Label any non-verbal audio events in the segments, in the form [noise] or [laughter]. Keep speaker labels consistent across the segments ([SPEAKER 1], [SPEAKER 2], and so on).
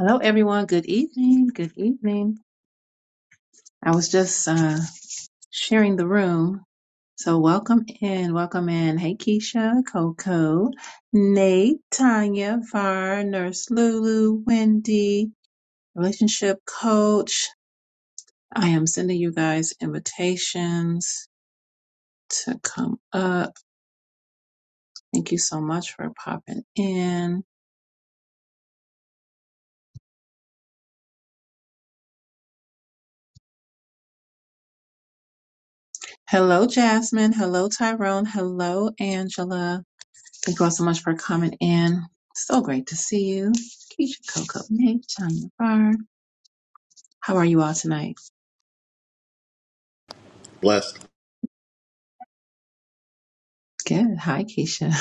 [SPEAKER 1] Hello, everyone. Good evening. Good evening. I was just uh, sharing the room. So, welcome in. Welcome in. Hey, Keisha, Coco, Nate, Tanya, Var, Nurse Lulu, Wendy, Relationship Coach. I am sending you guys invitations to come up. Thank you so much for popping in. Hello, Jasmine. Hello, Tyrone. Hello, Angela. Thank you all so much for coming in. So great to see you. Keisha Coco Nate, Tanya Barr. How are you all tonight?
[SPEAKER 2] Blessed.
[SPEAKER 1] Good. Hi, Keisha.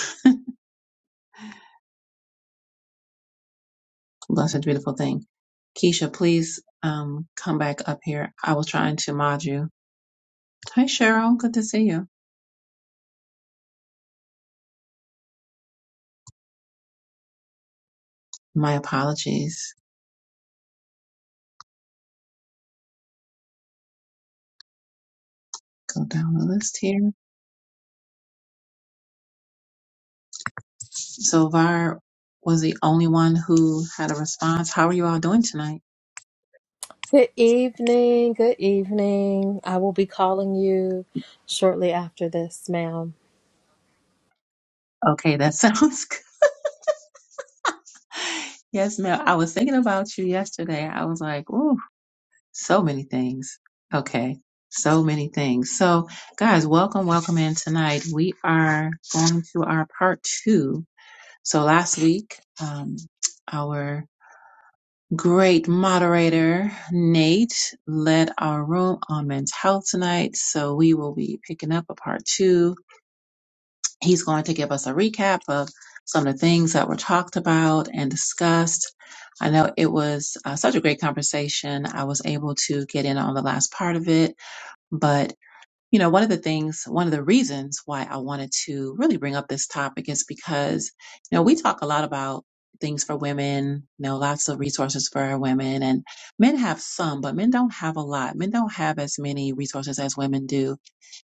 [SPEAKER 1] [laughs] Love such a beautiful thing. Keisha, please um, come back up here. I was trying to mod you. Hi, Cheryl. Good to see you. My apologies. Go down the list here. So, Var was the only one who had a response. How are you all doing tonight?
[SPEAKER 3] Good evening. Good evening. I will be calling you shortly after this, ma'am.
[SPEAKER 1] Okay, that sounds [laughs] good. Yes, ma'am. I was thinking about you yesterday. I was like, ooh. so many things. Okay, so many things. So, guys, welcome, welcome in tonight. We are going to our part two. So, last week, um, our great moderator, Nate, led our room on men's health tonight. So, we will be picking up a part two. He's going to give us a recap of some of the things that were talked about and discussed. I know it was uh, such a great conversation. I was able to get in on the last part of it but, you know, one of the things, one of the reasons why I wanted to really bring up this topic is because, you know, we talk a lot about things for women, you know, lots of resources for our women and men have some, but men don't have a lot. Men don't have as many resources as women do.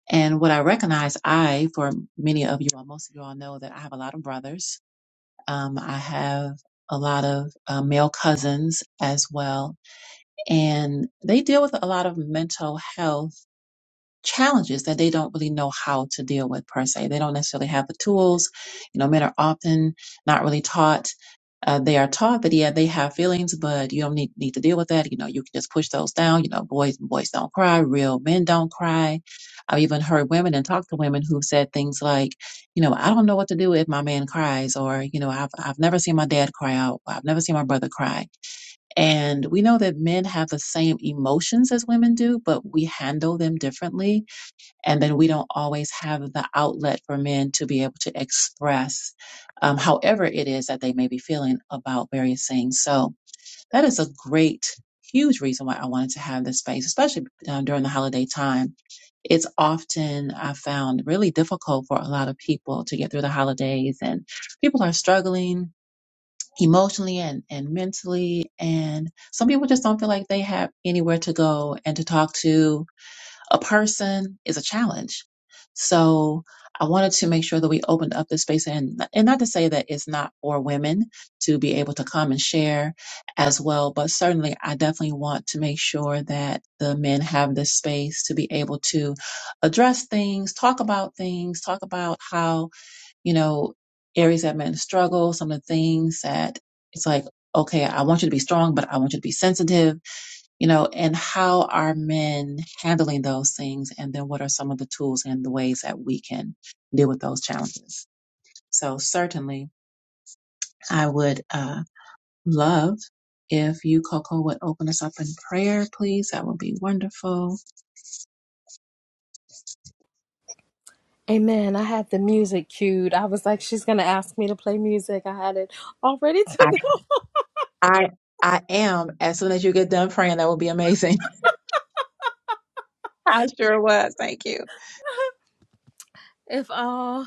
[SPEAKER 1] And what I recognize, I, for many of you all, most of you all know that I have a lot of brothers. Um, I have a lot of uh, male cousins as well, and they deal with a lot of mental health challenges that they don't really know how to deal with per se. They don't necessarily have the tools. You know, men are often not really taught. Uh, they are taught that yeah, they have feelings, but you don't need need to deal with that. You know, you can just push those down. You know, boys boys don't cry. Real men don't cry. I've even heard women and talked to women who said things like, you know, I don't know what to do if my man cries, or you know, I've I've never seen my dad cry out. I've never seen my brother cry. And we know that men have the same emotions as women do, but we handle them differently and then we don't always have the outlet for men to be able to express um, however it is that they may be feeling about various things so that is a great huge reason why i wanted to have this space especially um, during the holiday time it's often i found really difficult for a lot of people to get through the holidays and people are struggling emotionally and, and mentally and some people just don't feel like they have anywhere to go and to talk to a person is a challenge. So I wanted to make sure that we opened up the space and and not to say that it's not for women to be able to come and share as well, but certainly I definitely want to make sure that the men have this space to be able to address things, talk about things, talk about how, you know, areas that men struggle, some of the things that it's like, okay, I want you to be strong, but I want you to be sensitive you know, and how are men handling those things? And then what are some of the tools and the ways that we can deal with those challenges? So certainly I would, uh, love if you, Coco, would open us up in prayer, please. That would be wonderful.
[SPEAKER 3] Amen. I had the music cued. I was like, she's going to ask me to play music. I had it all ready [laughs] to
[SPEAKER 1] I,
[SPEAKER 3] go.
[SPEAKER 1] I, I am. As soon as you get done praying, that would be amazing. [laughs] I sure was. Thank you.
[SPEAKER 3] If all uh,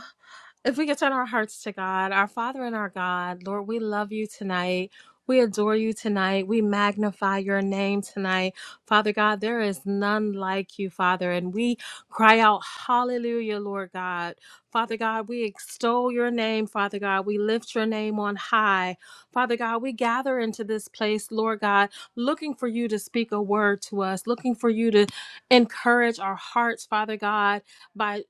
[SPEAKER 3] if we could turn our hearts to God, our Father and our God, Lord, we love you tonight. We adore you tonight. We magnify your name tonight. Father God, there is none like you, Father. And we cry out, Hallelujah, Lord God. Father God, we extol your name, Father God. We lift your name on high. Father God, we gather into this place, Lord God, looking for you to speak a word to us, looking for you to encourage our hearts, Father God by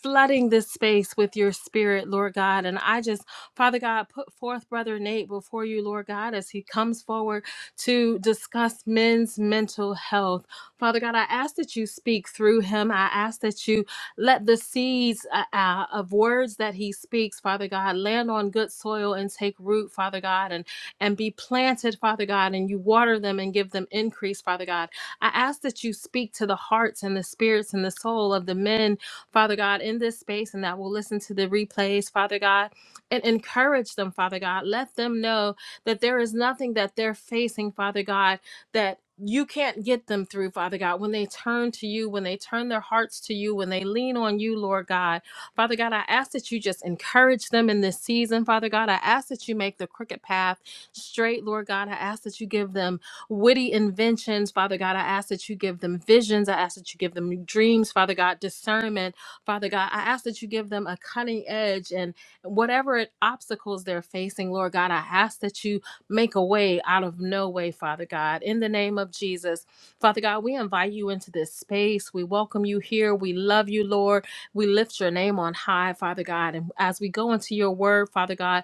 [SPEAKER 3] flooding this space with your spirit, Lord God. And I just, Father God, put forth Brother Nate before you, Lord God, as he comes forward to discuss men's mental health. Father God, I ask that you speak through him. I ask that you let the seeds uh, uh, of words that he speaks, Father God, land on good soil and take root, Father God, and, and be planted, Father God, and you water them and give them increase, Father God. I ask that you speak to the hearts and the spirits and the soul of the men Father God, in this space and that will listen to the replays, Father God, and encourage them, Father God. Let them know that there is nothing that they're facing, Father God, that you can't get them through, Father God. When they turn to you, when they turn their hearts to you, when they lean on you, Lord God. Father God, I ask that you just encourage them in this season, Father God. I ask that you make the crooked path straight, Lord God. I ask that you give them witty inventions, Father God. I ask that you give them visions. I ask that you give them dreams, Father God, discernment. Father God, I ask that you give them a cutting edge and whatever it- obstacles they're facing, Lord God, I ask that you make a way out of no way, Father God. In the name of Jesus, Father God, we invite you into this space. We welcome you here. We love you, Lord. We lift your name on high, Father God. And as we go into your word, Father God,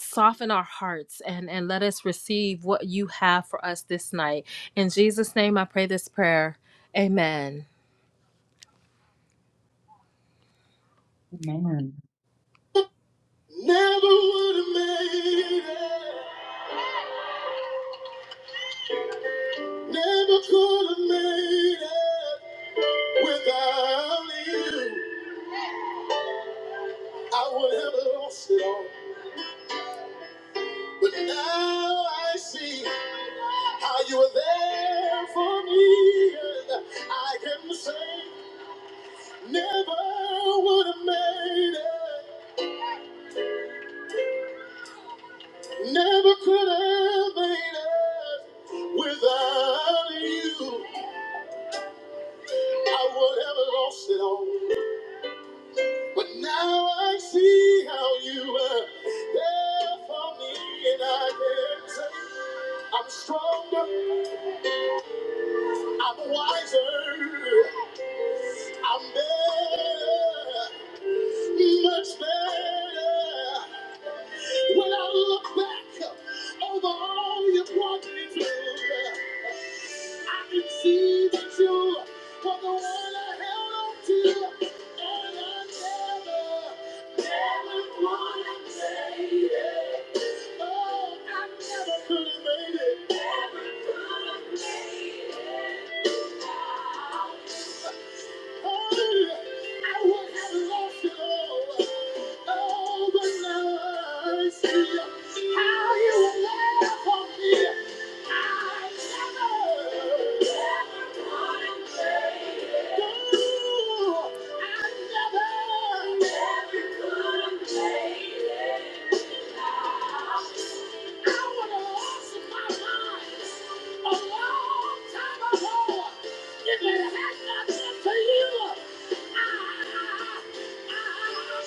[SPEAKER 3] soften our hearts and, and let us receive what you have for us this night. In Jesus' name, I pray this prayer. Amen.
[SPEAKER 1] Amen.
[SPEAKER 3] Never would have made it. Never could have made it without you. I would have lost it all. But now I see how you were there for me. And I can say, never would have made it. Never could have made it without you. I would have lost it all. But now I see how you were there for me, and I can say I'm stronger. I'm wiser. I'm better. Much better. When I look back over all you brought me through, I can see that you were the one I held on to. And I never, never would have made it. Oh, I never could have made it. Never could have made it. I would have lost my mind a long time ago. It may have not been for you. I'm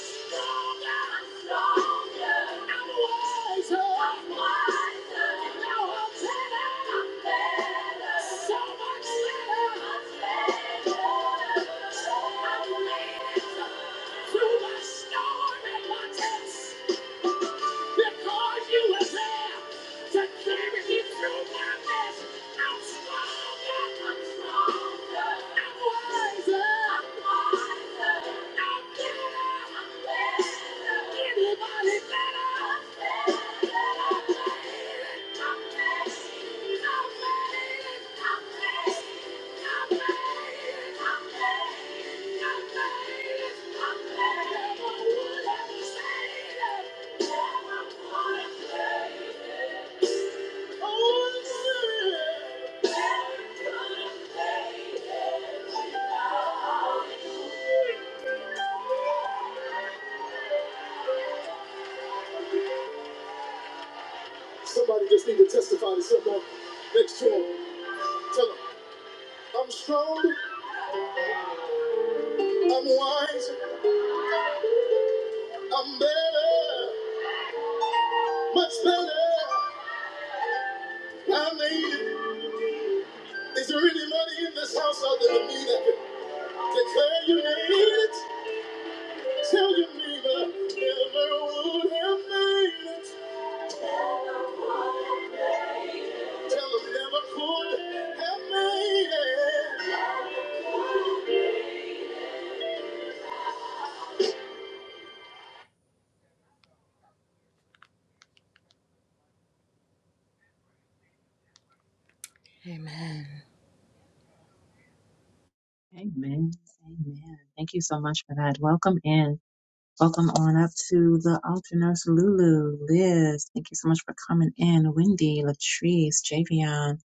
[SPEAKER 3] stronger. Stronger. I'm wiser. wiser. Now I'm better. better. So much better. better. So I made it through my storm and my test because you were there to carry me through my mess. I'm stronger, I'm stronger, I'm wiser, I'm wiser, I'm better, I'm better, anybody better, I'm better. Thank you. Somebody just need to testify to someone next to him. Tell him, I'm strong, I'm wise, I'm better, much better. I made it. Is there anybody in this house other than me that can declare you made it? Tell you never, never would have made it. Tell them never could have made it.
[SPEAKER 1] Amen. Amen. Thank you so much for that. Welcome in. Welcome on up to the altar nurse Lulu, Liz. Thank you so much for coming in. Wendy, Latrice, Javion,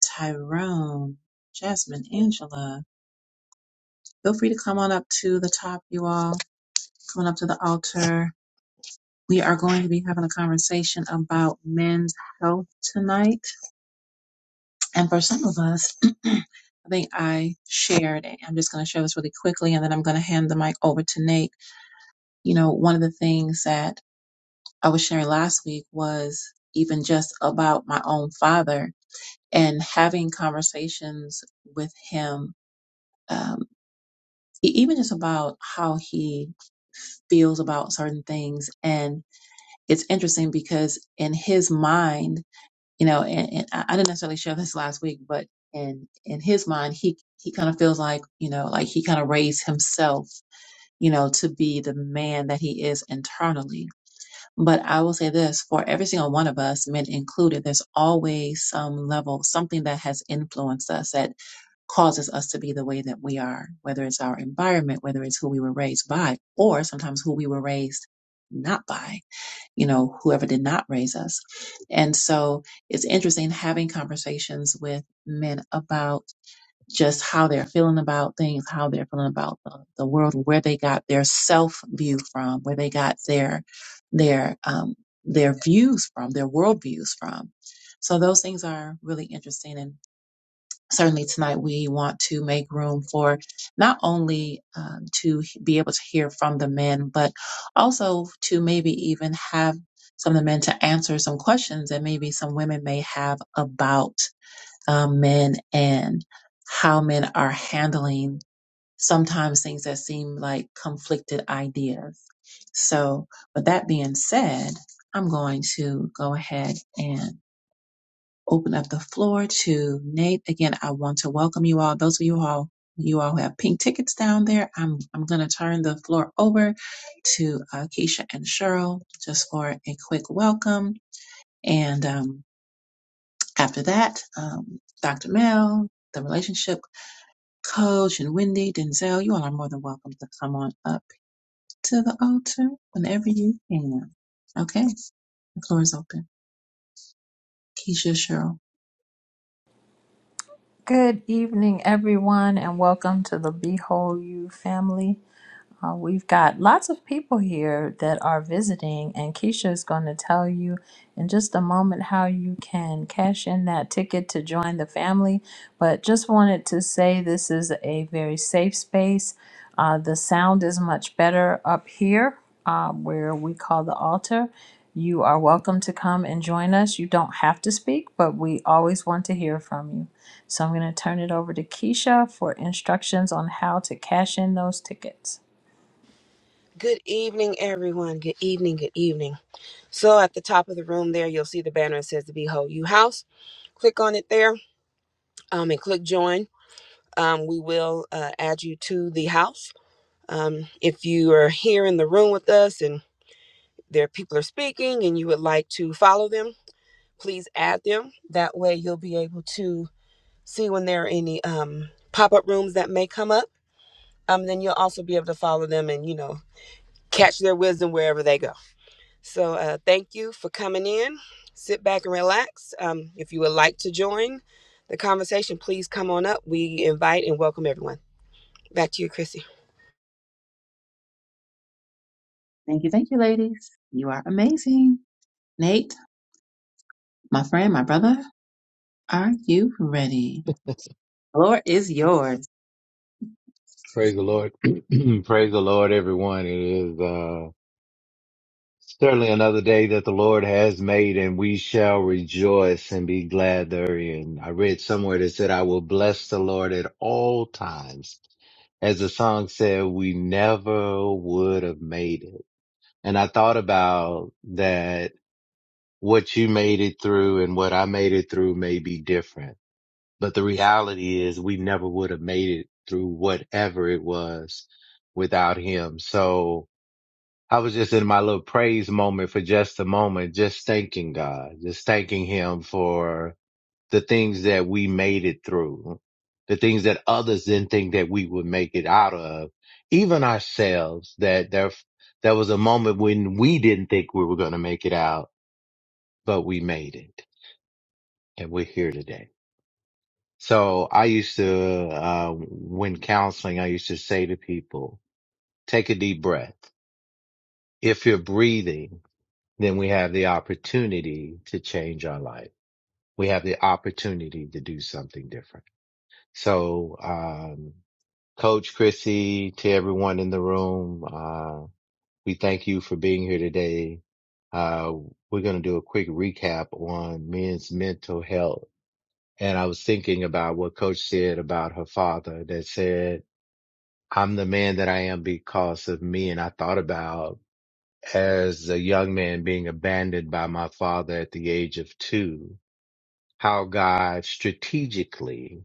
[SPEAKER 1] Tyrone, Jasmine, Angela. Feel free to come on up to the top, you all. Come on up to the altar. We are going to be having a conversation about men's health tonight. And for some of us, [clears throat] I think I shared, and I'm just going to share this really quickly, and then I'm going to hand the mic over to Nate. You know, one of the things that I was sharing last week was even just about my own father and having conversations with him, um, e- even just about how he feels about certain things. And it's interesting because in his mind, you know, and, and I I didn't necessarily share this [laughs] last week, but in in his mind, he he kind of feels like you know, like he kind of raised himself, you know, to be the man that he is internally But I will say this for every single one of us, men included, there's always some level, something that has influenced us that causes us to be the way that we are, whether it's our environment, whether it's who we were raised by, or sometimes who we were raised not by, you know, whoever did not raise us. And so it's interesting having conversations with men about just how they're feeling about things, how they're feeling about the, the world, where they got their self view from, where they got their their um, their views from, their world views from. So those things are really interesting, and certainly tonight we want to make room for not only uh, to be able to hear from the men, but also to maybe even have some of the men to answer some questions that maybe some women may have about um, men and how men are handling sometimes things that seem like conflicted ideas. So, with that being said, I'm going to go ahead and open up the floor to Nate. Again, I want to welcome you all. Those of you all you all who have pink tickets down there, I'm I'm going to turn the floor over to uh, Keisha and Cheryl just for a quick welcome. And um, after that, um, Dr. Mel, the relationship Coach and Wendy, Denzel, you all are more than welcome to come on up to the altar whenever you can. Okay, the floor is open. Keisha, Cheryl,
[SPEAKER 4] Good evening, everyone, and welcome to the Behold You family. Uh, we've got lots of people here that are visiting, and Keisha is going to tell you in just a moment how you can cash in that ticket to join the family. But just wanted to say this is a very safe space. Uh, the sound is much better up here uh, where we call the altar. You are welcome to come and join us. You don't have to speak, but we always want to hear from you. So I'm going to turn it over to Keisha for instructions on how to cash in those tickets.
[SPEAKER 5] Good evening, everyone. Good evening. Good evening. So, at the top of the room there, you'll see the banner. It says the Behold You House. Click on it there um, and click join. Um, we will uh, add you to the house. Um, if you are here in the room with us and there people are speaking and you would like to follow them, please add them. That way, you'll be able to see when there are any um, pop up rooms that may come up. Um, then you'll also be able to follow them and, you know, catch their wisdom wherever they go. So uh, thank you for coming in. Sit back and relax. Um, if you would like to join the conversation, please come on up. We invite and welcome everyone. Back to you, Chrissy.
[SPEAKER 1] thank you, thank you, ladies. You are amazing. Nate, my friend, my brother, are you ready? Floor is yours.
[SPEAKER 6] Praise the Lord. [clears throat] Praise the Lord, everyone. It is uh, certainly another day that the Lord has made, and we shall rejoice and be glad therein. I read somewhere that said, I will bless the Lord at all times. As the song said, we never would have made it. And I thought about that what you made it through and what I made it through may be different. But the reality is we never would have made it through whatever it was without him. So I was just in my little praise moment for just a moment, just thanking God, just thanking him for the things that we made it through, the things that others didn't think that we would make it out of, even ourselves that there, there was a moment when we didn't think we were going to make it out, but we made it and we're here today. So I used to, uh, when counseling, I used to say to people, take a deep breath. If you're breathing, then we have the opportunity to change our life. We have the opportunity to do something different. So, um, Coach Chrissy, to everyone in the room, uh, we thank you for being here today. Uh, we're going to do a quick recap on men's mental health. And I was thinking about what coach said about her father that said, I'm the man that I am because of me. And I thought about as a young man being abandoned by my father at the age of two, how God strategically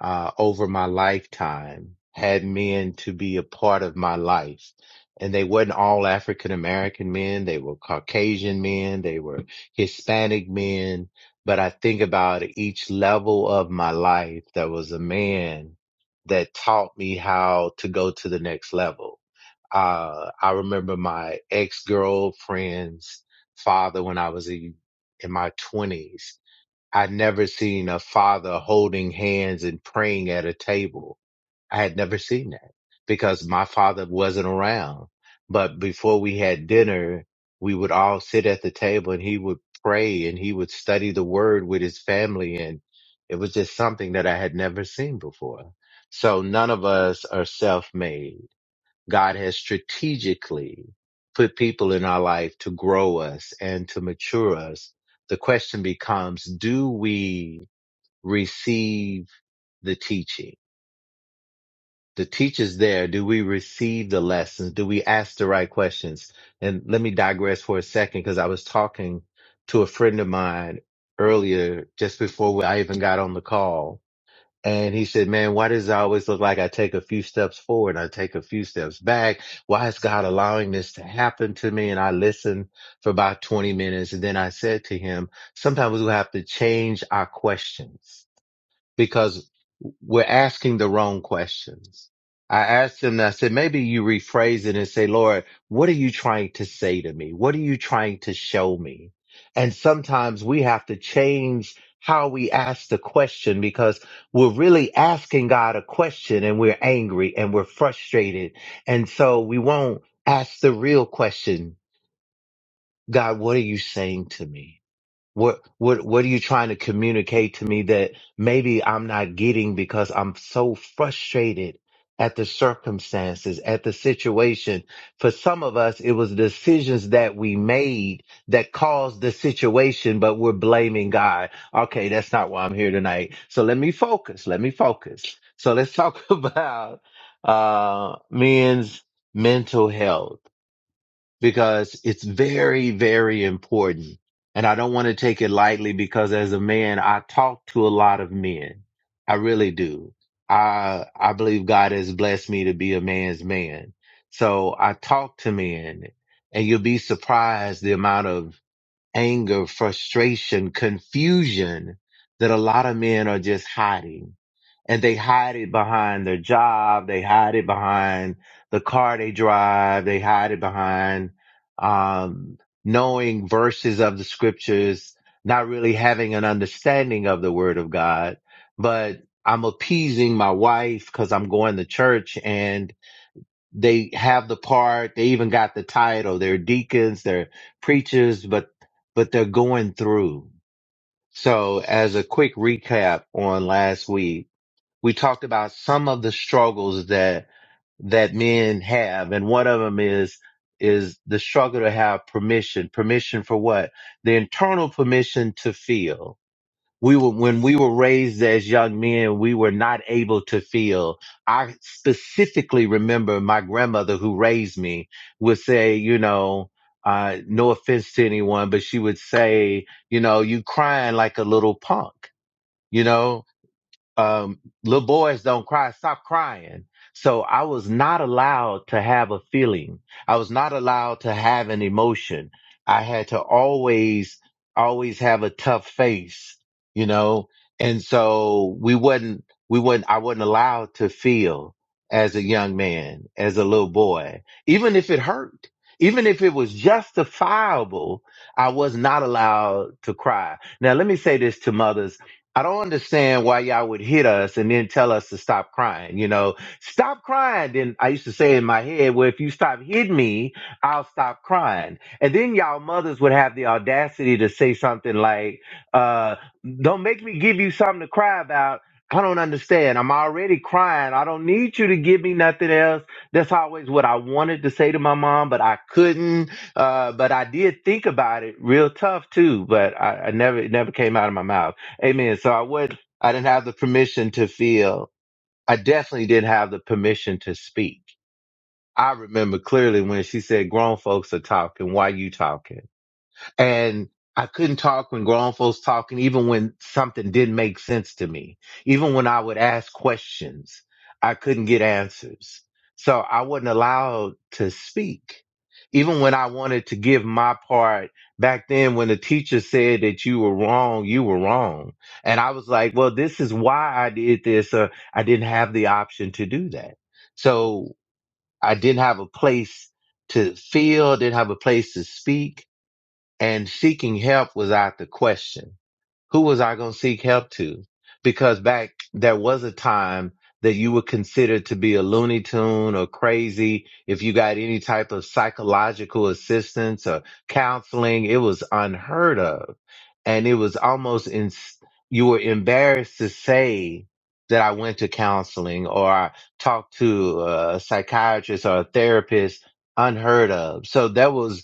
[SPEAKER 6] uh, over my lifetime had men to be a part of my life. And they weren't all African American men. They were Caucasian men. They were Hispanic men. But I think about each level of my life, there was a man that taught me how to go to the next level. Uh, I remember my ex girlfriend's father when I was in in my twenties I never seen a father holding hands and praying at a table. I had never seen that because my father wasn't around. But before we had dinner, we would all sit at the table and he would pray and he would study the word with his family. And it was just something that I had never seen before. So none of us are self made God has strategically put people in our life to grow us and to mature us. The question becomes, do we receive the teaching? The teacher's there. Do we receive the lessons? Do we ask the right questions? And let me digress for a second because I was talking to a friend of mine earlier, just before I even got on the call and he said, man, why does it always look like I take a few steps forward? I take a few steps back. Why is God allowing this to happen to me? And I listened for about 20 minutes. And then I said to him, sometimes we have to change our questions because we're asking the wrong questions. I asked him, and I said, maybe you rephrase it and say, Lord, what are you trying to say to me? What are you trying to show me? And sometimes we have to change how we ask the question because we're really asking God a question and we're angry and we're frustrated. And so we won't ask the real question, God, what are you saying to me? What what what are you trying to communicate to me that maybe I'm not getting because I'm so frustrated at the circumstances, at the situation? For some of us, it was decisions that we made that caused the situation, but we're blaming God. Okay, that's not why I'm here tonight. So let me focus. Let me focus. So let's talk [laughs] about uh men's mental health because it's very, very important. And I don't want to take it lightly because as a man, I talk to a lot of men. I really do. I, I believe God has blessed me to be a man's man. So I talk to men and you'll be surprised the amount of anger, frustration, confusion that a lot of men are just hiding and they hide it behind their job. They hide it behind the car they drive. They hide it behind, um, knowing verses of the scriptures, not really having an understanding of the word of God, but I'm appeasing my wife because I'm going to church and they have the part. They even got the title. They're deacons, they're preachers, but, but they're going through. So as a quick recap on last week, we talked about some of the struggles that that men have and one of them is is the struggle to have permission permission for what the internal permission to feel we were when we were raised as young men we were not able to feel i specifically remember my grandmother who raised me would say you know uh, no offense to anyone but she would say you know you crying like a little punk you know um, little boys don't cry, stop crying. So I was not allowed to have a feeling. I was not allowed to have an emotion. I had to always, always have a tough face, you know? And so we would not we would not I wasn't allowed to feel as a young man, as a little boy, even if it hurt. Even if it was justifiable, I was not allowed to cry. Now, let me say this to mothers I don't understand why y'all would hit us and then tell us to stop crying. You know, stop crying. Then I used to say in my head, well, if you stop hitting me, I'll stop crying. And then y'all mothers would have the audacity to say something like, uh, don't make me give you something to cry about. I don't understand. I'm already crying. I don't need you to give me nothing else. That's always what I wanted to say to my mom, but I couldn't. Uh, but I did think about it real tough too, but I, I never, it never came out of my mouth. Amen. So I would I didn't have the permission to feel. I definitely didn't have the permission to speak. I remember clearly when she said grown folks are talking, why you talking? and I couldn't talk when grown folks talking, even when something didn't make sense to me. Even when I would ask questions, I couldn't get answers. So I wasn't allowed to speak. Even when I wanted to give my part back then, when the teacher said that you were wrong, you were wrong. And I was like, well, this is why I did this, or I didn't have the option to do that. So I didn't have a place to feel, didn't have a place to speak and seeking help was out the question. Who was I going to seek help to? Because back there was a time that you were considered to be a looney tune or crazy. If you got any type of psychological assistance or counseling, it was unheard of. And it was almost in, you were embarrassed to say that I went to counseling or I talked to a psychiatrist or a therapist unheard of. So that was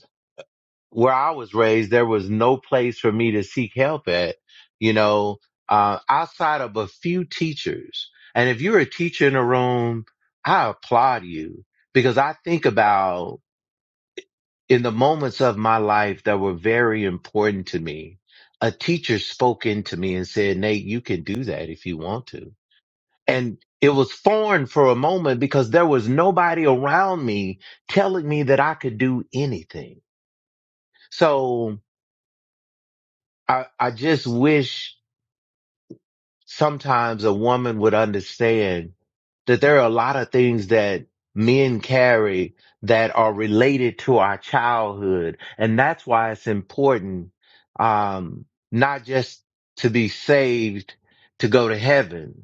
[SPEAKER 6] where I was raised, there was no place for me to seek help at, you know, uh, outside of a few teachers. And if you're a teacher in a room, I applaud you because I think about in the moments of my life that were very important to me, a teacher spoke into me and said, Nate, you can do that if you want to. And it was foreign for a moment because there was nobody around me telling me that I could do anything. So I, I just wish sometimes a woman would understand that there are a lot of things that men carry that are related to our childhood. And that's why it's important, um, not just to be saved to go to heaven,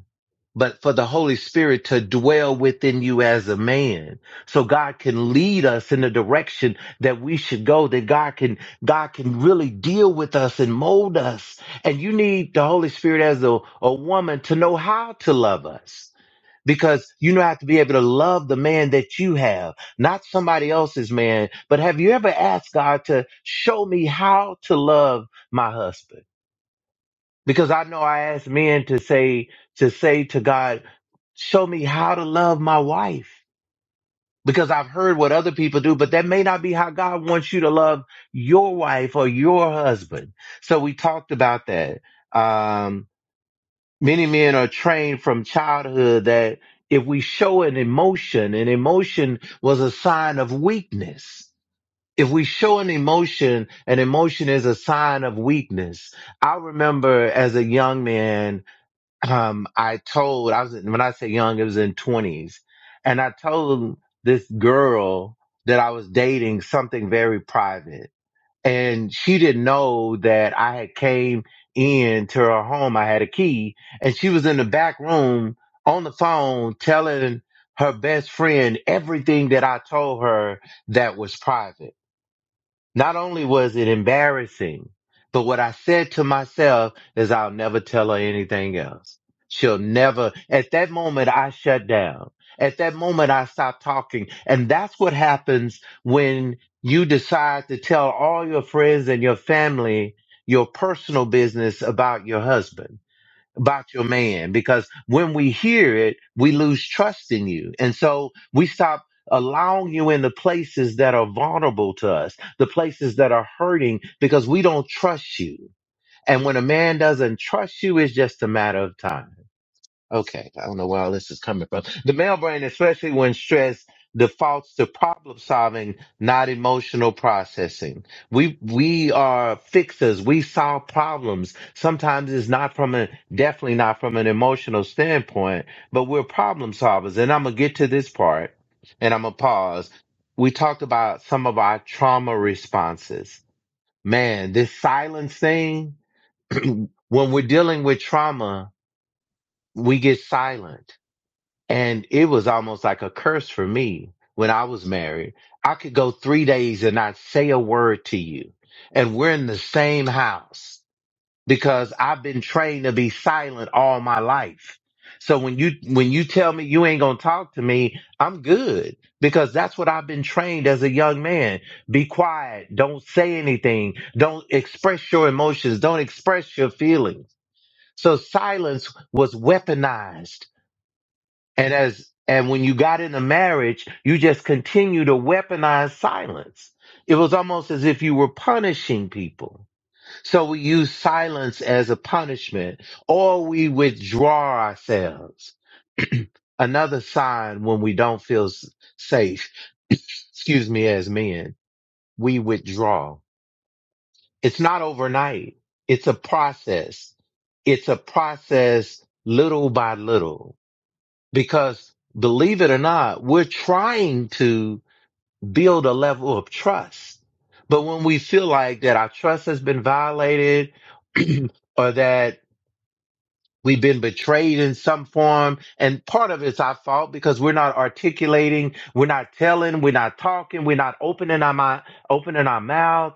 [SPEAKER 6] but for the Holy Spirit to dwell within you as a man. So God can lead us in the direction that we should go, that God can, God can really deal with us and mold us and you need the Holy Spirit as a, a woman to know how to love us because you know how to be able to love the man that you have, not somebody else's man. But have you ever asked God to show me how to love my husband? Because I know I ask men to say, to say to God, show me how to love my wife. Because I've heard what other people do, but that may not be how God wants you to love your wife or your husband. So we talked about that. Um, many men are trained from childhood that if we show an emotion, an emotion was a sign of weakness. If we show an emotion, an emotion is a sign of weakness. I remember as a young man, um, I told, I was, when I say young, it was in twenties and I told this girl that I was dating something very private and she didn't know that I had came in to her home. I had a key, and she was in the back room on the phone telling her best friend everything that I told her that was private. Not only was it embarrassing, but what I said to myself is I'll never tell her anything else. She'll never, at that moment, I shut down. At that moment, I stopped talking. And that's what happens when you decide to tell all your friends and your family your personal business about your husband about your man because when we hear it, we lose trust in you. And so we stop allowing you in the places that are vulnerable to us, the places that are hurting because we don't trust you. And when a man doesn't trust you, it's just a matter of time. Okay, I don't know where all this is coming from. The male brain, especially when stressed, defaults to problem solving, not emotional processing. We we are fixers. We solve problems. Sometimes it's not from a definitely not from an emotional standpoint, but we're problem solvers. And I'm gonna get to this part, and I'm gonna pause. We talked about some of our trauma responses. Man, this silence thing. [clears throat] when we're dealing with trauma, we get silent and it was almost like a curse for me when I was married. I could go three days and not say a word to you. And we're in the same house because I've been trained to be silent all my life. So when you, when you tell me you ain't going to talk to me, I'm good because that's what I've been trained as a young man. Be quiet. Don't say anything. Don't express your emotions. Don't express your feelings. So silence was weaponized and as and when you got into marriage, you just continue to weaponize silence. It was almost as if you were punishing people. So we use silence as a punishment, or we withdraw ourselves. [clears throat] Another sign when we don't feel s- safe, [clears throat] excuse me, as men, we withdraw. It's not overnight. It's a process. It's a process little by little because believe it or not, we're trying to build a level of trust. But when we feel like that our trust has been violated [clears throat] or that we've been betrayed in some form, and part of it's our fault because we're not articulating, we're not telling, we're not talking, we're not opening our mind, opening our mouth.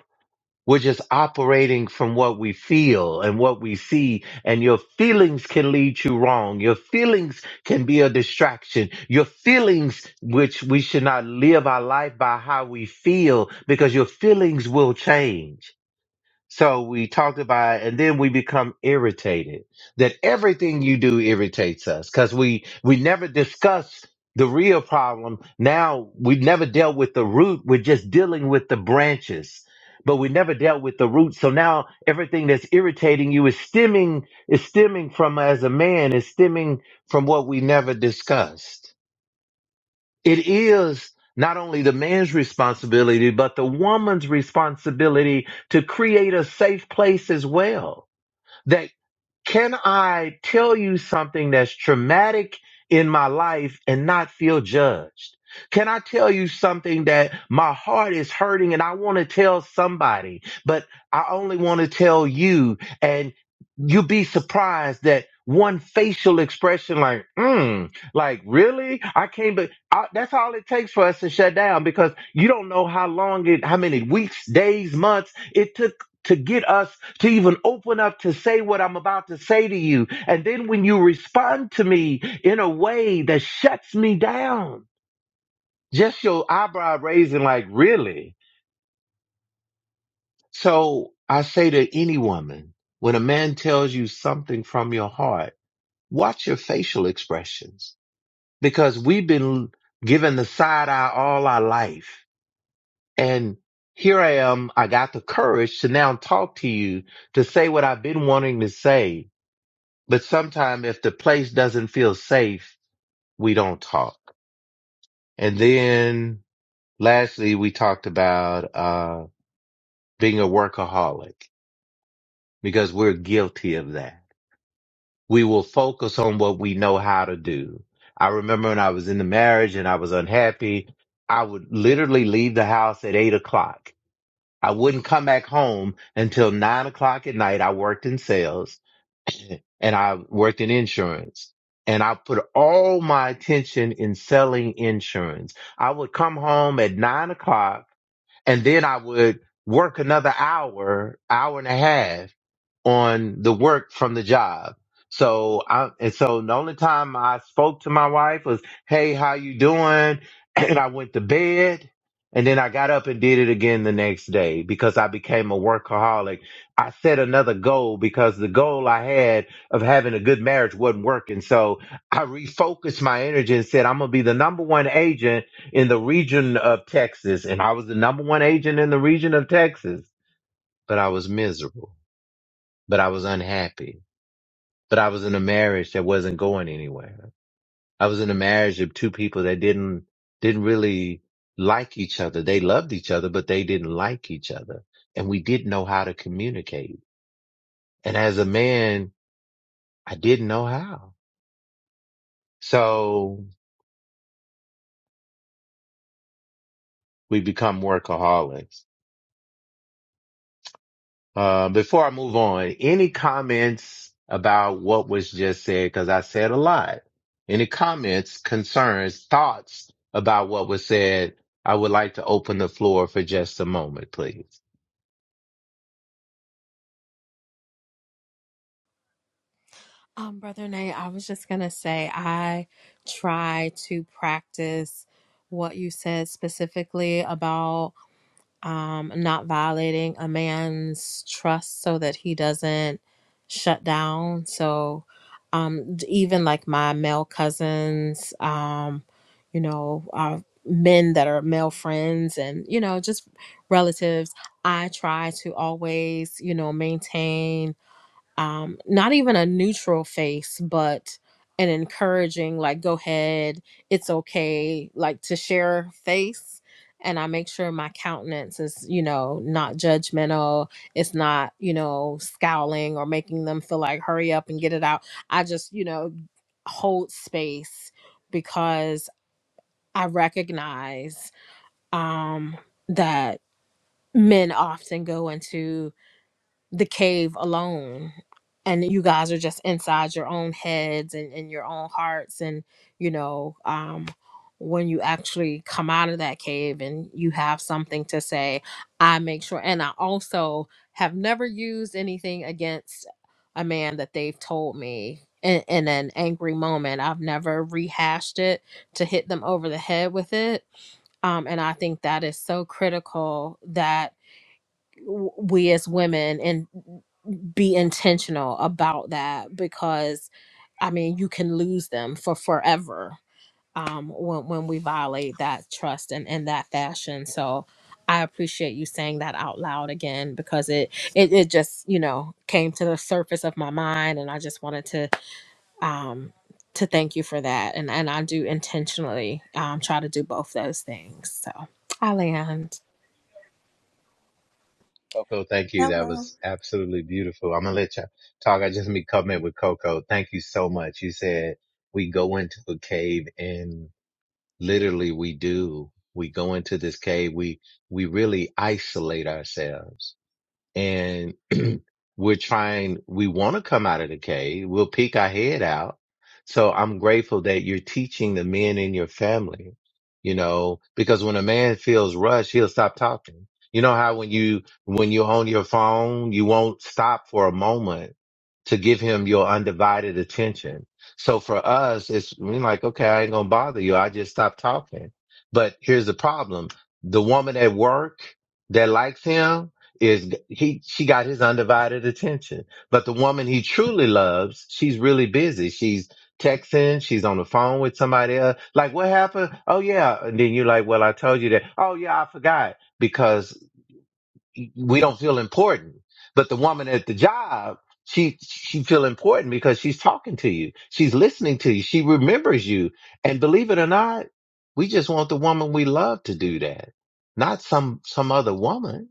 [SPEAKER 6] We're just operating from what we feel and what we see, and your feelings can lead you wrong. Your feelings can be a distraction. Your feelings, which we should not live our life by how we feel, because your feelings will change. So we talked about, it, and then we become irritated that everything you do irritates us because we we never discuss the real problem. Now we never dealt with the root. We're just dealing with the branches, but we never dealt with the root. So now everything that's irritating you is stemming is stemming from as a man is stemming from what we never discussed. It is not only the man's responsibility, but the woman's responsibility to create a safe place as well. That. Can I tell you something that's traumatic in my life and not feel judged? Can I tell you something that my heart is hurting and I want to tell somebody, but I only want to tell you? And you'll be surprised that one facial expression, like, mm, like, really? I can't, but I, that's all it takes for us to shut down because you don't know how long it, how many weeks, days, months it took to get us to even open up to say what I'm about to say to you. And then when you respond to me in a way that shuts me down, just your eyebrow raising, like, really? So I say to any woman, when a man tells you something from your heart, watch your facial expressions because we've been given the side eye all our life. And here I am. I got the courage to now talk to you to say what I've been wanting to say But sometimes if the place doesn't feel safe, we don't talk. And then lastly, we talked about, uh, being a workaholic because we're guilty of that. We will focus on what we know how to do. I remember when I was in the marriage and I was unhappy, I would literally leave the house at eight o'clock. I wouldn't come back home until nine o'clock at night. I worked in sales and I worked in insurance and I put all my attention in selling insurance. I would come home at nine o'clock and then I would work another hour, hour and a half on the work from the job. So I and so the only time I spoke to my wife was, "Hey, how you doing?" [clears throat] And I went to bed, and then I got up and did it again the next day because I became a workaholic. I set another goal because the goal I had of having a good marriage wasn't working. So I refocused my energy and said, "I'm gonna be the number one agent in the region of Texas," and I was the number one agent in the region of Texas, but I was miserable but I was unhappy. But I was in a marriage that wasn't going anywhere. I was in a marriage of two people that didn't, didn't really like each other. They loved each other, but they didn't like each other. And we didn't know how to communicate. And as a man, I didn't know how. So we become workaholics Uh, before I move on, any comments about what was just said? Because I said a lot. Any comments, concerns, thoughts about what was said? I would like to open the floor for just a moment, please.
[SPEAKER 3] Um, Brother Nate, I was just gonna say I try to practice what you said specifically about um not violating a man's trust so that he doesn't shut down. So um d- even like my male cousins, um, you know, uh men that are male friends and, you know, just relatives, I try to always, you know, maintain um not even a neutral face but an encouraging like go ahead it's okay like to share face and i make sure my countenance is you know not judgmental it's not you know scowling or making them feel like hurry up and get it out i just you know hold space because i recognize um that men often go into the cave alone and you guys are just inside your own heads and, and your own hearts and you know um when you actually come out of that cave and you have something to say i make sure and i also have never used anything against a man that they've told me in, in an angry moment i've never rehashed it to hit them over the head with it um, and i think that is so critical that w- we as women and be intentional about that because I mean you can lose them for forever um when when we violate that trust and in in that fashion. So I appreciate you saying that out loud again because it, it it just, you know, came to the surface of my mind and I just wanted to um to thank you for that. And and I do intentionally um try to do both those things. So I land.
[SPEAKER 6] Coco, thank you. That
[SPEAKER 7] Hello.
[SPEAKER 6] was absolutely beautiful. I'm gonna let you talk. I just made comment with Coco. Thank you so much. You said we go into a cave and literally we do. We go into this cave. We, we really isolate ourselves and [clears throat] we're trying, we want to come out of the cave. We'll peek our head out. So I'm grateful that you're teaching the men in your family, you know, because when a man feels rushed, he'll stop talking. You know how when you, when you're on your phone, you won't stop for a moment to give him your undivided attention. So for us, it's we're like, okay, I ain't gonna bother you. I just stop talking. But here's the problem. The woman at work that likes him, is he she got his undivided attention but the woman he truly loves she's really busy she's texting she's on the phone with somebody else like what happened oh yeah and then you're like well i told you that oh yeah i forgot because we don't feel important but the woman at the job she she feel important because she's talking to you she's listening to you she remembers you and believe it or not we just want the woman we love to do that not some some other woman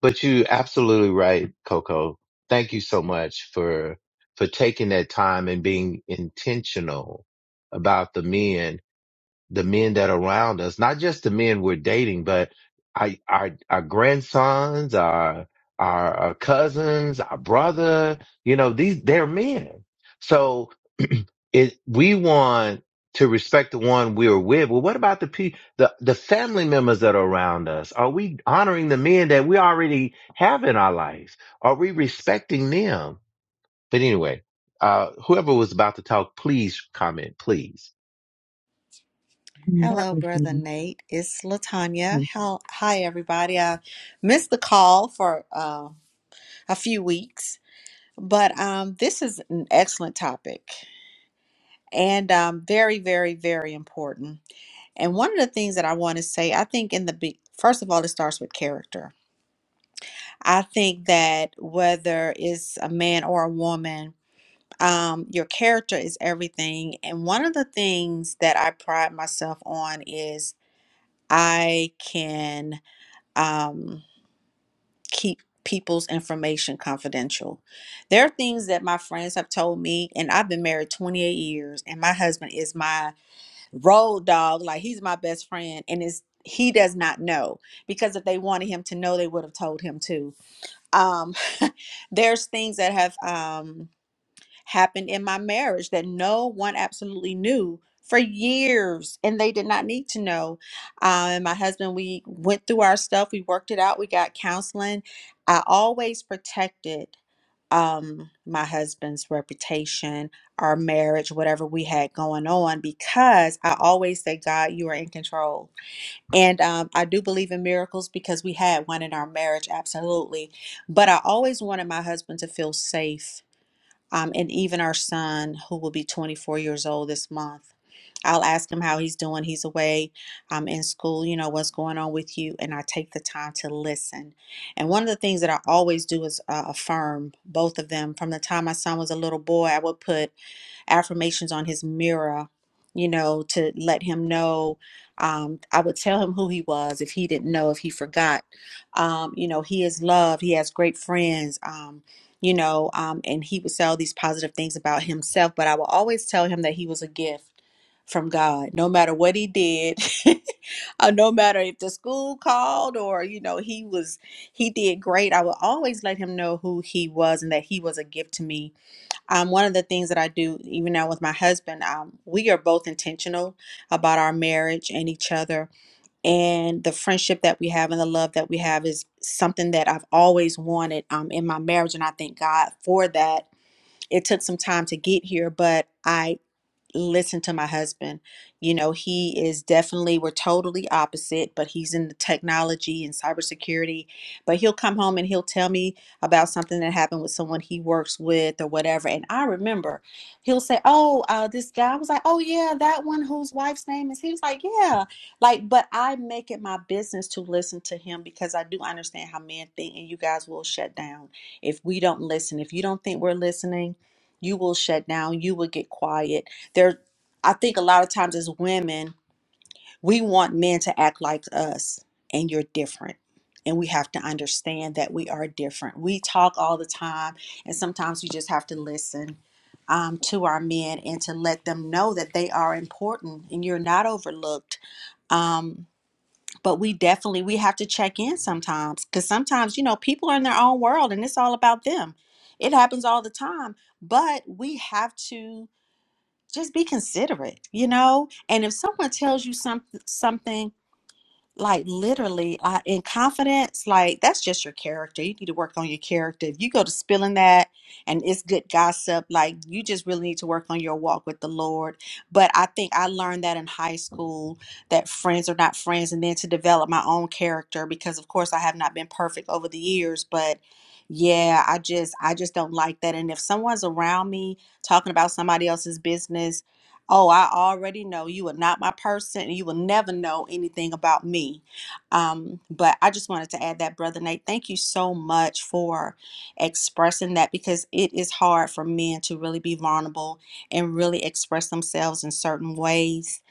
[SPEAKER 6] but you absolutely right, Coco. Thank you so much for for taking that time and being intentional about the men the men that are around us, not just the men we're dating, but I, our, our grandsons, our, our, our cousins, our brother, you know, these, they're men. So [clears throat] it, we want to respect the one we're with. Well, what about the pe- the, the family members that are around us? Are we honoring the men that we already have in our lives? Are we respecting them? But anyway, uh, whoever was about to talk, please comment, please.
[SPEAKER 1] Mm, That
[SPEAKER 7] Hello,
[SPEAKER 1] was
[SPEAKER 7] Brother
[SPEAKER 1] me.
[SPEAKER 7] Nate. It's Latanya. Hel- Hi, everybody. I missed the call for uh, a few weeks, but um, this is an excellent topic and um, very, very, very important. And one of the things that I want to say, I think, in the be- first of all, it starts with character. I think that whether it's a man or a woman, um, your character is everything. And one of the things that I pride myself on is I can um, keep people's information confidential. There are things that my friends have told me, and I've been married 28 years, and my husband is my road dog. Like he's my best friend, and is he does not know because if they wanted him to know, they would have told him to. Um, [laughs] there's things that have. Um, happened in my marriage that no one absolutely knew for years and they did not need to know um, my husband we went through our stuff we worked it out we got counseling i always protected um, my husband's reputation our marriage whatever we had going on because i always say god you are in control and um, i do believe in miracles because we had one in our marriage absolutely but i always wanted my husband to feel safe um, and even our son, who will be 24 years old this month. I'll ask him how he's doing. He's away um, in school, you know, what's going on with you. And I take the time to listen. And one of the things that I always do is uh, affirm both of them. From the time my son was a little boy, I would put affirmations on his mirror, you know, to let him know. Um, I would tell him who he was if he didn't know, if he forgot. Um, you know, he is loved, he has great friends. Um, you know, um, and he would say all these positive things about himself, but I will always tell him that he was a gift from God, no matter what he did, [laughs] or no matter if the school called or, you know, he was, he did great. I will always let him know who he was and that he was a gift to me um, one of the things that I do, even now with my husband, um, we are both intentional about our marriage and each other. And the friendship that we have and the love that we have is something that I've always wanted um, in my marriage. And I thank God for that. It took some time to get here, but I listen to my husband. You know, he is definitely, we're totally opposite, but he's in the technology and cybersecurity. But he'll come home and he'll tell me about something that happened with someone he works with or whatever. And I remember he'll say, Oh, uh, this guy I was like, Oh, yeah, that one whose wife's name is. He was like, Yeah. Like, but I make it my business to listen to him because I do understand how men think, and you guys will shut down if we don't listen. If you don't think we're listening, you will shut down, you will get quiet there i think a lot of times as women we want men to act like us and you're different and we have to understand that we are different we talk all the time and sometimes we just have to listen um, to our men and to let them know that they are important and you're not overlooked um, but we definitely we have to check in sometimes because sometimes you know people are in their own world and it's all about them it happens all the time but we have to just be considerate, you know? And if someone tells you something something like literally uh, in confidence, like that's just your character. You need to work on your character. If you go to spilling that and it's good gossip, like you just really need to work on your walk with the Lord. But I think I learned that in high school that friends are not friends and then to develop my own character because of course I have not been perfect over the years, but yeah, I just I just don't like that and if someone's around me talking about somebody else's business Oh, I already know you are not my person and you will never know anything about me. Um, but I just wanted to add that, Brother Nate. Thank you so much for expressing that because it is hard for men to really be vulnerable and really express themselves in certain ways.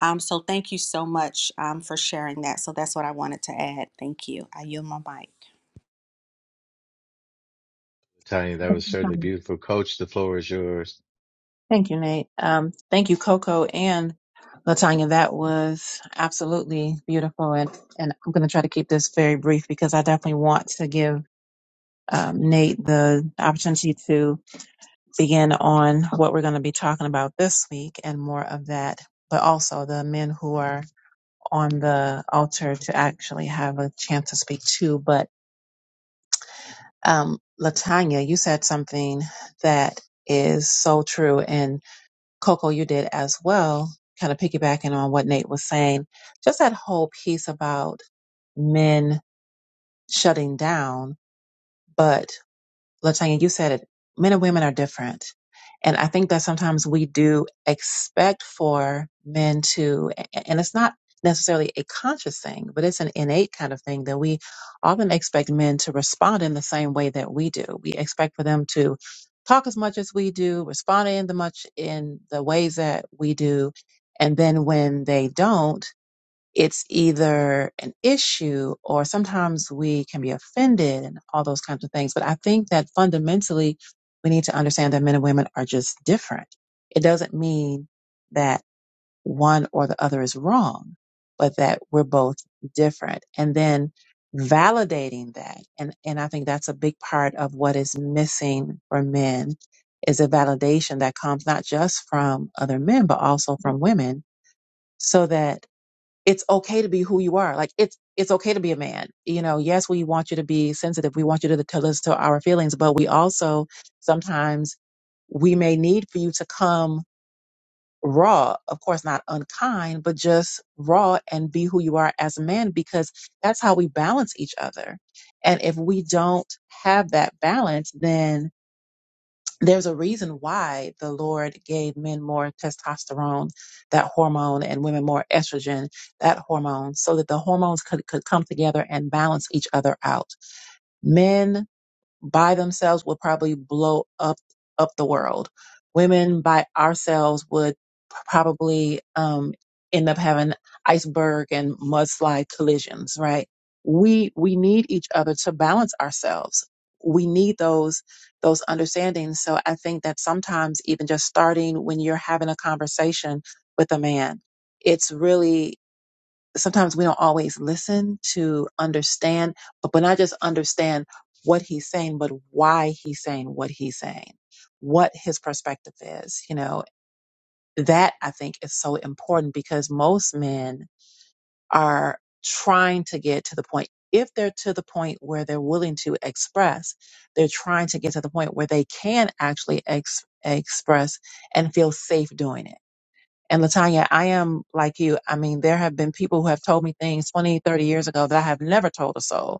[SPEAKER 7] Um, so thank you so much um, for sharing that. So that's what I wanted to add. Thank you. I yield my mic.
[SPEAKER 6] Tanya, that was certainly
[SPEAKER 1] Um,
[SPEAKER 6] beautiful. Coach, the floor is yours.
[SPEAKER 1] Thank you, Nate. Um, thank you, Coco and Latanya. That was absolutely beautiful, and and I'm going to try to keep this very brief because I definitely want to give. um, Nate the opportunity to begin on what we're going to be talking about this week and more of that, but also the men who are on the altar to actually have a chance to speak too. But um, Latanya, you said something that is so true, and Coco, you did as well, kind of piggybacking on what Nate was saying. Just that whole piece about men shutting down, but Latanya, you said it. Men and women are different. And I think that sometimes we do expect for men to, and it's not necessarily a conscious thing, but it's an innate kind of thing that we often expect men to respond in the same way that we do. We expect for them to talk as much as we do, respond in the much in the ways that we do. And then when they don't, it's either an issue or sometimes we can be offended and all those kinds of things. But I think that fundamentally, we need to understand that men and women are just different. It doesn't mean that one or the other is wrong, but that we're both different. And then validating that. And, and I think that's a big part of what is missing for men is a validation that comes not just from other men, but also from women so that it's okay to be who you are. Like it's it's okay to be a man. You know, yes, we want you to be sensitive. We want you to tell us to our feelings, but we also sometimes we may need for you to come raw, of course not unkind, but just raw and be who you are as a man because that's how we balance each other. And if we don't have that balance, then there's a reason why the Lord gave men more testosterone, that hormone, and women more estrogen, that hormone, so that the hormones could, could come together and balance each other out. Men by themselves would probably blow up up the world. Women by ourselves would probably um, end up having iceberg and mudslide collisions. Right? We we need each other to balance ourselves. We need those those understandings. So I think that sometimes even just starting when you're having a conversation with a man, it's really sometimes we don't always listen to understand, but, but not just understand what he's saying, but why he's saying what he's saying, what his perspective is. You know, that I think is so important because most men are trying to get to the point. If they're to the point where they're willing to express, they're trying to get to the point where they can actually ex- express and feel safe doing it and Latanya, I am like you. I mean, there have been people who have told me things 20, 30 years ago that I have never told a soul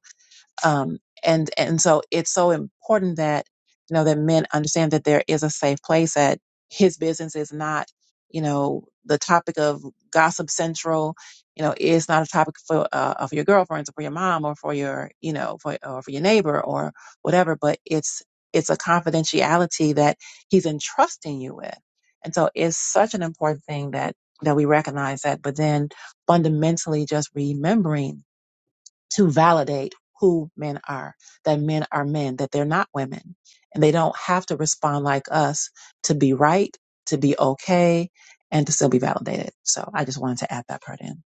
[SPEAKER 1] um, and and so it's so important that you know that men understand that there is a safe place that his business is not you know the topic of gossip central you know it's not a topic for uh, of your girlfriends or for your mom or for your you know for or for your neighbor or whatever but it's it's a confidentiality that he's entrusting you with and so it's such an important thing that that we recognize that but then fundamentally just remembering to validate who men are, that men are men, that they're not women, and they don't have to respond like us to be right, to be okay, and to still be validated. So I just wanted to add that part in.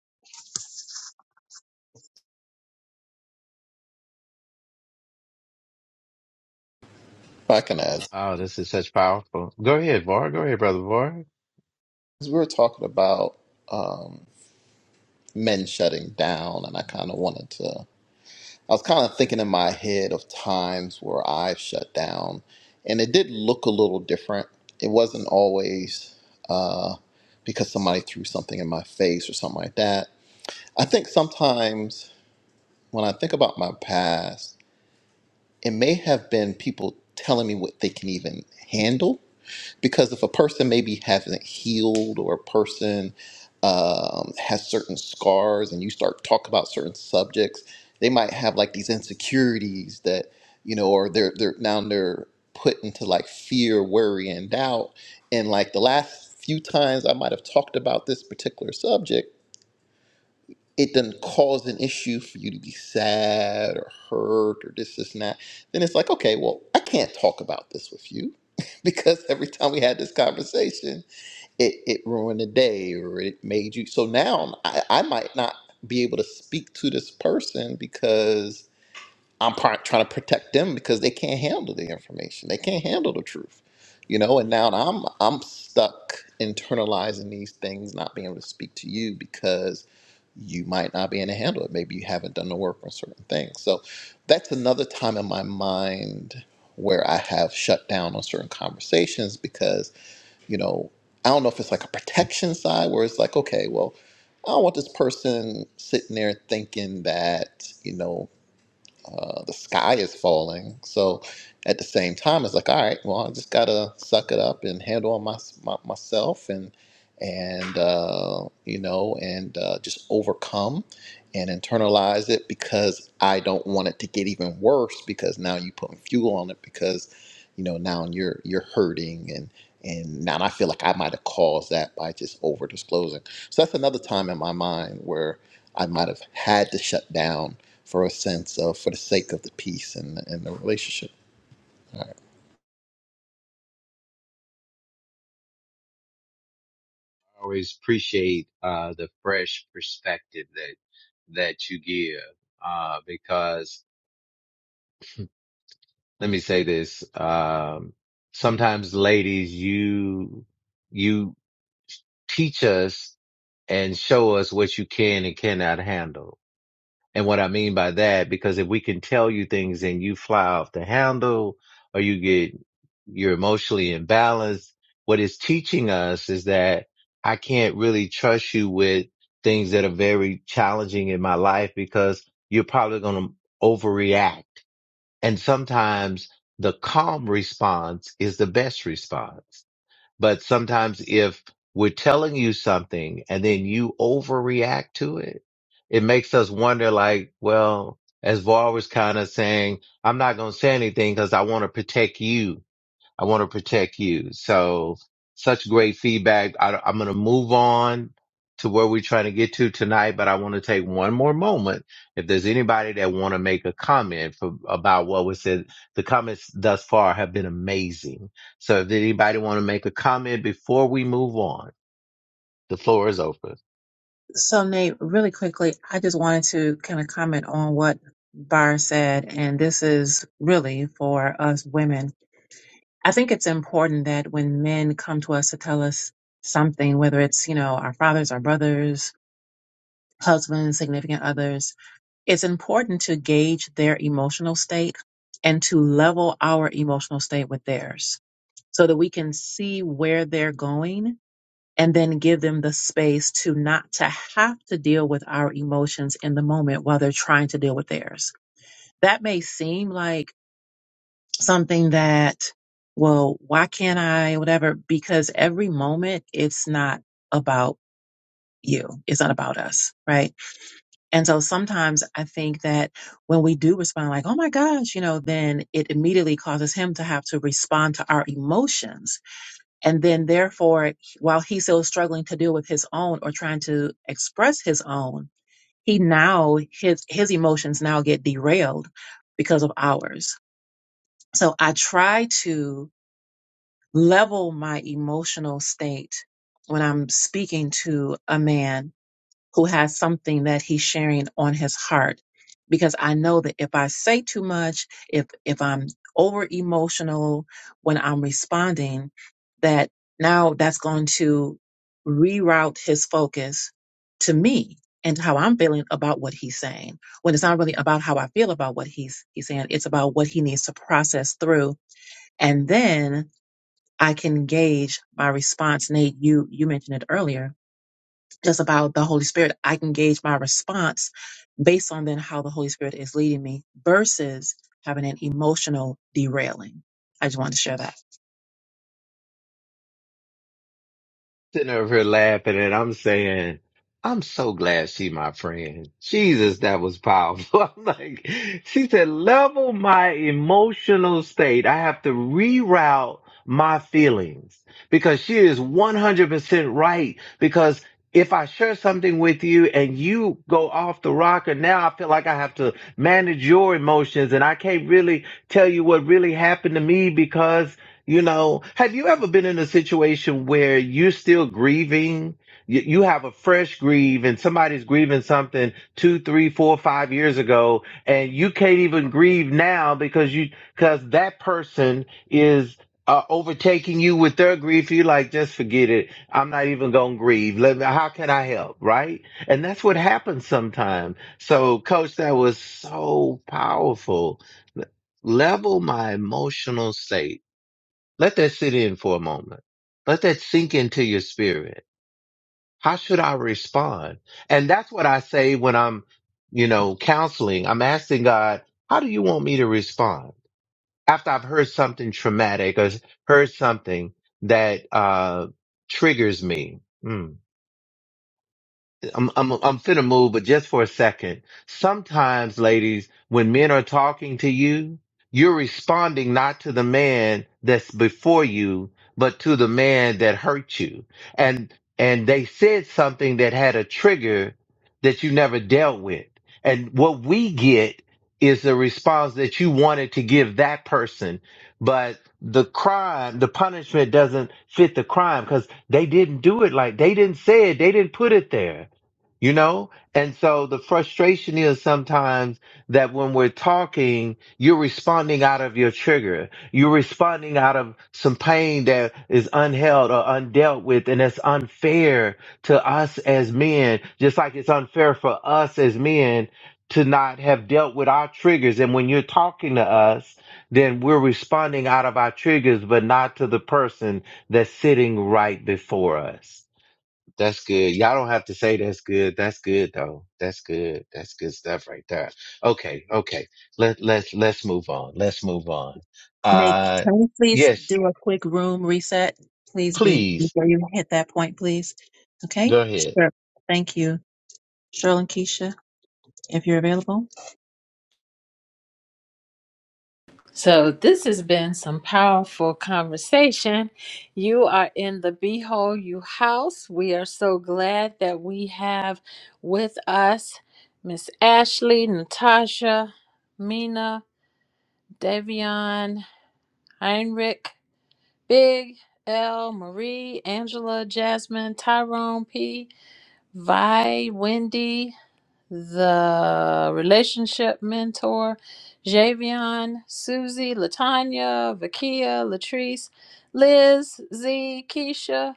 [SPEAKER 2] If I can add, 'cause
[SPEAKER 6] Wow, this is such powerful. Go ahead, Var. Go ahead, brother Var. I
[SPEAKER 2] we were talking about um, men shutting down, and I kind of wanted to. I was kind of thinking in my head of times where I've shut down, and it did look a little different. It wasn't always uh, because somebody threw something in my face or something like that. I think sometimes when I think about my past, it may have been people telling me what they can even handle because if a person maybe hasn't healed or a person um, has certain scars and you start talking about certain subjects they might have like these insecurities that you know or they're they're now they're put into like fear worry and doubt and like the last few times i might have talked about this particular subject it doesn't cause an issue for you to be sad or hurt or this, this, and that, then it's like, okay, well, I can't talk about this with you [laughs] because every time we had this conversation, it, it ruined the day or it made you. So now I, I might not be able to speak to this person because I'm pri- trying to protect them because they can't handle the information. They can't handle the truth, you know. And now I'm I'm stuck internalizing these things, not being able to speak to you because you might not be able to handle it. Maybe you haven't done the work on certain things. So that's another time in my mind where I have shut down on certain conversations because you know I don't know if it's like a protection side where it's like okay, well, I don't want this person sitting there thinking that you know uh, the sky is falling. So at the same time, it's like, all right, well, I just gotta suck it up and handle my, my myself and and uh, you know and uh, just overcome and internalize it because I don't want it to get even worse because now you putting fuel on it because you know now you're you're hurting and and now I feel like I might have caused that by just over disclosing. So that's another time in my mind where I might have had to shut down for a sense of for the sake of the peace and and the relationship.
[SPEAKER 6] always appreciate uh, the fresh perspective that that you give uh, because let me say this: um, sometimes, ladies, you you teach us and show us what you can and cannot handle And what I mean by that, because if we can tell you things and you fly off the handle or you get, you're emotionally imbalanced, what it's teaching us is that I can't really trust you with things that are very challenging in my life because you're probably going to overreact. And sometimes the calm response is the best response. But sometimes if we're telling you something and then you overreact to it, it makes us wonder like, well, as Var was kind of saying, I'm not going to say anything because I want to protect you I want to protect you. So such great feedback. I, I'm going to move on to where we're trying to get to tonight, but I want to take one more moment. If there's anybody that want to make a comment for, about what was said, the comments thus far have been amazing. So if anybody want to make a comment before we move on, the floor is open.
[SPEAKER 1] So, Nate, really quickly, I just wanted to kind of comment on what Barr said, and this is really for us women. I think it's important that when men come to us to tell us something, whether it's, you know, our fathers, our brothers, husbands, significant others, it's important to gauge their emotional state and to level our emotional state with theirs so that we can see where they're going and then give them the space to not to have to deal with our emotions in the moment while they're trying to deal with theirs. That may seem like something that, well, why can't I, whatever, because every moment it's not about you. It's not about us. Right. And so sometimes I think that when we do respond like, Oh my gosh, you know, then it immediately causes him to have to respond to our emotions and then, therefore, while he's still struggling to deal with his own or trying to express his own, he now, his, his emotions now get derailed because of ours. So I try to level my emotional state when I'm speaking to a man who has something that he's sharing on his heart because i know that if i say too much if if i'm over emotional when i'm responding that now that's going to reroute his focus to me and how i'm feeling about what he's saying when it's not really about how i feel about what he's he's saying it's about what he needs to process through and then i can gauge my response nate you you mentioned it earlier just about the Holy Spirit. I can gauge my response based on then how the Holy Spirit is leading me versus having an emotional derailing. I just wanted to share that.
[SPEAKER 6] sitting over here laughing and I'm saying, I'm so glad she my friend. Jesus, that was powerful. [laughs] I'm like, she said, level my emotional state. I have to reroute my feelings because she is 100% right. Because if I share something with you and you go off the rocker, now I feel like I have to manage your emotions and I can't really tell you what really happened to me because you know, have you ever been in a situation where you're still grieving? You, you have a fresh grieve and somebody's grieving something two, three, four, five years ago, and you can't even grieve now because you, because that person is uh, overtaking you with their grief. You're like, just forget it. I'm not even going to grieve. Let me, how can I help? Right. And that's what happens sometimes. So coach, that was so powerful. Level my emotional state let that sit in for a moment. Let that sink into your spirit. How should I respond? And that's what I say when I'm, you know, counseling. I'm asking God, how do you want me to respond after I've heard something traumatic or heard something that, uh, triggers me? Hmm. I'm I'm I'm finna move, but just for a second. Sometimes, ladies, when men are talking to you, you're responding not to the man that's before you, but to the man that hurt you. And and they said something that had a trigger that you never dealt with. And what we get is the response that you wanted to give that person, but the crime, the punishment doesn't fit the crime because they didn't do it like they didn't say it, they didn't put it there you know? And so the frustration is sometimes that when we're talking, you're responding out of your trigger. You're responding out of some pain that is unheld or undealt with. And it's unfair to us as men, just like it's unfair for us as men to not have dealt with our triggers. And when you're talking to us, then we're responding out of our triggers, but not to the person that's sitting right before us. That's good. Y'all don't have to say that's good. That's good though. That's good. That's good stuff right there. Okay. Okay. Let, let's, let's move on. Let's move on.
[SPEAKER 1] Nick,
[SPEAKER 6] Uh,
[SPEAKER 1] can we please
[SPEAKER 6] yes,
[SPEAKER 1] do a quick room reset? Please be
[SPEAKER 6] please
[SPEAKER 1] before you hit that point, please. Okay?
[SPEAKER 6] go ahead.
[SPEAKER 1] Sure. Thank you. Cheryl and Keisha, if you're available.
[SPEAKER 4] So, this has been some powerful conversation. You are in the Behold You house. We are so glad that we have with us Miss Ashley, Natasha, Mina, Davion, Heinrich, Big L, Marie, Angela, Jasmine, Tyrone P, Vi, Wendy the relationship mentor, Javion, Susie, Latanya, Vakia, Latrice, Liz, Z, Keisha,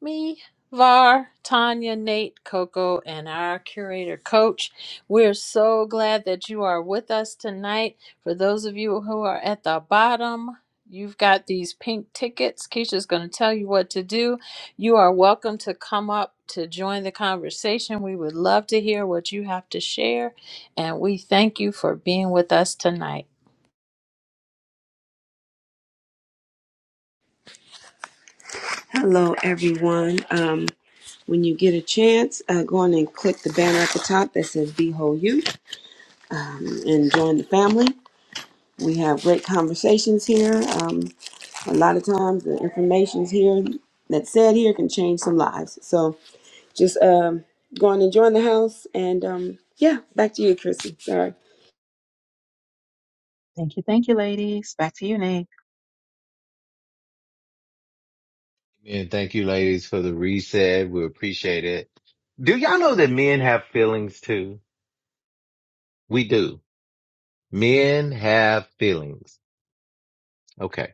[SPEAKER 4] me, Var, Tanya, Nate, Coco, and our curator coach. We're so glad that you are with us tonight. For those of you who are at the bottom, you've got these pink tickets. Keisha's going to tell you what to do. You are welcome to come up to join the conversation. We would love to hear what you have to share, and we thank you for being with us tonight.
[SPEAKER 5] Hello, everyone. Um, when you get a chance, uh, go on and click the banner at the top that says "Behold Whole You um, and join the family. We have great conversations here. Um, a lot of times, the information's here that's said here can change some lives. So just um, go on and join the house. And um, yeah, back to you, Chrissy. Sorry.
[SPEAKER 1] Thank you. Thank you, ladies. Back to you, Nate.
[SPEAKER 6] And thank you ladies for the reset. We appreciate it. Do y'all know that men have feelings too? We do. Men have feelings. Okay.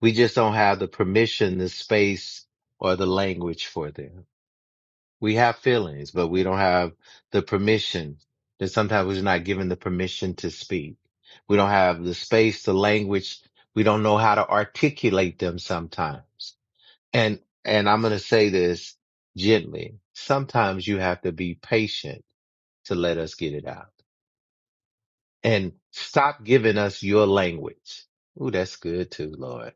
[SPEAKER 6] We just don't have the permission, the space or the language for them. We have feelings, but we don't have the permission. That sometimes we're not given the permission to speak. We don't have the space, the language. We don't know how to articulate them sometimes. And, and I'm going to say this gently. Sometimes you have to be patient to let us get it out and stop giving us your language. Ooh, that's good too, Lord.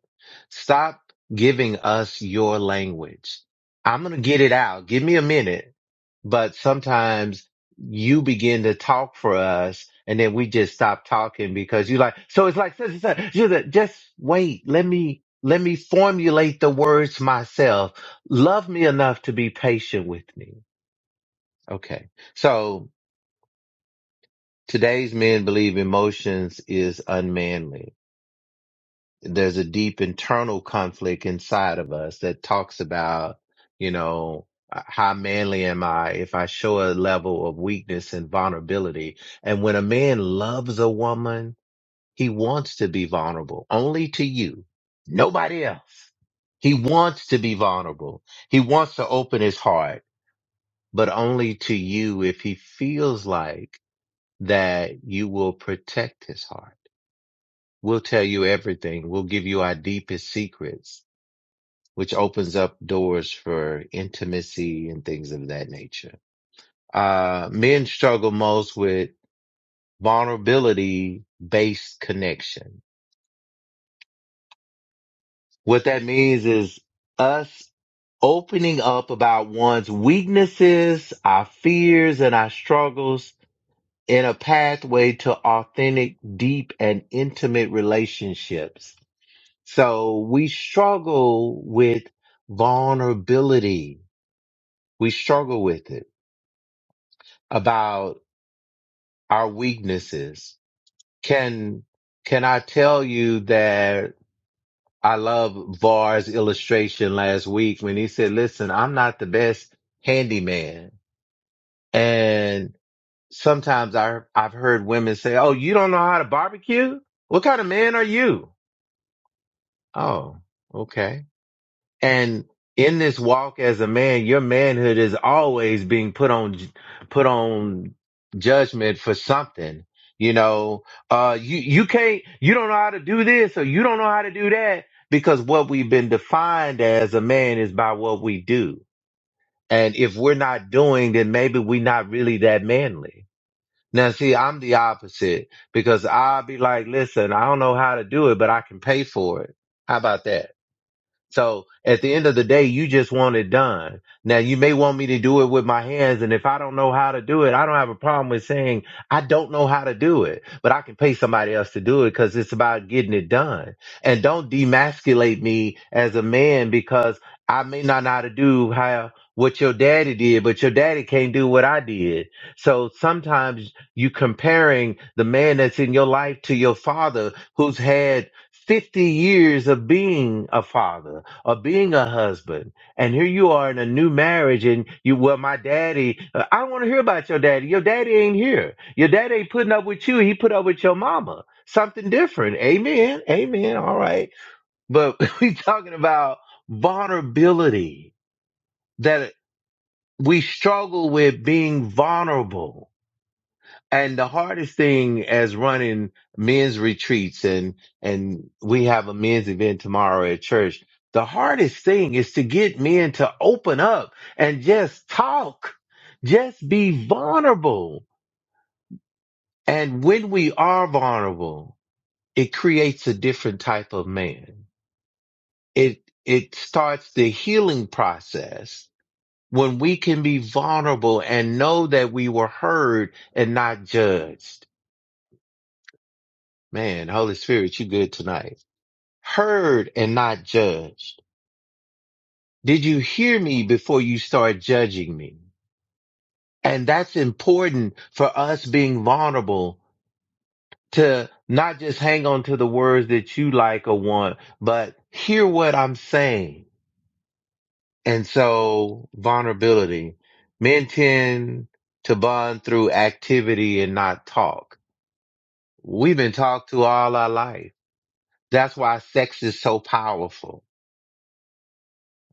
[SPEAKER 6] Stop giving us your language. I'm going to get it out. Give me a minute. But sometimes you begin to talk for us and then we just stop talking because you like, so it's like, such and such. You're like, just wait. Let me, let me formulate the words myself. Love me enough to be patient with me. Okay. So Today's men believe emotions is unmanly. There's a deep internal conflict inside of us that talks about, you know, how manly am I if I show a level of weakness and vulnerability? And when a man loves a woman, he wants to be vulnerable only to you, nobody else. He wants to be vulnerable. He wants to open his heart, but only to you if he feels like that you will protect his heart We'll tell you everything. We'll give you our deepest secrets, which opens up doors for intimacy and things of that nature. Uh, men struggle most with vulnerability based connection. What that means is us opening up about one's weaknesses, our fears and our struggles in a pathway to authentic, deep and intimate relationships So we struggle with vulnerability. We struggle with it about our weaknesses. Can, can I tell you that I love Var's illustration last week when he said, listen, I'm not the best handyman. And sometimes I, I've heard women say, Oh, you don't know how to barbecue? What kind of man are you? Oh, okay. And in this walk as a man, your manhood is always being put on, put on judgment for something. You know, uh, you, you can't, you don't know how to do this or you don't know how to do that because what we've been defined as a man is by what we do. And if we're not doing, then maybe we're not really that manly. Now see, I'm the opposite because I'll be like, listen, I don't know how to do it, but I can pay for it. How about that? So at the end of the day, you just want it done. Now you may want me to do it with my hands. And if I don't know how to do it, I don't have a problem with saying I don't know how to do it, but I can pay somebody else to do it because it's about getting it done. And don't demasculate me as a man because I may not know how to do how what your daddy did, but your daddy can't do what I did. So sometimes you comparing the man that's in your life to your father who's had 50 years of being a father of being a husband. And here you are in a new marriage, and you, well, my daddy, uh, I don't want to hear about your daddy. Your daddy ain't here. Your daddy ain't putting up with you. He put up with your mama. Something different. Amen. Amen. All right. But [laughs] we talking about vulnerability that we struggle with being vulnerable and the hardest thing as running men's retreats and, and we have a men's event tomorrow at church. The hardest thing is to get men to open up and just talk, just be vulnerable. And when we are vulnerable, it creates a different type of man. It, it starts the healing process when we can be vulnerable and know that we were heard and not judged Man, Holy Spirit, you good tonight. Heard and not judged. Did you hear me before you start judging me? And that's important for us being vulnerable to not just hang on to the words that you like or want, but hear what I'm saying. And so vulnerability. Men tend to bond through activity and not talk. We've been talked to all our life. That's why sex is so powerful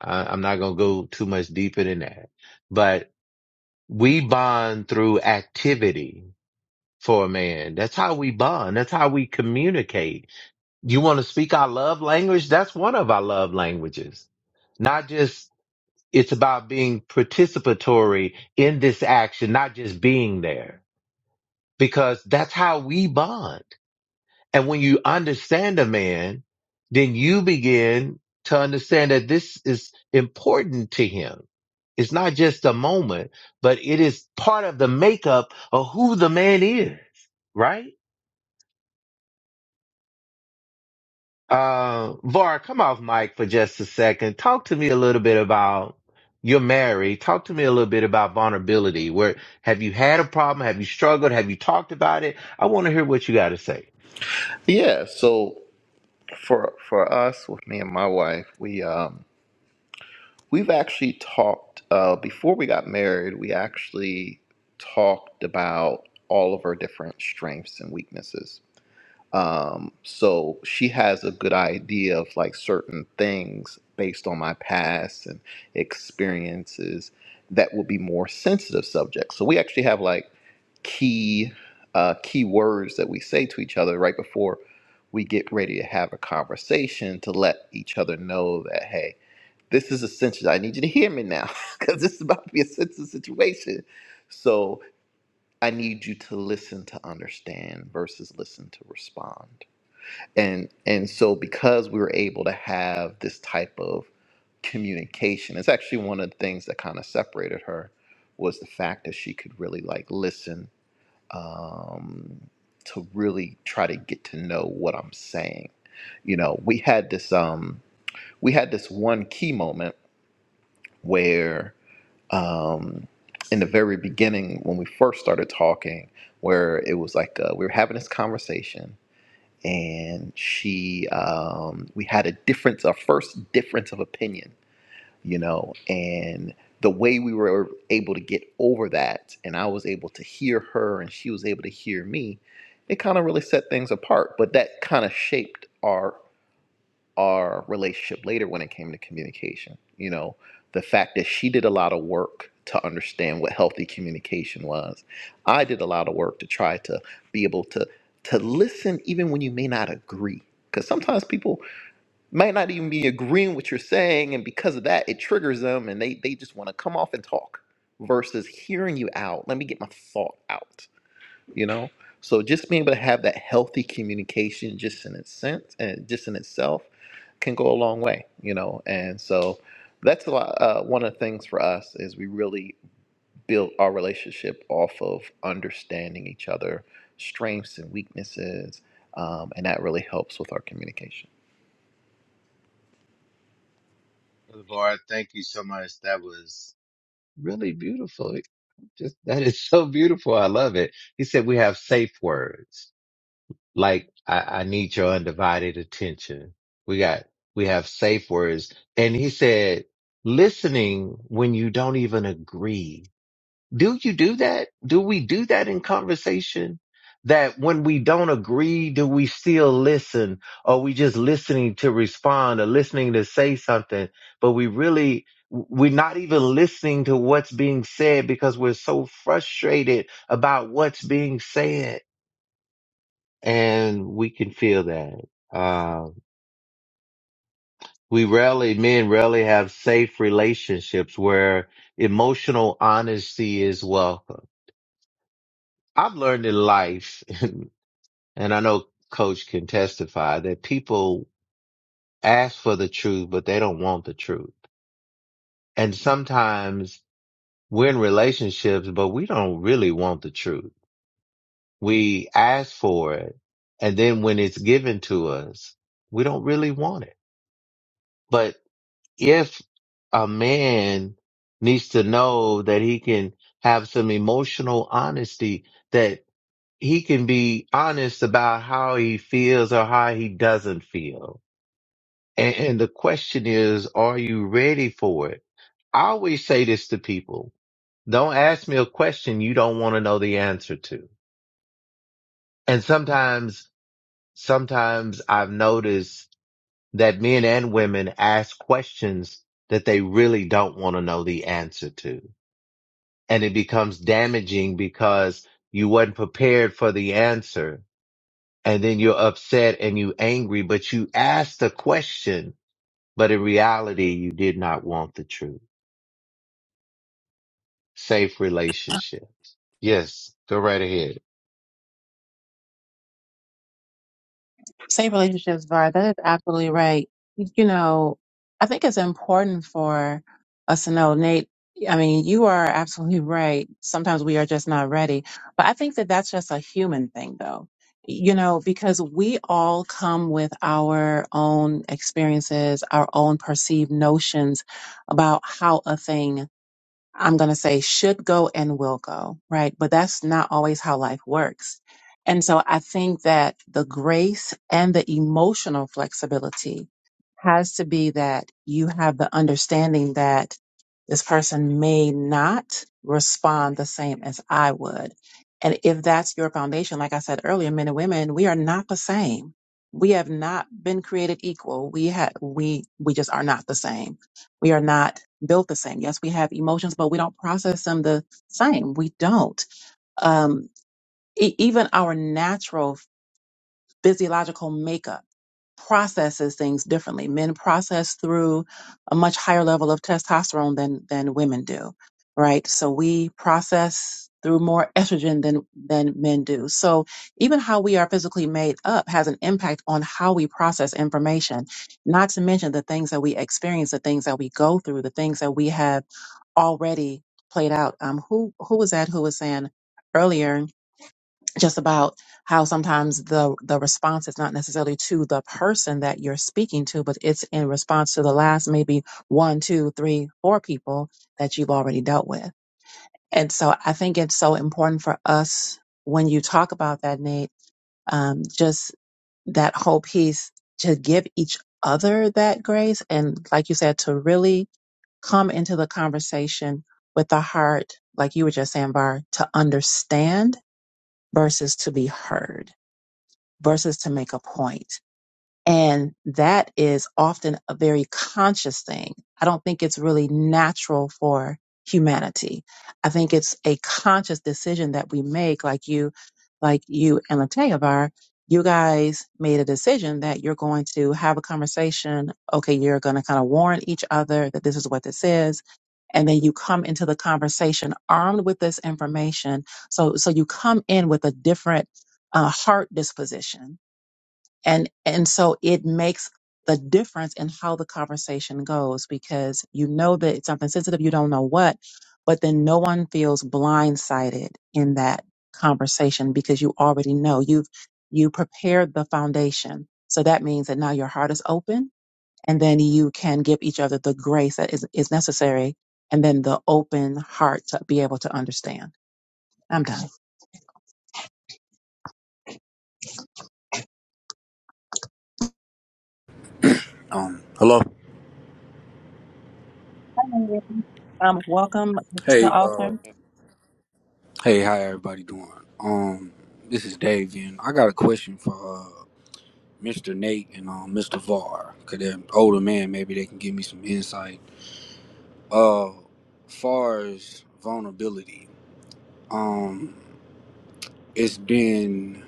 [SPEAKER 6] I, I'm not going to go too much deeper than that, but we bond through activity for a man. That's how we bond. That's how we communicate. You want to speak our love language? That's one of our love languages. Not just, it's about being participatory in this action, not just being there because that's how we bond. And when you understand a man, then you begin to understand that this is important to him. It's not just a moment, but it is part of the makeup of who the man is, right? Uh, Var, come off mic for just a second. Talk to me a little bit about you're married. Talk to me a little bit about vulnerability. Where have you had a problem? Have you struggled? Have you talked about it? I want to hear what you got to say.
[SPEAKER 2] Yeah, so for for us with me and my wife, we um We've actually talked uh, before we got married. We actually talked about all of our different strengths and weaknesses. So she has a good idea of like certain things based on my past and experiences that will be more sensitive subjects. So we actually have like key uh, key words that we say to each other right before we get ready to have a conversation to let each other know that hey this is essential. I need you to hear me now [laughs] because this is about to be a sensitive situation. So I need you to listen to understand versus listen to respond. And and so because we were able to have this type of communication, it's actually one of the things that kind of separated her was the fact that she could really like listen um, to really try to get to know what I'm saying. You know, we had this um we had this one key moment where. um, in the very beginning when we first started talking, where it was like uh, we were having this conversation, and she, um, we had a difference, our first difference of opinion, you know, and the way we were able to get over that, and I was able to hear her, and she was able to hear me, it kind of really set things apart. But that kind of shaped our our relationship later when it came to communication. You know, the fact that she did a lot of work to understand what healthy communication was. I did a lot of work to try to be able to to listen even when you may not agree. Because sometimes people might not even be agreeing what you're saying, and because of that, it triggers them and they, they just want to come off and talk versus hearing you out. Let me get my thought out you know so just being able to have that healthy communication just in its sense and just in itself can go a long way you know and so that's a lot, uh, one of the things for us is we really build our relationship off of understanding each other strengths and weaknesses um, and that really helps with our communication
[SPEAKER 6] Var, thank you so much. That was really beautiful. Just that is so beautiful. I love it. He said we have safe words like I, I need your undivided attention. We got we have safe words, and he said listening when you don't even agree. Do you do that? Do we do that in conversation? That when we don't agree, do we still listen? Or are we just listening to respond or listening to say something, but we really, we're not even listening to what's being said because we're so frustrated about what's being said. And we can feel that. Um, we rarely, men rarely have safe relationships where emotional honesty is welcome. I've learned in life and I know coach can testify that people ask for the truth, but they don't want the truth. And sometimes we're in relationships, but we don't really want the truth. We ask for it. And then when it's given to us, we don't really want it. But if a man needs to know that he can have some emotional honesty, that he can be honest about how he feels or how he doesn't feel And, and the question is, are you ready for it? I always say this to people. Don't ask me a question you don't want to know the answer to. And sometimes, sometimes I've noticed that men and women ask questions that they really don't want to know the answer to. And it becomes damaging because you weren't prepared for the answer. And then you're upset and you angry, but you asked the question, but in reality, you did not want the truth. safe relationships. Yes, go right ahead.
[SPEAKER 1] Safe relationships, VAR. That is absolutely right. You know, I think it's important for us to know, Nate. I mean, you are absolutely right. Sometimes we are just not ready. But I think that that's just a human thing, though. You know, because we all come with our own experiences, our own perceived notions about how a thing I'm going to say should go and will go, right? But that's not always how life works. And so I think that the grace and the emotional flexibility has to be that you have the understanding that this person may not respond the same as I would. And if that's your foundation, like I said earlier, men and women, we are not the same. We have not been created equal. We have, we, we just are not the same. We are not built the same. Yes, we have emotions, but we don't process them the same. We don't. Um, e- even our natural physiological makeup processes things differently. Men process through a much higher level of testosterone than than women do, right? So we process through more estrogen than than men do. So even how we are physically made up has an impact on how we process information. Not to mention the things that we experience, the things that we go through, the things that we have already played out. Um, who who was that? Who was saying earlier just about how sometimes the the response is not necessarily to the person that you're speaking to, but it's in response to the last maybe one, two, three, four people that you've already dealt with. And so I think it's so important for us when you talk about that, Nate, um, just that whole piece to give each other that grace and like you said to really come into the conversation with the heart, like you were just saying, Bar, to understand versus to be heard versus to make a point. And that is often a very conscious thing. I don't think it's really natural for humanity. I think it's a conscious decision that we make, like you, like you and Lateavar, you guys made a decision that you're going to have a conversation. Okay, you're going to kind of warn each other that this is what this is and then you come into the conversation armed with this information so so you come in with a different uh, heart disposition and and so it makes the difference in how the conversation goes because you know that it's something sensitive you don't know what but then no one feels blindsided in that conversation because you already know you've you prepared the foundation so that means that now your heart is open and then you can give each other the grace that is, is necessary and then the open heart to be able to understand i'm done
[SPEAKER 8] Um, hello.
[SPEAKER 1] Hi, Nate. Um, welcome to the
[SPEAKER 8] Hey, uh,
[SPEAKER 1] altar.
[SPEAKER 8] hey, how everybody doing? Um, this is Dave, and I got a question for uh, Mr. Nate and um, Mr. Var. Cause they're older man, maybe they can give me some insight. Uh, far as vulnerability, um, it's been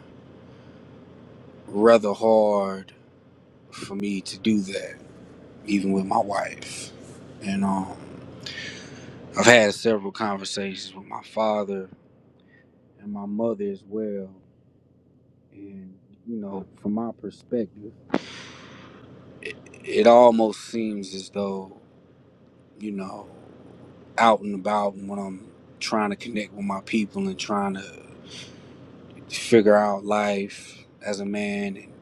[SPEAKER 8] rather hard for me to do that, even with my wife, and um, I've had several conversations with my father and my mother as well. And, you know, from my perspective, it, it almost seems as though, you know, out and about and when I'm trying to connect with my people and trying to figure out life as a man and,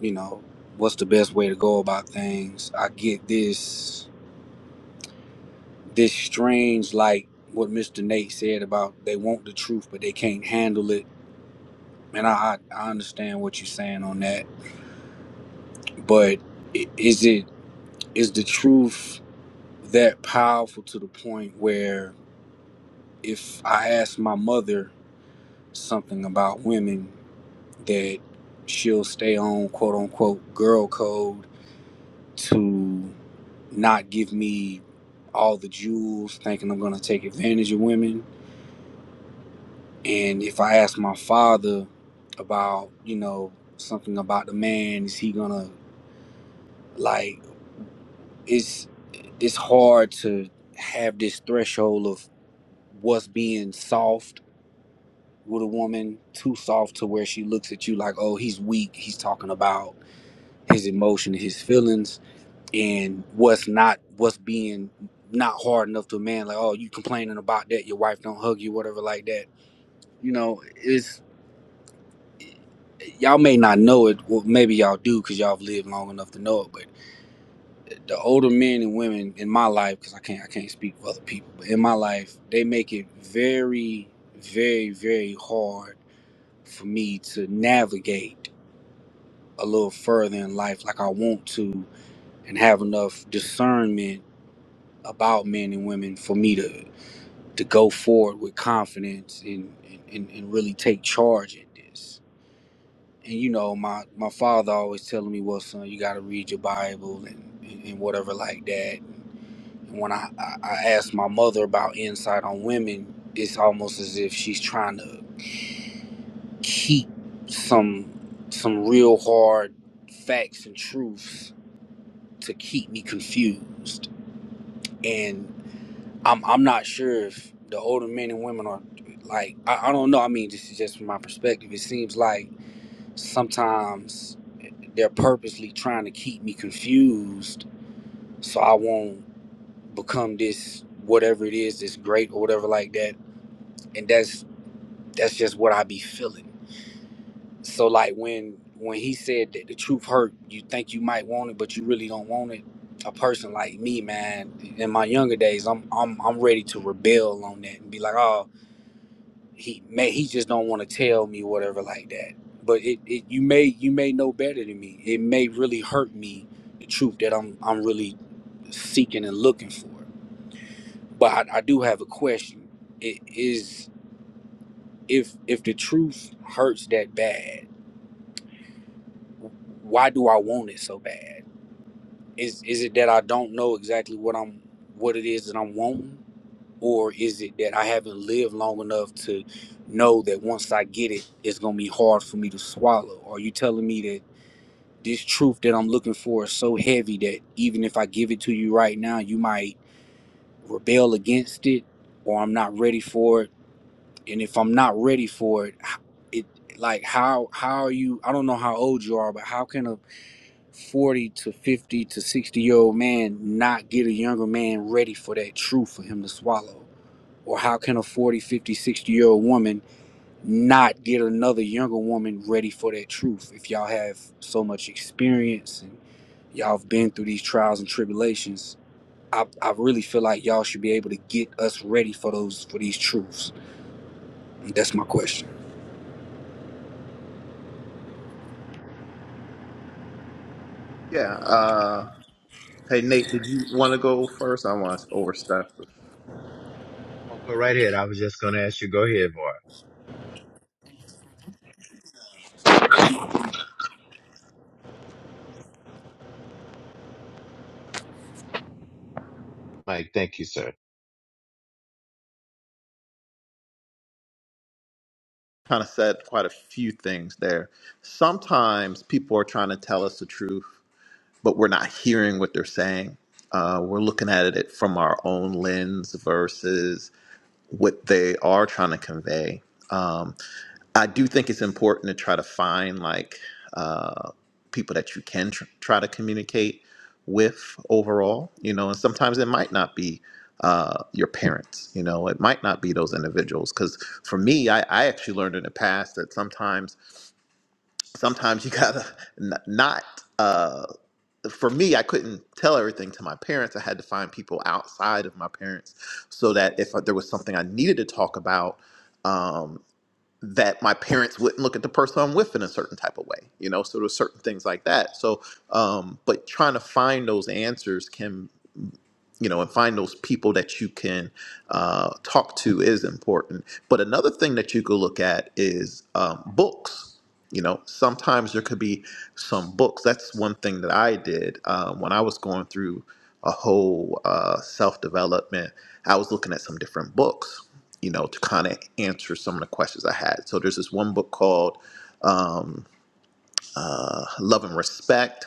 [SPEAKER 8] you know, what's the best way to go about things, I get this, this strange, like what Mr. Nate said about they want the truth, but they can't handle it. And I, I I understand what you're saying on that, but i- is it is the truth that powerful to the point where if I ask my mother something about women, that she'll stay on quote unquote girl code to not give me all the jewels, thinking I'm going to take advantage of women. And if I ask my father about, you know, something about the man, is he going to like, it's, it's hard to have this threshold of what's being soft with a woman too soft to where she looks at you like, oh, he's weak. He's talking about his emotion, his feelings, and what's not what's being not hard enough to a man. Like, oh, you complaining about that? Your wife don't hug you, whatever, like that. You know, it's y'all may not know it. Well, maybe y'all do because y'all have lived long enough to know it. But the older men and women in my life, because I can't I can't speak for other people, but in my life, they make it very, very, very hard for me to navigate a little further in life like I want to and have enough discernment about men and women for me to to go forward with confidence and and, and really take charge at this. And you know, my my father always telling me, Well son, you gotta read your Bible and, and, and whatever like that. And when I, I, I asked my mother about insight on women, it's almost as if she's trying to keep some some real hard facts and truths to keep me confused. And I'm I'm not sure if the older men and women are like I, I don't know. I mean, this is just from my perspective. It seems like sometimes they're purposely trying to keep me confused so I won't become this whatever it is, this great or whatever like that. And that's that's just what I be feeling. So like when when he said that the truth hurt, you think you might want it, but you really don't want it. A person like me, man, in my younger days, I'm I'm I'm ready to rebel on that and be like, oh, he may he just don't want to tell me whatever like that. But it, it you may you may know better than me. It may really hurt me the truth that I'm I'm really seeking and looking for. But I, I do have a question. It is if if the truth hurts that bad, why do I want it so bad? Is is it that I don't know exactly what I'm what it is that I'm wanting? Or is it that I haven't lived long enough to know that once I get it, it's gonna be hard for me to swallow? Are you telling me that this truth that I'm looking for is so heavy that even if I give it to you right now, you might rebel against it, or I'm not ready for it. And if I'm not ready for it, it like how how are you? I don't know how old you are, but how can a 40 to 50 to 60 year old man not get a younger man ready for that truth for him to swallow? Or how can a forty, fifty, sixty year old woman not get another younger woman ready for that truth if y'all have so much experience and y'all have been through these trials and tribulations? I, I really feel like y'all should be able to get us ready for those for these truths. That's my question.
[SPEAKER 2] Yeah. Uh, hey, Nate, did you want to go first? I want to overstep.
[SPEAKER 6] Oh, go right ahead. I was just going to ask you. Go ahead, boy. Mike, thank you, sir.
[SPEAKER 2] Kind of said quite a few things there. Sometimes people are trying to tell us the truth but we're not hearing what they're saying. Uh, we're looking at it from our own lens versus what they are trying to convey. Um, I do think it's important to try to find like uh, people that you can tr- try to communicate with overall, you know, and sometimes it might not be uh, your parents, you know, it might not be those individuals. Because for me, I, I actually learned in the past that sometimes, sometimes you gotta n- not. uh, for me, I couldn't tell everything to my parents. I had to find people outside of my parents so that if uh, there was something I needed to talk about, um, that my parents wouldn't look at the person I'm with in a certain type of way, you know. So there's certain things like that. So, um, but trying to find those answers can you know, and find those people that you can uh, talk to is important. But another thing that you could look at is um, books. You know, sometimes there could be some books. That's one thing that I did uh, when I was going through a whole uh, self development. I was looking at some different books, you know, to kind of answer some of the questions I had. So there's this one book called. Um, uh, Love and Respect.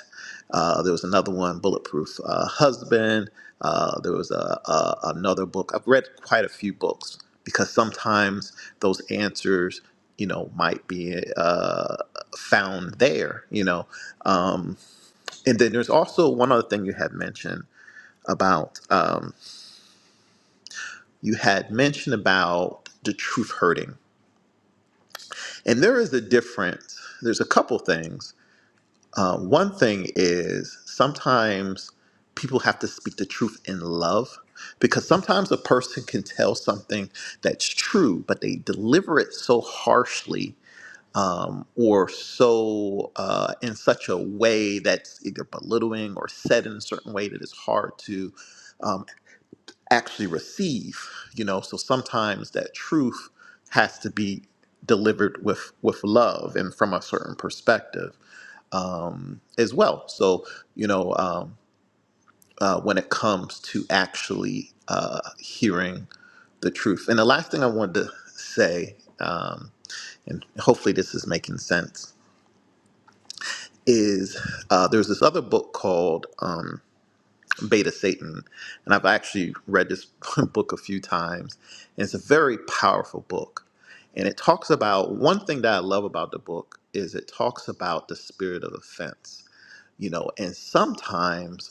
[SPEAKER 2] Uh, there was another one, Bulletproof uh, Husband. Uh, there was a, a, another book. I've read quite a few books because sometimes those answers, you know, might be uh, found there, you know. Um, and then there's also one other thing you had mentioned about, um, you had mentioned about the truth hurting. And there is a difference. There's a couple things Uh, one thing is sometimes people have to speak the truth in love because sometimes a person can tell something that's true, but they deliver it so harshly um, or so uh, in such a way that's either belittling or said in a certain way that it's hard to. um, actually receive you know so sometimes that truth has to be delivered with with love and from a certain perspective um, as well. So, you know, um, uh, when it comes to actually uh, hearing the truth. And the last thing I wanted to say, um, and hopefully this is making sense, is uh, there's this other book called um, Beta Satan. And I've actually read this [laughs] book a few times. And it's a very powerful book. And it talks about one thing that I love about the book is it talks about the spirit of offense, you know, and sometimes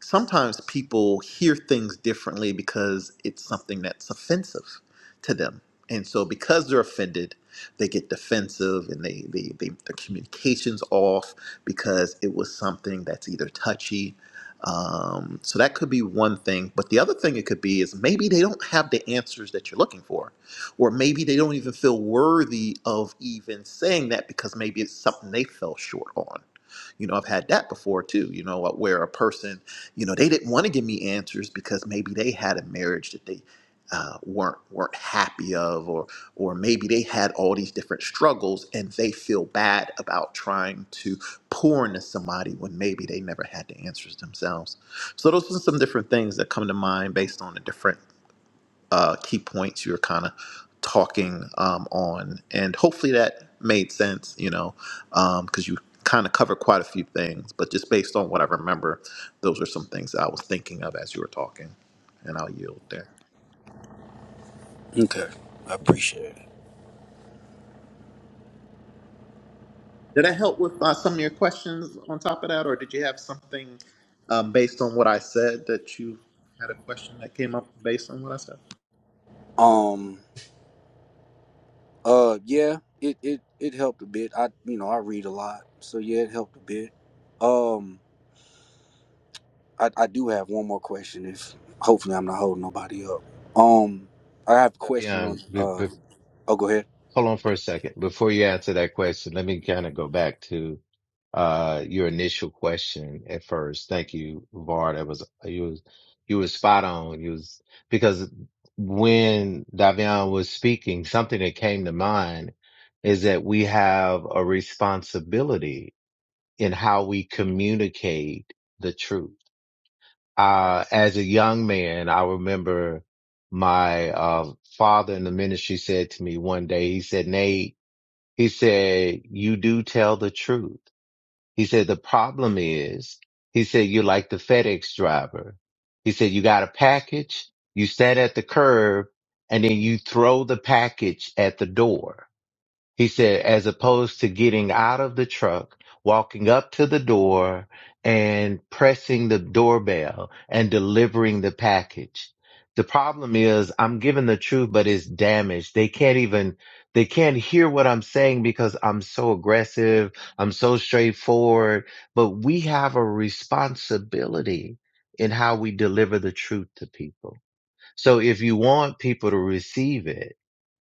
[SPEAKER 2] sometimes people hear things differently because it's something that's offensive to them. And so because they're offended, they get defensive and they, they, they their communication's off because it was something that's either touchy. Um, so that could be one thing. But the other thing it could be is maybe they don't have the answers that you're looking for. Or maybe they don't even feel worthy of even saying that because maybe it's something they fell short on you know i've had that before too you know where a person you know, they didn't want to give me answers because maybe they had a marriage that they uh, weren't weren't happy of, or or maybe they had all these different struggles and they feel bad about trying to pour into somebody when maybe they never had the answers themselves. So those are some different things that come to mind based on the different uh, key points you were kind of talking um, on, and hopefully that made sense, you know, because you kind of covered quite a few things, but just based on what I remember, those are some things I was thinking of as you were talking, and I'll yield there.
[SPEAKER 8] Okay, I appreciate it.
[SPEAKER 2] Did I help with uh, some of your questions on top of that, or did you have something um, based on what I said that you had a question that came up based on what I said?
[SPEAKER 8] Um Uh, yeah, it it it helped a bit. I you know I read a lot, so yeah, it helped a bit. Um, I I do have one more question. If hopefully I'm not holding nobody up. Um, I have a question on.
[SPEAKER 6] Um, be,
[SPEAKER 8] Uh,
[SPEAKER 6] be-
[SPEAKER 8] oh, go ahead.
[SPEAKER 6] hold on for a second. Before you answer that question, let me kind of go back to uh, your initial question at first. Thank you, Var. That was you was you was spot on. You was because when Davion was speaking, something that came to mind is that we have a responsibility in how we communicate the truth. Uh, as a young man, I remember my, uh, father in the ministry said to me one day, he said, Nate, he said, you do tell the truth. He said, the problem is, he said, you're like the FedEx driver. He said, you got a package, you stand at the curb and then you throw the package at the door. He said, as opposed to getting out of the truck, walking up to the door and pressing the doorbell and delivering the package. The problem is I'm giving the truth, but it's damaged. They can't even, they can't hear what I'm saying because I'm so aggressive. I'm so straightforward, but we have a responsibility in how we deliver the truth to people. So if you want people to receive it,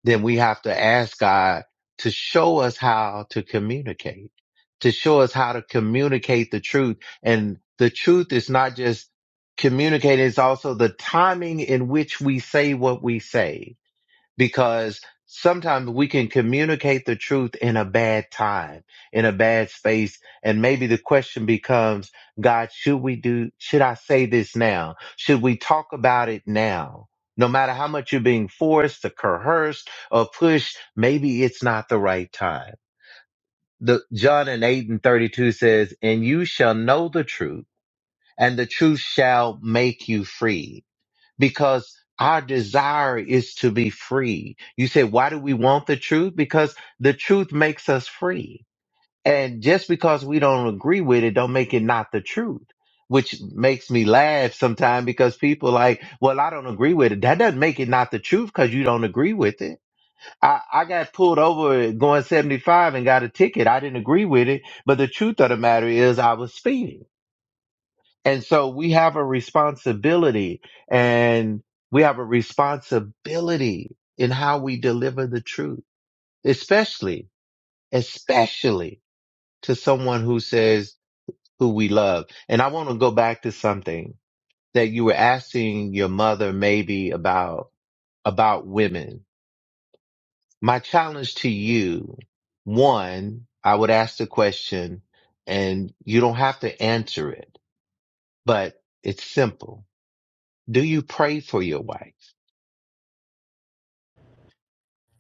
[SPEAKER 6] then we have to ask God to show us how to communicate, to show us how to communicate the truth. And the truth is not just communicating, it's also the timing in which we say what we say because sometimes we can communicate the truth in a bad time, in a bad space. And maybe the question becomes, God, should we do, should I say this now? Should we talk about it now? No matter how much you're being forced or coerced or pushed, maybe it's not the right time. The John and 8 and 32 says, and you shall know the truth and the truth shall make you free because our desire is to be free. You say, why do we want the truth? Because the truth makes us free. And just because we don't agree with it, don't make it not the truth, which makes me laugh sometimes because people like, well, I don't agree with it. That doesn't make it not the truth because you don't agree with it. I, I got pulled over going 75 and got a ticket. I didn't agree with it. But the truth of the matter is I was speeding and so we have a responsibility and we have a responsibility in how we deliver the truth, especially, especially to someone who says who we love. And I want to go back to something that you were asking your mother maybe about, about women. My challenge to you, one, I would ask the question and you don't have to answer it, but it's simple. Do you pray for your wife?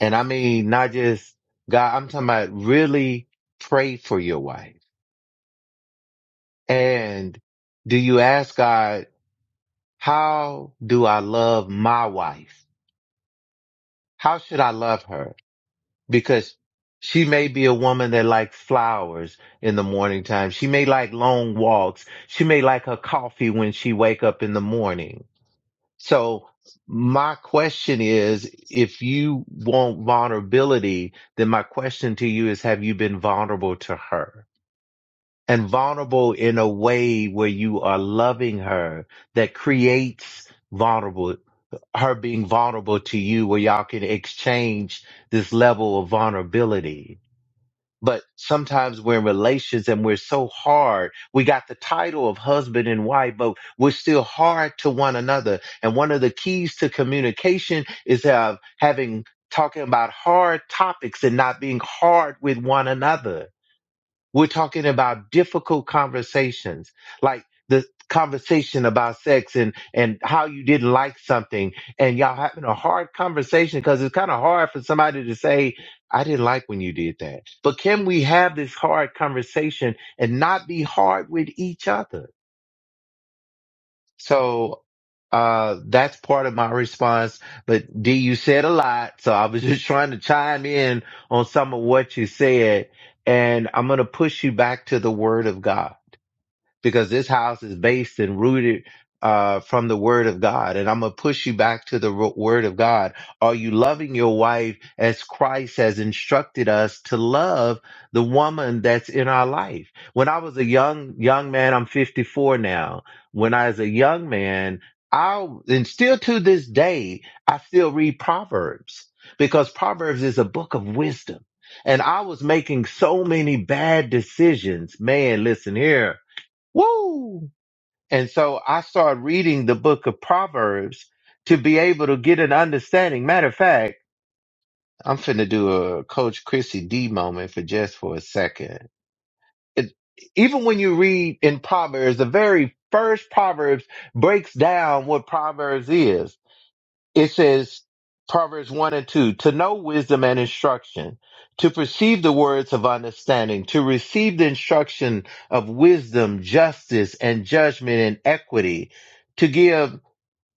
[SPEAKER 6] And I mean, not just God, I'm talking about really pray for your wife. And do you ask God, how do I love my wife? How should I love her? Because she may be a woman that likes flowers in the morning time. She may like long walks. She may like her coffee when she wake up in the morning So my question is, if you want vulnerability, then my question to you is, have you been vulnerable to her? And vulnerable in a way where you are loving her that creates vulnerable, her being vulnerable to you where y'all can exchange this level of vulnerability. But sometimes we're in relations and we're so hard. We got the title of husband and wife, but we're still hard to one another. And one of the keys to communication is uh, having talking about hard topics and not being hard with one another we're talking about difficult conversations, like the conversation about sex and and how you didn't like something, and y'all having a hard conversation because it's kind of hard for somebody to say, "I didn't like when you did that." But can we have this hard conversation and not be hard with each other? So, uh, that's part of my response. But D, you said a lot. So I was [laughs] just trying to chime in on some of what you said. And I'm going to push you back to the word of God because this house is based and rooted uh, from the word of God. And I'm going to push you back to the ro- word of God. Are you loving your wife as Christ has instructed us to love the woman that's in our life? When I was a young, young man, I'm 54 now. When I was a young man, I, and still to this day, I still read Proverbs because Proverbs is a book of wisdom. And I was making so many bad decisions. Man, listen here Woo! And so I started reading the book of Proverbs to be able to get an understanding. Matter of fact, I'm finna do a Coach Chrissy D moment for just for a second. It, even when you read in Proverbs, the very first Proverbs breaks down what Proverbs is it says Proverbs 1 and 2 to know wisdom and instruction, to perceive the words of understanding, to receive the instruction of wisdom, justice, and judgment and equity, to give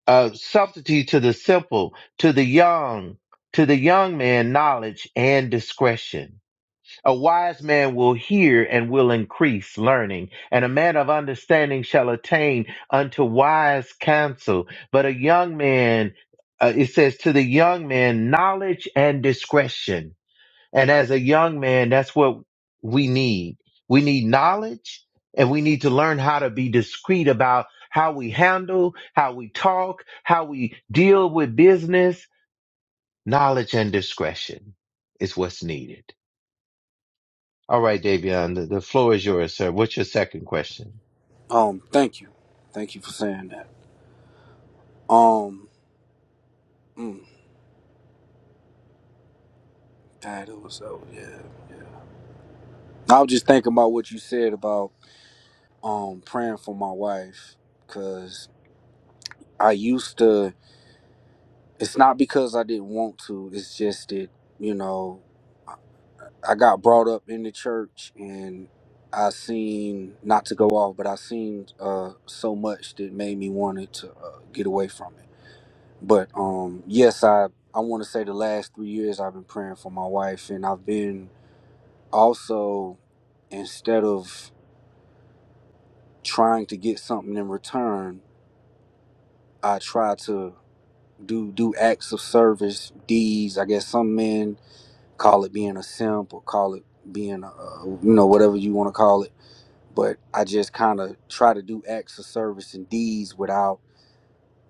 [SPEAKER 6] uh, subtlety to the simple, to the young, to the young man knowledge and discretion. A wise man will hear and will increase learning, and a man of understanding shall attain unto wise counsel. But a young man, uh, it says to the young man, knowledge and discretion. And as a young man, that's what we need. We need knowledge and we need to learn how to be discreet about how we handle, how we talk, how we deal with business. Knowledge and discretion is what's needed. All right, Davion, the, the floor is yours, sir. What's your second question?
[SPEAKER 8] Um, thank you, thank you for saying that. Um, mm, God, it was so yeah. yeah. I was just thinking about what you said about um praying for my wife, cause I used to. It's not because I didn't want to. It's just that you know. I got brought up in the church and I seen not to go off, but I seen uh, so much that made me wanted to uh, get away from it. But um, yes, I I want to say the last three years I've been praying for my wife, and I've been also instead of trying to get something in return, I try to do do acts of service, deeds. I guess some men call it being a simp or call it being a, you know whatever you want to call it but I just kind of try to do acts of service and deeds without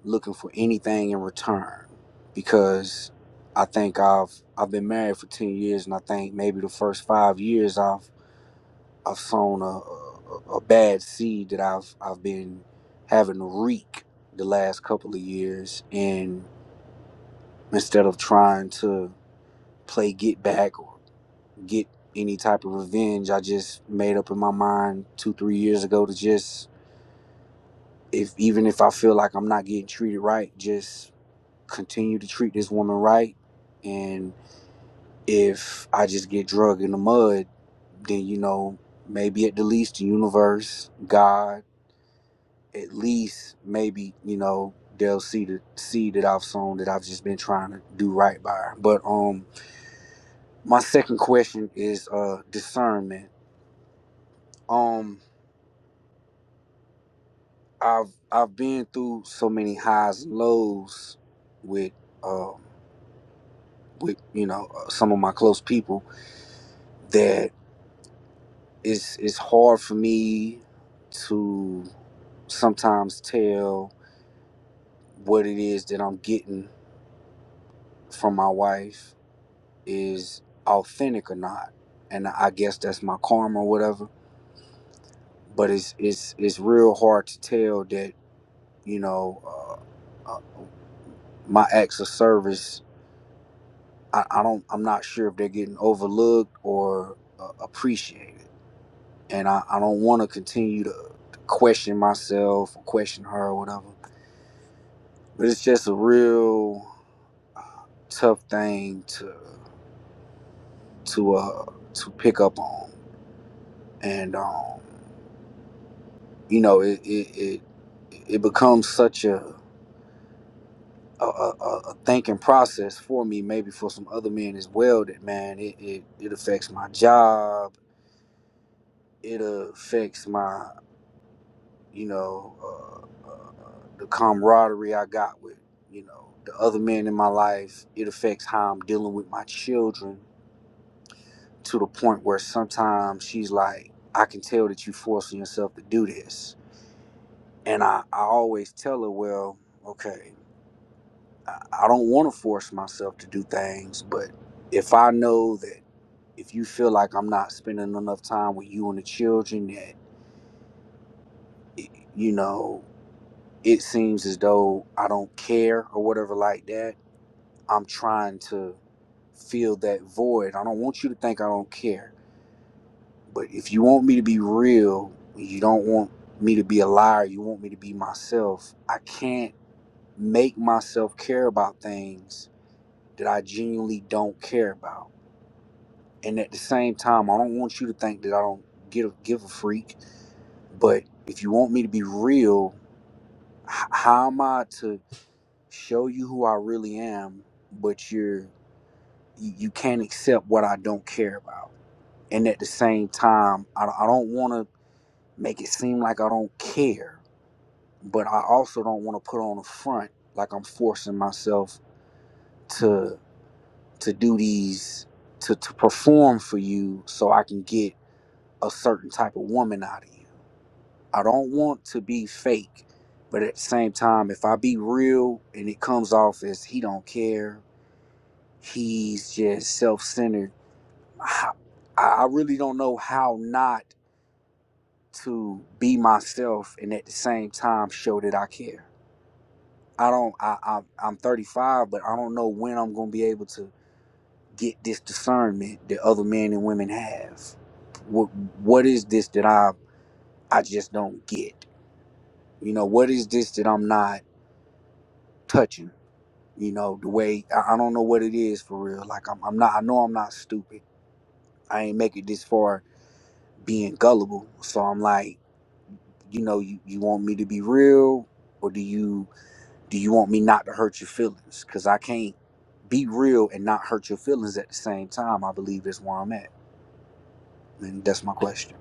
[SPEAKER 8] looking for anything in return because I think I've I've been married for 10 years and I think maybe the first 5 years I've I've sown a, a, a bad seed that I've I've been having to reek the last couple of years and instead of trying to play get back or get any type of revenge I just made up in my mind 2 3 years ago to just if even if I feel like I'm not getting treated right, just continue to treat this woman right. And if I just get drugged in the mud, then you know, maybe at the least the universe, God, at least maybe, you know, they'll see the seed that I've sown that I've just been trying to do right by her. But um my second question is uh discernment. Um I've I've been through so many highs and lows with um with you know uh, some of my close people that it's it's hard for me to sometimes tell what it is that I'm getting from my wife is authentic or not and I guess that's my karma or whatever but it's it's it's real hard to tell that you know uh, uh, my acts of service I, I don't I'm not sure if they're getting overlooked or uh, appreciated and I, I don't want to continue to question myself or question her or whatever. But it's just a real uh, tough thing to to uh to pick up on, and um, you know it it it, it becomes such a a, a a a thinking process for me, maybe for some other men as well. That man, it it, it affects my job. It affects my you know, uh, uh, the camaraderie I got with, you know, the other men in my life. It affects how I'm dealing with my children to the point where sometimes she's like, I can tell that you're forcing yourself to do this. And I, I always tell her, well, okay, I, I don't want to force myself to do things, but if I know that if you feel like I'm not spending enough time with you and the children, that, you know, it seems as though I don't care or whatever like that. I'm trying to fill that void. I don't want you to think I don't care. But if you want me to be real, you don't want me to be a liar, you want me to be myself. I can't make myself care about things that I genuinely don't care about. And at the same time, I don't want you to think that I don't give give a freak. But if you want me to be real, h- how am I to? show you who I really am, but you're you you can't accept what I don't care about. And at the same time, I, I don't want to make it seem like I don't care, but I also don't want to put on a front like I'm forcing myself to to do these to to perform for you so I can get a certain type of woman out of you. I don't want to be fake, but at the same time, if I be real and it comes off as he don't care He's just self-centered. I I really don't know how not to be myself and at the same time show that I care. I don't. I, I I'm 35, but I don't know when I'm gonna be able to get this discernment that other men and women have. What What is this that I I just don't get? You know, what is this that I'm not touching? You know, the way I, I don't know what it is for real. Like I'm, I'm not. I know I'm not stupid. I ain't make it this far being gullible. So I'm like, you know, you, you want me to be real or do you do you want me not to hurt your feelings? Cause I can't be real and not hurt your feelings at the same time. I believe that's where I'm at. And that's my question.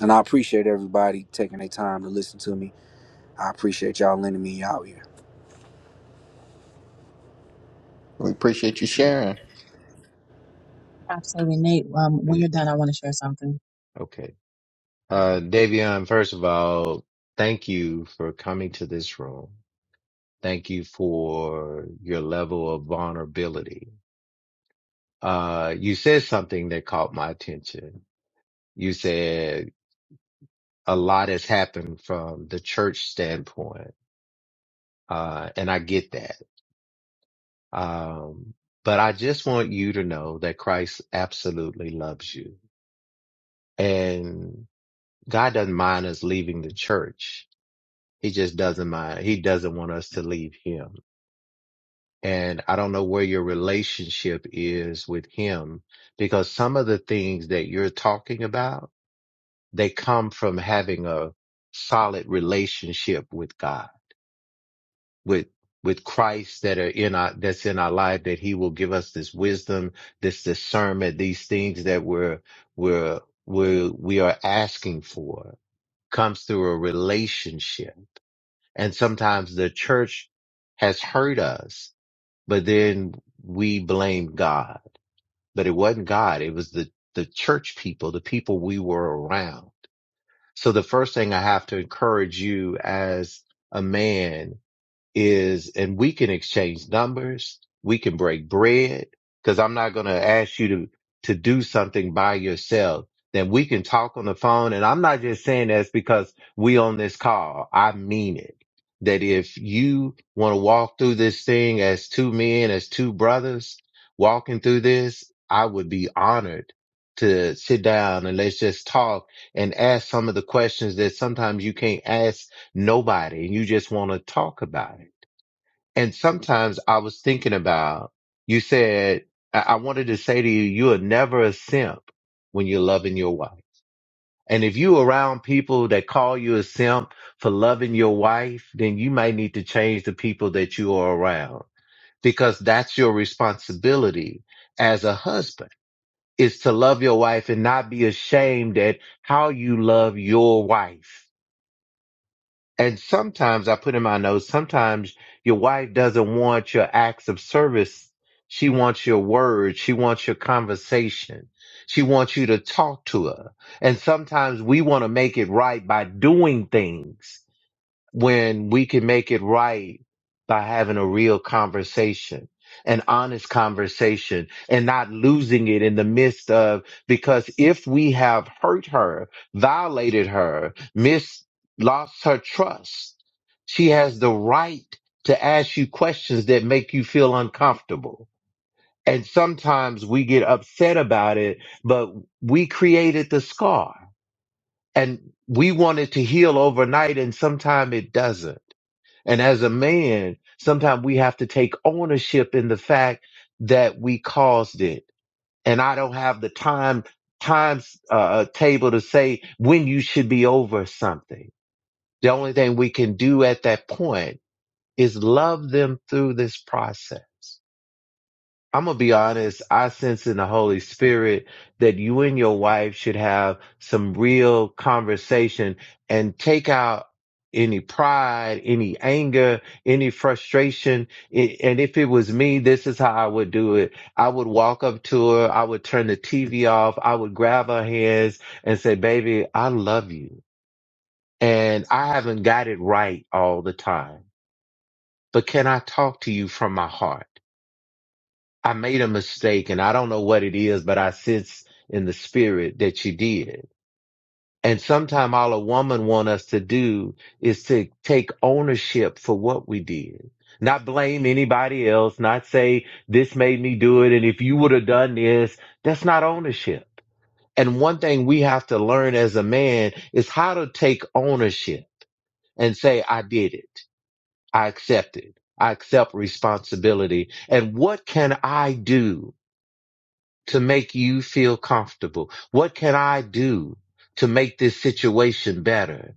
[SPEAKER 8] And I appreciate everybody taking their time to listen to me. I appreciate y'all lending me out here.
[SPEAKER 2] We appreciate you
[SPEAKER 6] Yeah.
[SPEAKER 2] sharing.
[SPEAKER 1] Absolutely, Nate. Um, when
[SPEAKER 6] it-
[SPEAKER 1] you're done, I want to share something.
[SPEAKER 6] okay. Uh, Davion, first of all, thank you for coming to this room. Thank you for your level of vulnerability. Uh, you said something that caught my attention. You said a lot has happened from the church standpoint. Uh, and I get that. Um, but I just want you to know that Christ absolutely loves you. And God doesn't mind us leaving the church. He just doesn't mind. He doesn't want us to leave him. And I don't know where your relationship is with him because some of the things that you're talking about, they come from having a solid relationship with God, with, with Christ that are in our, that's in our life that he will give us this wisdom, this discernment, these things that we're, we're, we're, we are asking for comes through a relationship And sometimes the church has hurt us, but then we blame God. But it wasn't God. It was the, the church people, the people we were around. So the first thing I have to encourage you as a man is, and we can exchange numbers. We can break bread because I'm not going to ask you to, to do something by yourself. Then we can talk on the phone. And I'm not just saying that's because we on this call. I mean it that if you want to walk through this thing as two men, as two brothers walking through this, I would be honored to sit down and let's just talk and ask some of the questions that sometimes you can't ask nobody and you just want to talk about it. And sometimes I was thinking about, you said, I, I wanted to say to you, you are never a simp when you're loving your wife. And if you around people that call you a simp for loving your wife, then you might need to change the people that you are around because that's your responsibility as a husband is to love your wife and not be ashamed at how you love your wife and sometimes I put in my notes, sometimes your wife doesn't want your acts of service. She wants your words. She wants your conversation. She wants you to talk to her. And sometimes we want to make it right by doing things when we can make it right by having a real conversation, an honest conversation and not losing it in the midst of, because if we have hurt her, violated her, mis, lost her trust, she has the right to ask you questions that make you feel uncomfortable. And sometimes we get upset about it, but we created the scar and we want it to heal overnight and sometimes it doesn't and as a man, sometimes we have to take ownership in the fact that we caused it. And I don't have the time times uh, table to say when you should be over something. The only thing we can do at that point is love them through this process. I'm gonna be honest. I sense in the Holy Spirit that you and your wife should have some real conversation and take out any pride, any anger, any frustration. I- And if it was me, this is how I would do it. I would walk up to her. I would turn the TV off. I would grab her hands and say, baby, I love you. And I haven't got it right all the time, but can I talk to you from my heart? I made a mistake and I don't know what it is, but I sense in the spirit that you did. And sometime all a woman want us to do is to take ownership for what we did. Not blame anybody else, not say this made me do it. And if you would have done this, that's not ownership. And one thing we have to learn as a man is how to take ownership and say, I did it. I accept it. I accept responsibility. And what can I do to make you feel comfortable? What can I do to make this situation better?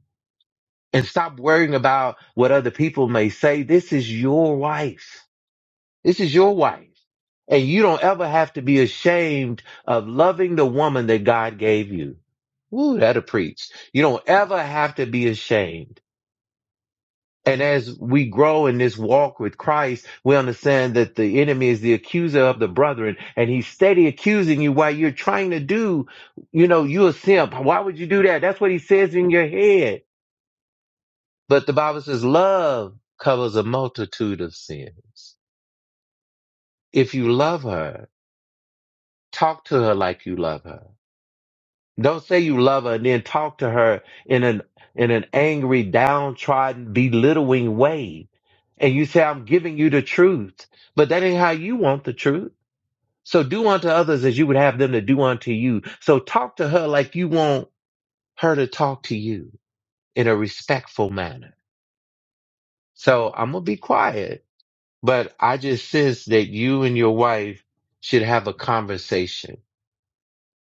[SPEAKER 6] And stop worrying about what other people may say. This is your wife. This is your wife. And you don't ever have to be ashamed of loving the woman that God gave you. Ooh, that'll preach. You don't ever have to be ashamed and as we grow in this walk with Christ, we understand that the enemy is the accuser of the brethren and he's steady accusing you while you're trying to do, you know, you're a simp. Why would you do that? That's what he says in your head. But the Bible says love covers a multitude of sins. If you love her, talk to her like you love her Don't say you love her and then talk to her in an in an angry, downtrodden, belittling way. And you say, I'm giving you the truth. But that ain't how you want the truth. So do unto others as you would have them to do unto you. So talk to her like you want her to talk to you in a respectful manner. So I'm gonna be quiet. But I just sense that you and your wife should have a conversation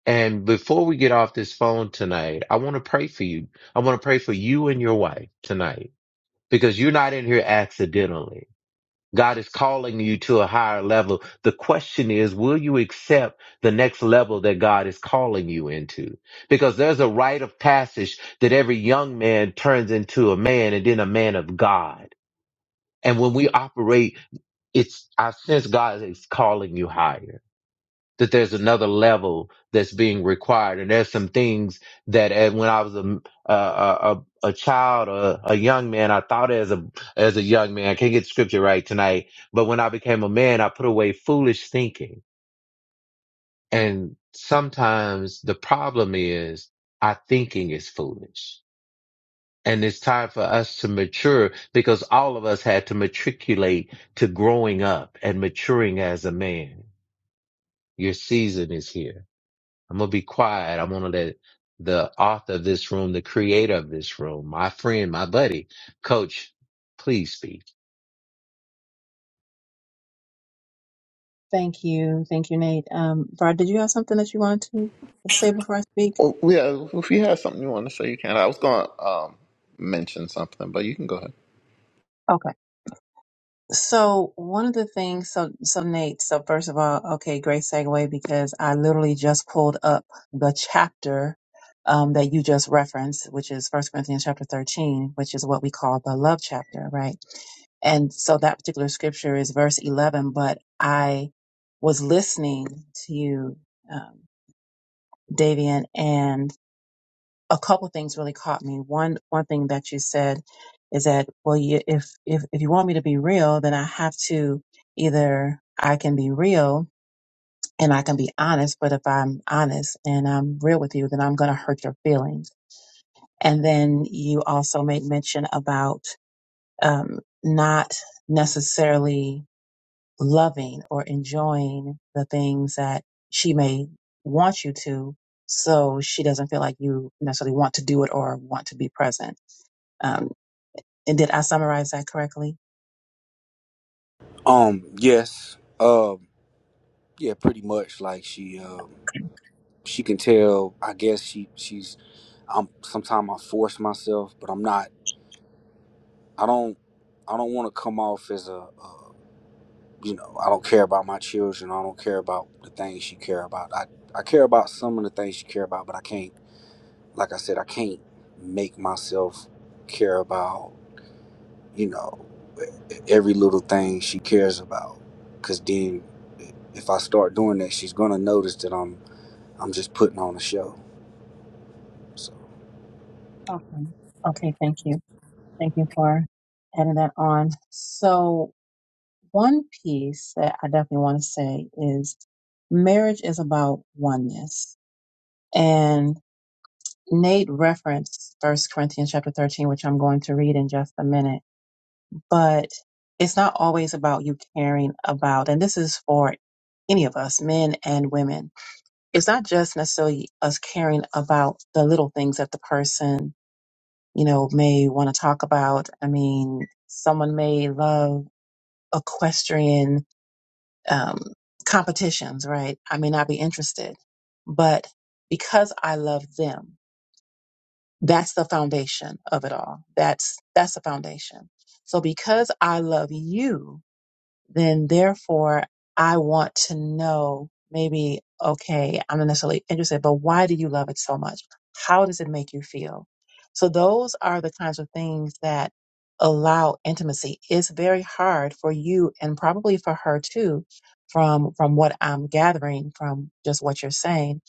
[SPEAKER 6] And before we get off this phone tonight, I want to pray for you. I want to pray for you and your wife tonight because you're not in here accidentally. God is calling you to a higher level. The question is, will you accept the next level that God is calling you into? Because there's a rite of passage that every young man turns into a man and then a man of God. And when we operate, it's, I sense God is calling you higher that there's another level that's being required. And there's some things that uh, when I was a, a, a, a child, a, a young man, I thought as a, as a young man, I can't get scripture right tonight, but when I became a man, I put away foolish thinking. And sometimes the problem is our thinking is foolish. And it's time for us to mature because all of us had to matriculate to growing up and maturing as a man. Your season is here I'm gonna be quiet. I'm gonna let the author of this room, the creator of this room, my friend, my buddy, coach, please speak.
[SPEAKER 1] Thank you. Thank you, Nate. Um, Var, did you have something that you wanted to say before I speak?
[SPEAKER 2] Well, yeah, if you have something you want to say, you can. I was going to um, mention something, but you can go ahead.
[SPEAKER 1] Okay. So one of the things, so so Nate, so first of all, okay, great segue because I literally just pulled up the chapter um, that you just referenced, which is First Corinthians chapter thirteen, which is what we call the love chapter, right? And so that particular scripture is verse eleven. But I was listening to you, um, Davian, and a couple things really caught me. One one thing that you said is that well, you, if if if you want me to be real, then I have to either I can be real and I can be honest, but if I'm honest and I'm real with you, then I'm going to hurt your feelings. And then you also made mention about um, not necessarily loving or enjoying the things that she may want you to, so she doesn't feel like you necessarily want to do it or want to be present um, and did I summarize that correctly?
[SPEAKER 8] Um, yes. Um, yeah, pretty much. Like she um she can tell I guess she she's I'm sometimes I force myself, but I'm not I don't I don't want to come off as a, uh you know I don't care about my children. I don't care about the things she care about. I I care about some of the things she care about, but I can't. Like I said, I can't make myself care about you know e- every little thing she cares about. Cause then if I start doing that, she's gonna notice that I'm I'm just putting on a show. So
[SPEAKER 1] Okay. Okay. Thank you. Thank you for adding that on. So one piece that I definitely want to say is marriage is about oneness. And Nate referenced First Corinthians chapter 13, which I'm going to read in just a minute, but it's not always about you caring about, and this is for any of us, men and women. It's not just necessarily us caring about the little things that the person you know, may want to talk about. I mean, someone may love equestrian um, competitions, right? I may not be interested, but because I love them, that's the foundation of it all. That's that's the foundation. So because I love you, then therefore I want to know maybe, okay, I'm not necessarily interested, but why do you love it so much? How does it make you feel? So those are the kinds of things that allow intimacy. It's very hard for you and probably for her too, from, from what I'm gathering from just what you're saying,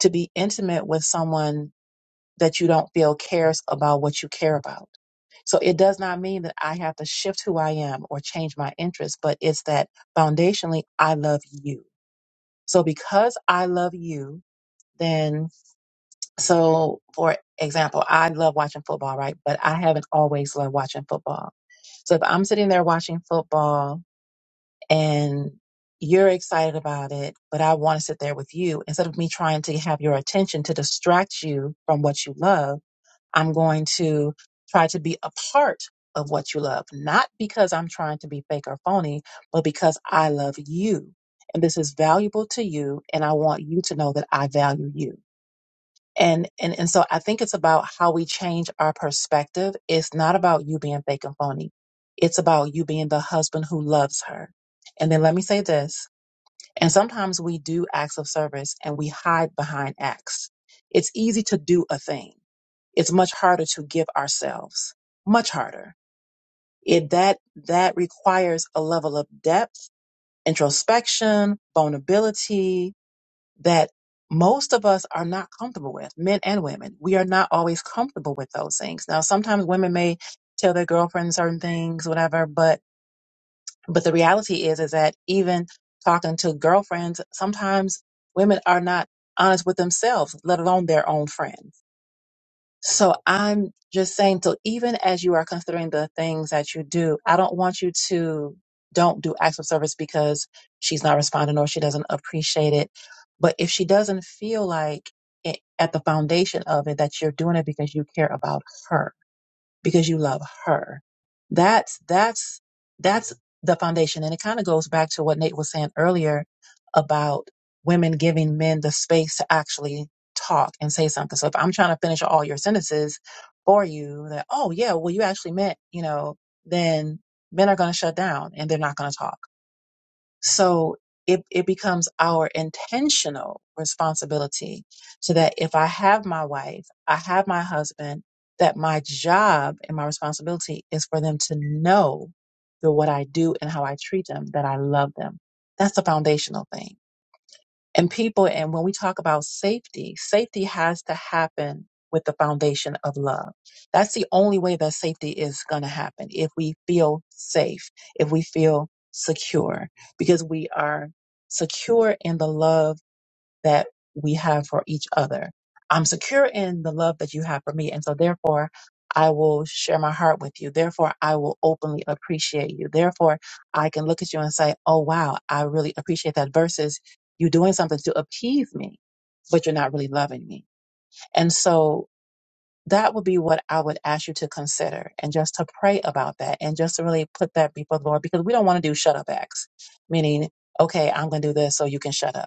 [SPEAKER 1] to be intimate with someone that you don't feel cares about what you care about so it does not mean that I have to shift who I am or change my interests, but it's that foundationally, I love you. So because I love you, then, so for example, I love watching football, right? But I haven't always loved watching football. So if I'm sitting there watching football and you're excited about it, but I want to sit there with you instead of me trying to have your attention to distract you from what you love. I'm going to try to be a part of what you love, not because I'm trying to be fake or phony, but because I love you. And this is valuable to you. And I want you to know that I value you. And, and, and so I think it's about how we change our perspective. It's not about you being fake and phony. It's about you being the husband who loves her. And then let me say this. And sometimes we do acts of service and we hide behind acts. It's easy to do a thing it's much harder to give ourselves much harder it that that requires a level of depth introspection vulnerability that most of us are not comfortable with men and women we are not always comfortable with those things now sometimes women may tell their girlfriends certain things whatever but but the reality is is that even talking to girlfriends sometimes women are not honest with themselves let alone their own friends So I'm just saying, so even as you are considering the things that you do, I don't want you to don't do acts of service because she's not responding or she doesn't appreciate it. But if she doesn't feel like it, at the foundation of it that you're doing it because you care about her, because you love her. That's that's that's the foundation. And it kind of goes back to what Nate was saying earlier about women giving men the space to actually talk and say something. So if I'm trying to finish all your sentences for you that, oh yeah, well you actually meant, you know, then men are gonna shut down and they're not gonna talk so it, it becomes our intentional responsibility so that if I have my wife, I have my husband, that my job and my responsibility is for them to know through what I do and how I treat them that I love them. That's the foundational thing and people and when we talk about safety safety has to happen with the foundation of love that's the only way that safety is going to happen if we feel safe if we feel secure because we are secure in the love that we have for each other. I'm secure in the love that you have for me. And so, therefore, I will share my heart with you. Therefore, I will openly appreciate you. Therefore, I can look at you and say, Oh, wow, I really appreciate that versus you doing something to appease me, but you're not really loving me. And so, that would be what I would ask you to consider and just to pray about that and just to really put that before the Lord because we don't want to do shut up acts, meaning, okay, I'm going to do this so you can shut up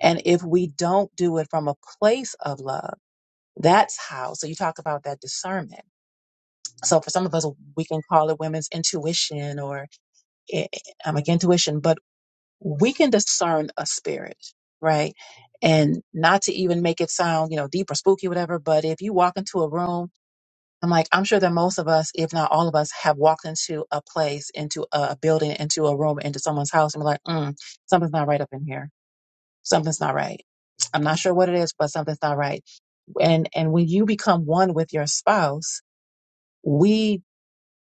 [SPEAKER 1] and if we don't do it from a place of love, that's how. So you talk about that discernment. So for some of us, we can call it women's intuition or eh, I'm like intuition, but we can discern a spirit, right? And not to even make it sound, you know, deep or spooky, whatever. But if you walk into a room, I'm like, I'm sure that most of us, if not all of us, have walked into a place, into a building, into a room, into someone's house, and we're like, mm, something's not right up in here something's not right. I'm not sure what it is, but something's not right. And and when you become one with your spouse, we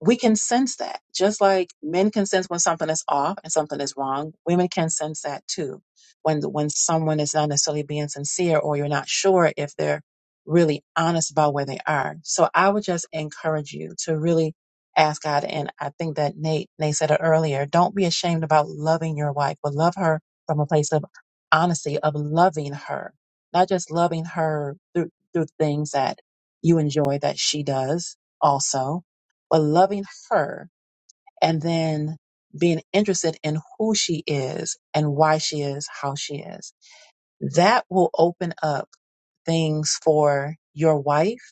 [SPEAKER 1] we can sense that just like men can sense when something is off and something is wrong women can sense that too when when someone is not necessarily being sincere or you're not sure if they're really honest about where they are so i would just encourage you to really ask god and i think that nate nate said it earlier don't be ashamed about loving your wife but love her from a place of honesty of loving her not just loving her through through things that you enjoy that she does also but loving her and then being interested in who she is and why she is how she is. That will open up things for your wife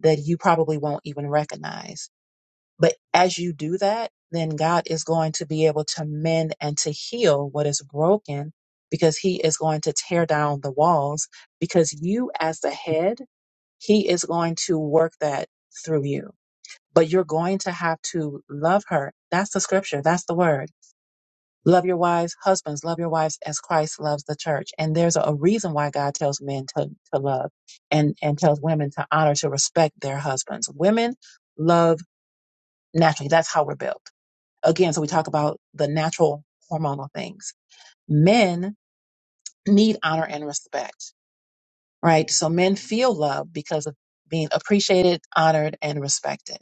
[SPEAKER 1] that you probably won't even recognize. But as you do that, then God is going to be able to mend and to heal what is broken because he is going to tear down the walls because you as the head, he is going to work that through you but you're going to have to love her. That's the scripture. That's the word. Love your wives, husbands, love your wives as Christ loves the church. And there's a, a reason why God tells men to, to love and, and tells women to honor, to respect their husbands. Women love naturally. That's how we're built. Again, so we talk about the natural hormonal things. Men need honor and respect, right? So men feel love because of being appreciated, honored, and respected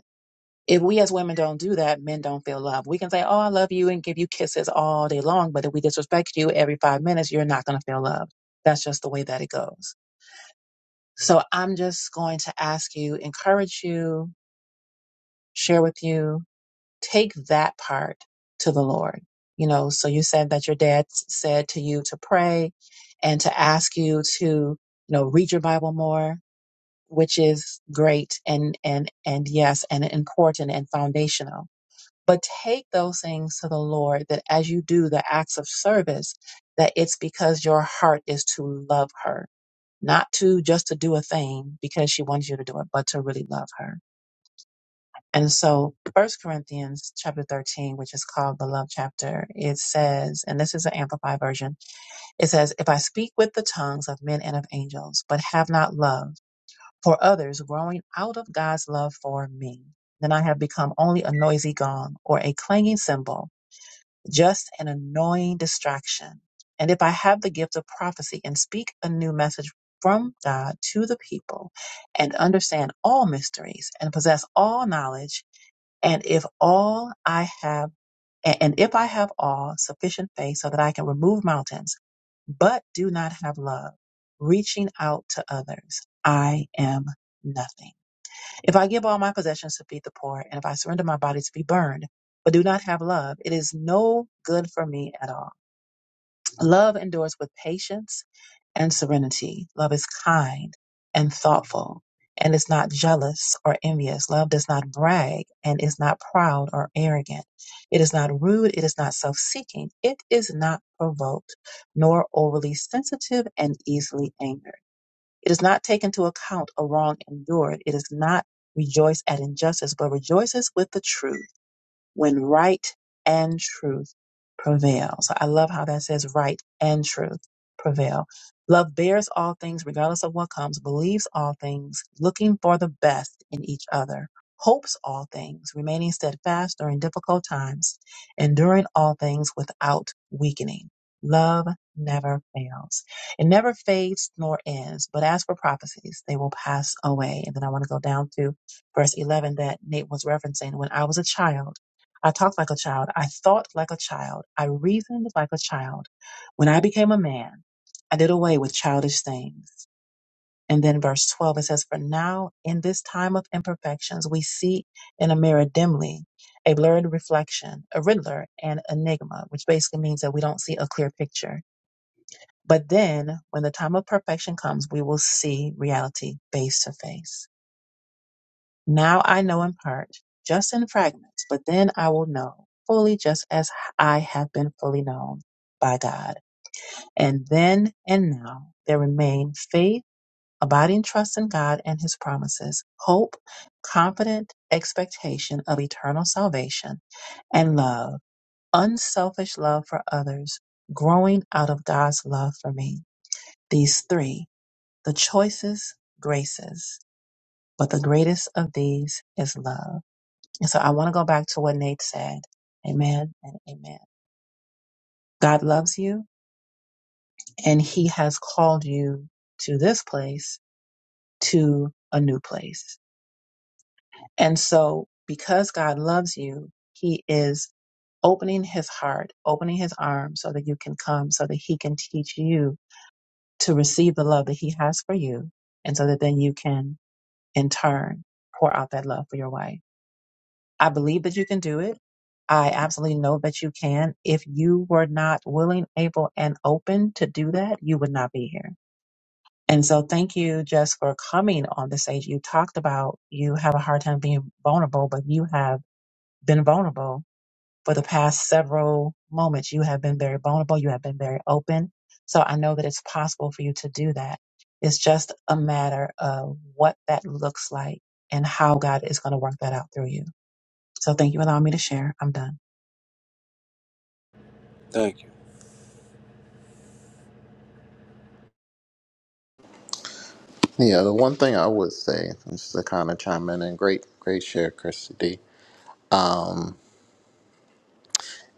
[SPEAKER 1] If we as women don't do that, men don't feel love. We can say, Oh, I love you and give you kisses all day long, but if we disrespect you every five minutes, you're not going to feel love. That's just the way that it goes. So I'm just going to ask you, encourage you, share with you, take that part to the Lord. You know, so you said that your dad s- said to you to pray and to ask you to, you know, read your Bible more, which is great and, and, and yes, and important and foundational but take those things to the Lord that as you do the acts of service, that it's because your heart is to love her, not to just to do a thing because she wants you to do it, but to really love her. And so First Corinthians chapter 13, which is called the love chapter, it says, and this is an amplified version, it says, if I speak with the tongues of men and of angels, but have not love for others growing out of God's love for me, then I have become only a noisy gong or a clanging cymbal just an annoying distraction. And if I have the gift of prophecy and speak a new message from God to the people and understand all mysteries and possess all knowledge, and if all I have, a- and if I have all sufficient faith so that I can remove mountains, but do not have love, reaching out to others, I am nothing. If I give all my possessions to feed the poor, and if I surrender my body to be burned, but do not have love, it is no good for me at all. Love endures with patience and serenity. Love is kind and thoughtful and is not jealous or envious. Love does not brag and is not proud or arrogant. It is not rude. It is not self seeking. It is not provoked, nor overly sensitive and easily angered. It does not take into account a wrong endured. It does not rejoice at injustice, but rejoices with the truth when right and truth prevail. So I love how that says right and truth prevail. Love bears all things, regardless of what comes, believes all things, looking for the best in each other, hopes all things, remaining steadfast during difficult times, enduring all things without weakening. Love never fails. It never fades nor ends, but as for prophecies, they will pass away. And then I want to go down to verse 11 that Nate was referencing. When I was a child, I talked like a child. I thought like a child. I reasoned like a child. When I became a man, I did away with childish things. And then verse 12, it says, For now, in this time of imperfections, we see in a mirror dimly a blurred reflection, a riddler, an enigma, which basically means that we don't see a clear picture. But then, when the time of perfection comes, we will see reality face to face. Now I know in part, just in fragments, but then I will know fully just as I have been fully known by God. And then and now there remain faith, abiding trust in God and his promises, hope, confident expectation of eternal salvation, and love, unselfish love for others, growing out of God's love for me. These three, the choicest graces, but the greatest of these is love and so I want to go back to what Nate said. Amen and amen. God loves you and he has called you to this place, to a new place. And so because God loves you, he is opening his heart, opening his arms so that you can come, so that he can teach you to receive the love that he has for you. And so that then you can in turn pour out that love for your wife. I believe that you can do it. I absolutely know that you can. If you were not willing, able, and open to do that, you would not be here. And so thank you just for coming on the stage. You talked about you have a hard time being vulnerable, but you have been vulnerable for the past several moments. You have been very vulnerable. You have been very open. So I know that it's possible for you to do that. It's just a matter of what that looks like and how God is going to work that out through you. So thank you for allowing me to share. I'm done.
[SPEAKER 8] thank you.
[SPEAKER 2] Yeah, the one thing I would say, just to kind of chime in, and great, great share, Christy D, um,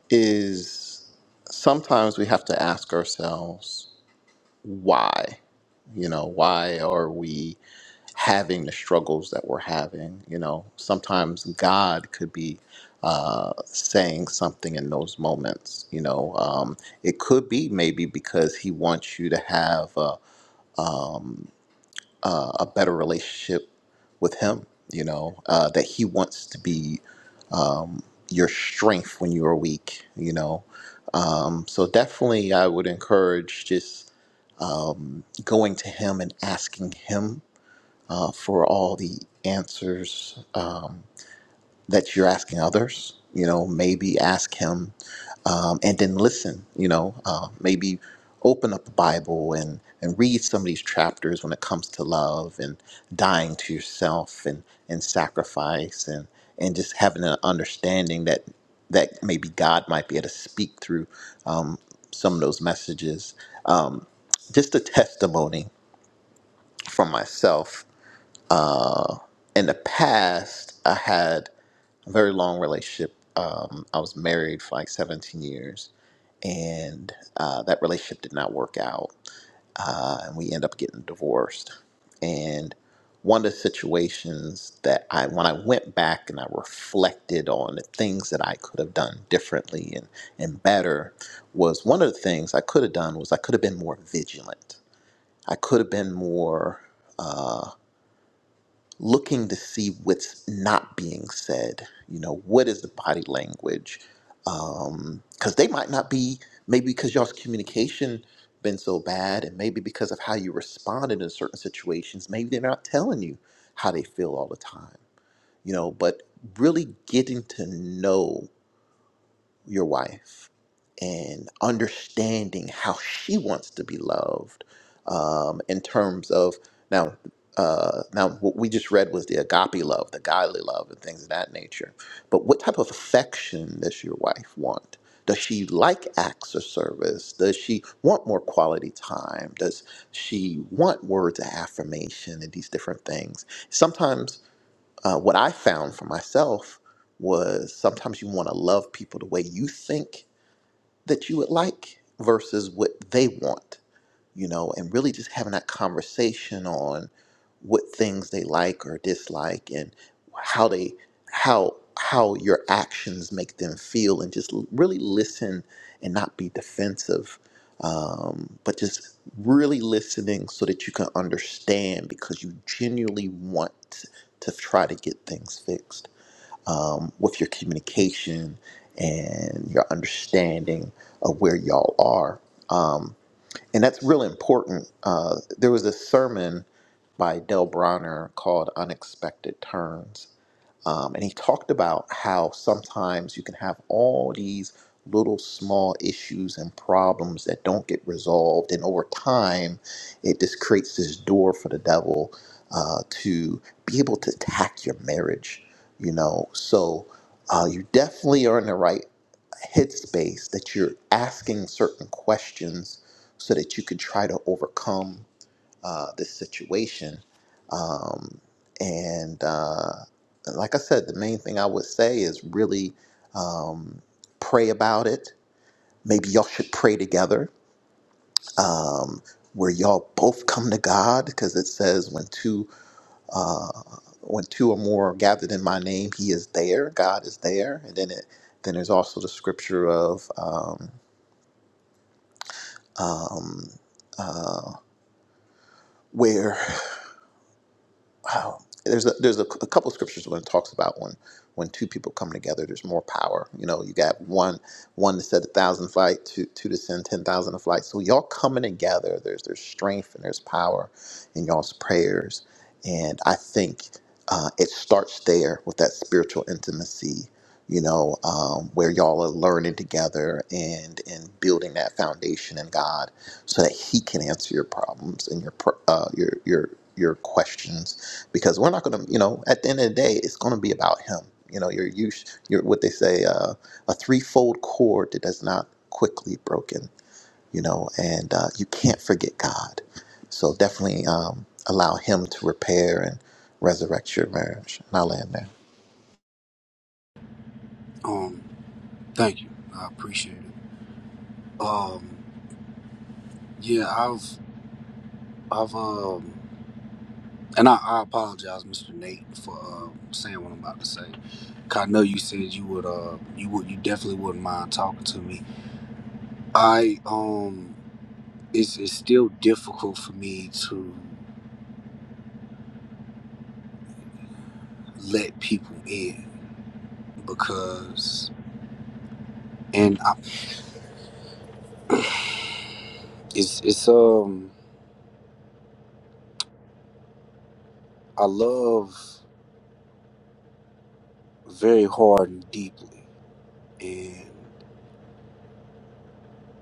[SPEAKER 2] is sometimes we have to ask ourselves why. You know, why are we having the struggles that we're having? You know, sometimes God could be uh, saying something in those moments. You know, um, it could be maybe because He wants you to have. uh, a better relationship with Him. You know uh, that He wants to be your strength when you are weak. You know, um, so definitely I would encourage just going to Him and asking Him uh, for all the answers. Um, that you're asking others. You know, maybe ask him um, and then listen. You know, uh, maybe open up the Bible and and read some of these chapters when it comes to love and dying to yourself and and sacrifice and and just having an understanding that that maybe God might be able to speak through um, some of those messages. Um, just a testimony from myself uh, in the past, I had a very long relationship. Um, I was married for like 17 years, and uh, that relationship did not work out. Uh, and we ended up getting divorced. And one of the situations that I, when I went back and I reflected on the things that I could have done differently and, and better, was one of the things I could have done was I could have been more vigilant. I could have been more. Uh, looking to see what's not being said. You know, what is the body language? Um, Because they might not be, maybe because y'all's communication been so bad, and maybe because of how you responded in certain situations, maybe they're not telling you how they feel all the time. You know, but really getting to know your wife and understanding how she wants to be loved um, in terms of now uh, now what we just read was the agape love the godly love and things of that nature but what type of affection does your wife want does she like acts of service does she want more quality time does she want words of affirmation and these different things sometimes uh, what I found for myself was sometimes you want to love people the way you think that you would like versus what they want you know, and really just having that conversation on what things they like or dislike and how they how how your actions make them feel and just l- really listen and not be defensive um, but just really listening so that you can understand because you genuinely want to try to get things fixed um, with your communication and your understanding of where y'all are um, and that's real important. Uh, there was a sermon by Del Bronner called Unexpected Turns. Um, and he talked about how sometimes you can have all these little small issues and problems that don't get resolved. And over time, it just creates this door for the devil uh, to be able to attack your marriage, you know. So uh, you definitely are in the right headspace that you're asking certain questions so that you can try to overcome uh, this situation. Um, and uh, like I said, the main thing I would say is really um, pray about it. Maybe y'all should pray together. Um, where y'all both come to God, because it says when two uh, when two or more are gathered in my name, He is there. God is there, and then it then there's also the scripture of um, um, uh, where wow, there's a, there's a, a couple of scriptures when it talks about when when two people come together, there's more power. You know, you got one one to set a thousand flight, two two to send ten thousand a flight. So y'all coming together, there's there's strength and there's power in y'all's prayers, and I think uh, it starts there with that spiritual intimacy. You know, um, where y'all are learning together and and building that foundation in God so that he can answer your problems and your pr- uh, your your your questions because we're not going to you know at the end of the day it's going to be about him you know your use your what they say uh, a threefold cord that is not quickly broken you know and uh, you can't forget god so definitely um, allow him to repair and resurrect your marriage and i'll land there
[SPEAKER 8] Um, thank you. I appreciate it. Um, yeah, I've I've um. And I, I apologize, Mr. Nate, for uh, saying what I'm about to say. 'Cause I know you said you would, uh, you would, you definitely wouldn't mind talking to me. I, um, it's it's still difficult for me to let people in because, and I, [clears throat] it's it's um, I love very hard and deeply, and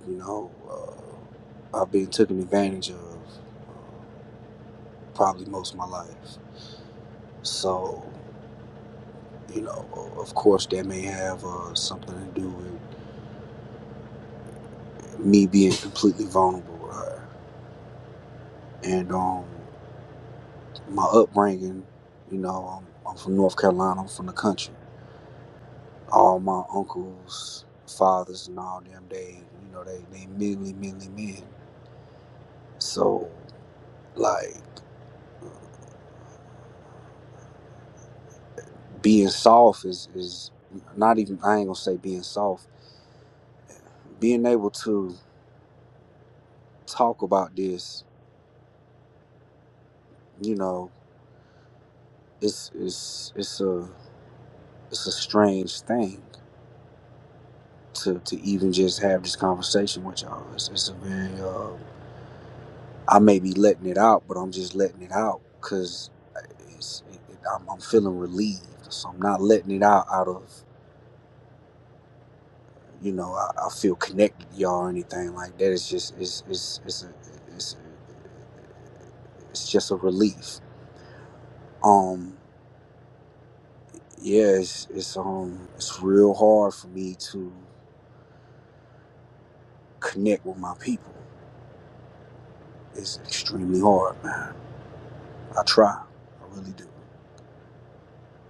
[SPEAKER 8] you know, uh, I've been taken advantage of uh, probably most of my life. So. You know, of course, that may have uh, something to do with me being completely vulnerable with her. And um, my upbringing, you know, I'm, I'm from North Carolina, I'm from the country. All my uncles, fathers, and all them, they, you know, they, they mainly, mainly men. So, like, being soft is, is not even, I ain't gonna say being soft. Being able to talk about this, you know, it's, it's, it's a, it's a strange thing to to even just have this conversation with y'all. It's, it's a very uh, I may be letting it out, but I'm just letting it out because it's it, it, I'm, I'm feeling relieved. So I'm not letting it out out of you know I, I feel connected to y'all or anything like that. It's just it's it's it's a, it's a, it's just a relief. Um, yeah, it's it's um it's real hard for me to connect with my people. It's extremely hard, man. I try, I really do.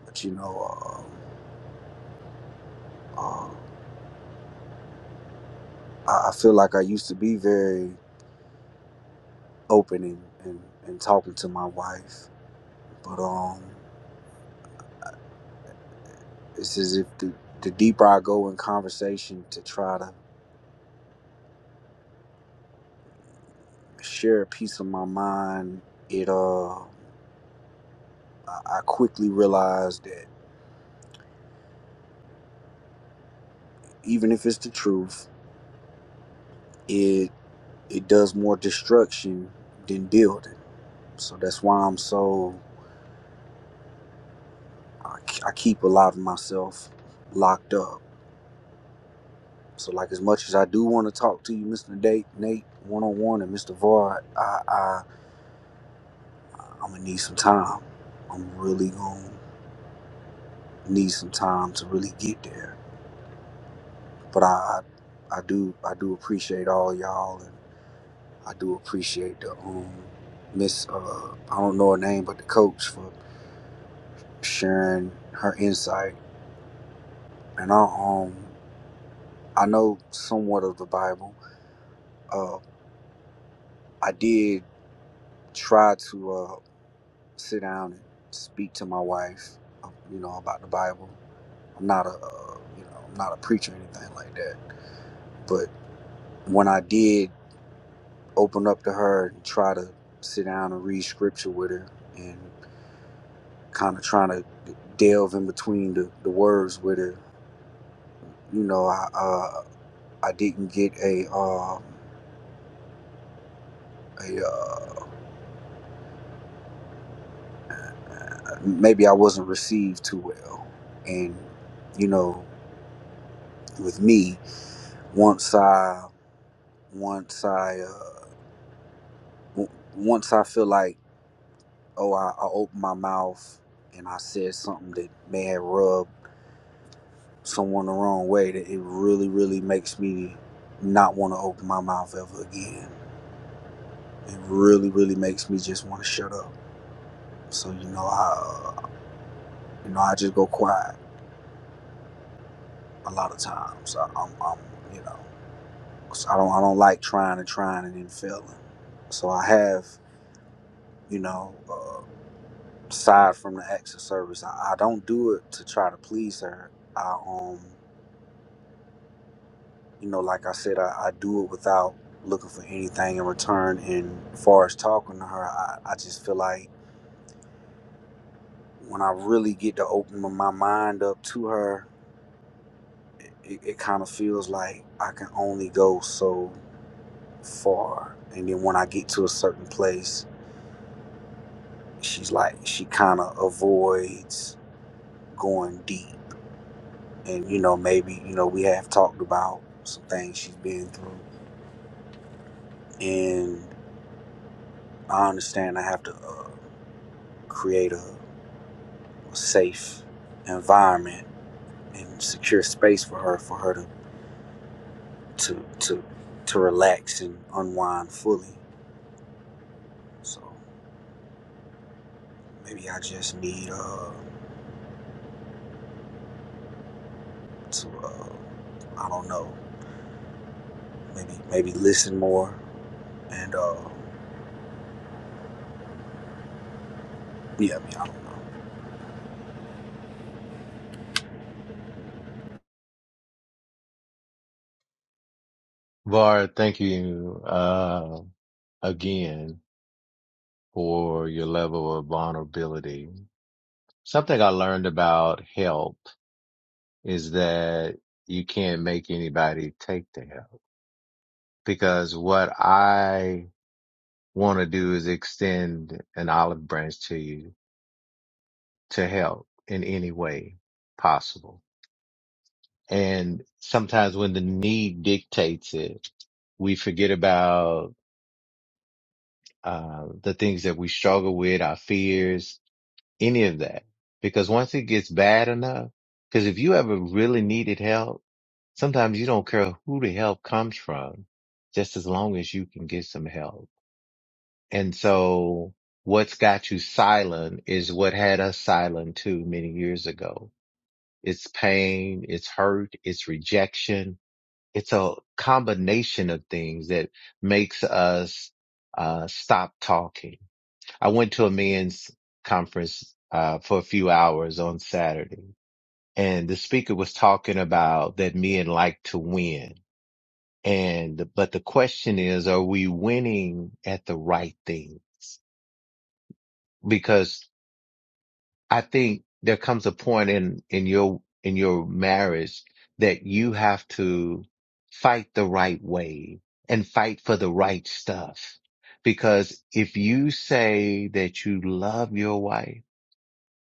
[SPEAKER 8] but you know, um, um, I, I feel like I used to be very open and, and, and talking to my wife, but um, it's as if the, the deeper I go in conversation to try to share a piece of my mind, it uh, I, I quickly realize that even if it's the truth, it it does more destruction than building. So that's why I'm so I, I keep a lot of myself locked up So, like, as much as I do want to talk to you, Mr. Nate, Nate, one on one, and Mr. Vard, I, I, I'm gonna need some time. I'm really gonna need some time to really get there. But I, I, I do, I do appreciate all y'all, and I do appreciate the um, Miss, uh, I don't know her name, but the coach for sharing her insight. And I, um, I know somewhat of the Bible. Uh, I did try to. uh. sit down and speak to my wife, uh, you know, about the Bible. I'm not a, uh, you know, I'm not a preacher or anything like that. But when I did open up to her and try to sit down and read scripture with her and kind of trying to delve in between the, the words with her, you know, I uh, I didn't get a, uh, a uh, maybe I wasn't received too well, and you know, with me once I once I uh, w- once I feel like, oh, I, I opened my mouth and I said something that may have rubbed someone the wrong way, that it really, really makes me not want to open my mouth ever again. It really, really makes me just want to shut up. So you know, I uh, you know I just go quiet a lot of times. I, I'm, I'm you know, 'cause I don't I don't like trying and trying and then failing. So I have you know. uh, aside from the acts of service. I, I don't do it to try to please her. I um you know, like I said, I, I do it without looking for anything in return and far as talking to her, I, I just feel like when I really get to open my mind up to her, it, it, it kind of feels like I can only go so far. And then when I get to a certain place, she's like she kind of avoids going deep. and you know maybe you know we have talked about some things she's been through and i understand i have to uh, create a, a safe environment and secure space for her for her to to to, to relax and unwind fully so maybe i just need uh to uh i don't know maybe maybe listen more and uh yeah
[SPEAKER 6] Var, thank you uh, again for your level of vulnerability. Something I learned about help is that you can't make anybody take the help because what I want to do is extend an olive branch to you to help in any way possible. And sometimes when the need dictates it, we forget about uh, the things that we struggle with, our fears, any of that. Because once it gets bad enough, because if you ever really needed help, sometimes you don't care who the help comes from, just as long as you can get some help. And so what's got you silent is what had us silent too many years ago. It's pain, it's hurt, it's rejection it's a combination of things that makes us uh, stop talking. I went to a men's conference uh, for a few hours on Saturday, and the speaker was talking about that men like to win, and but the question is, are we winning at the right things? Because I think there comes a point in in your in your marriage that you have to fight the right way and fight for the right stuff. Because if you say that you love your wife,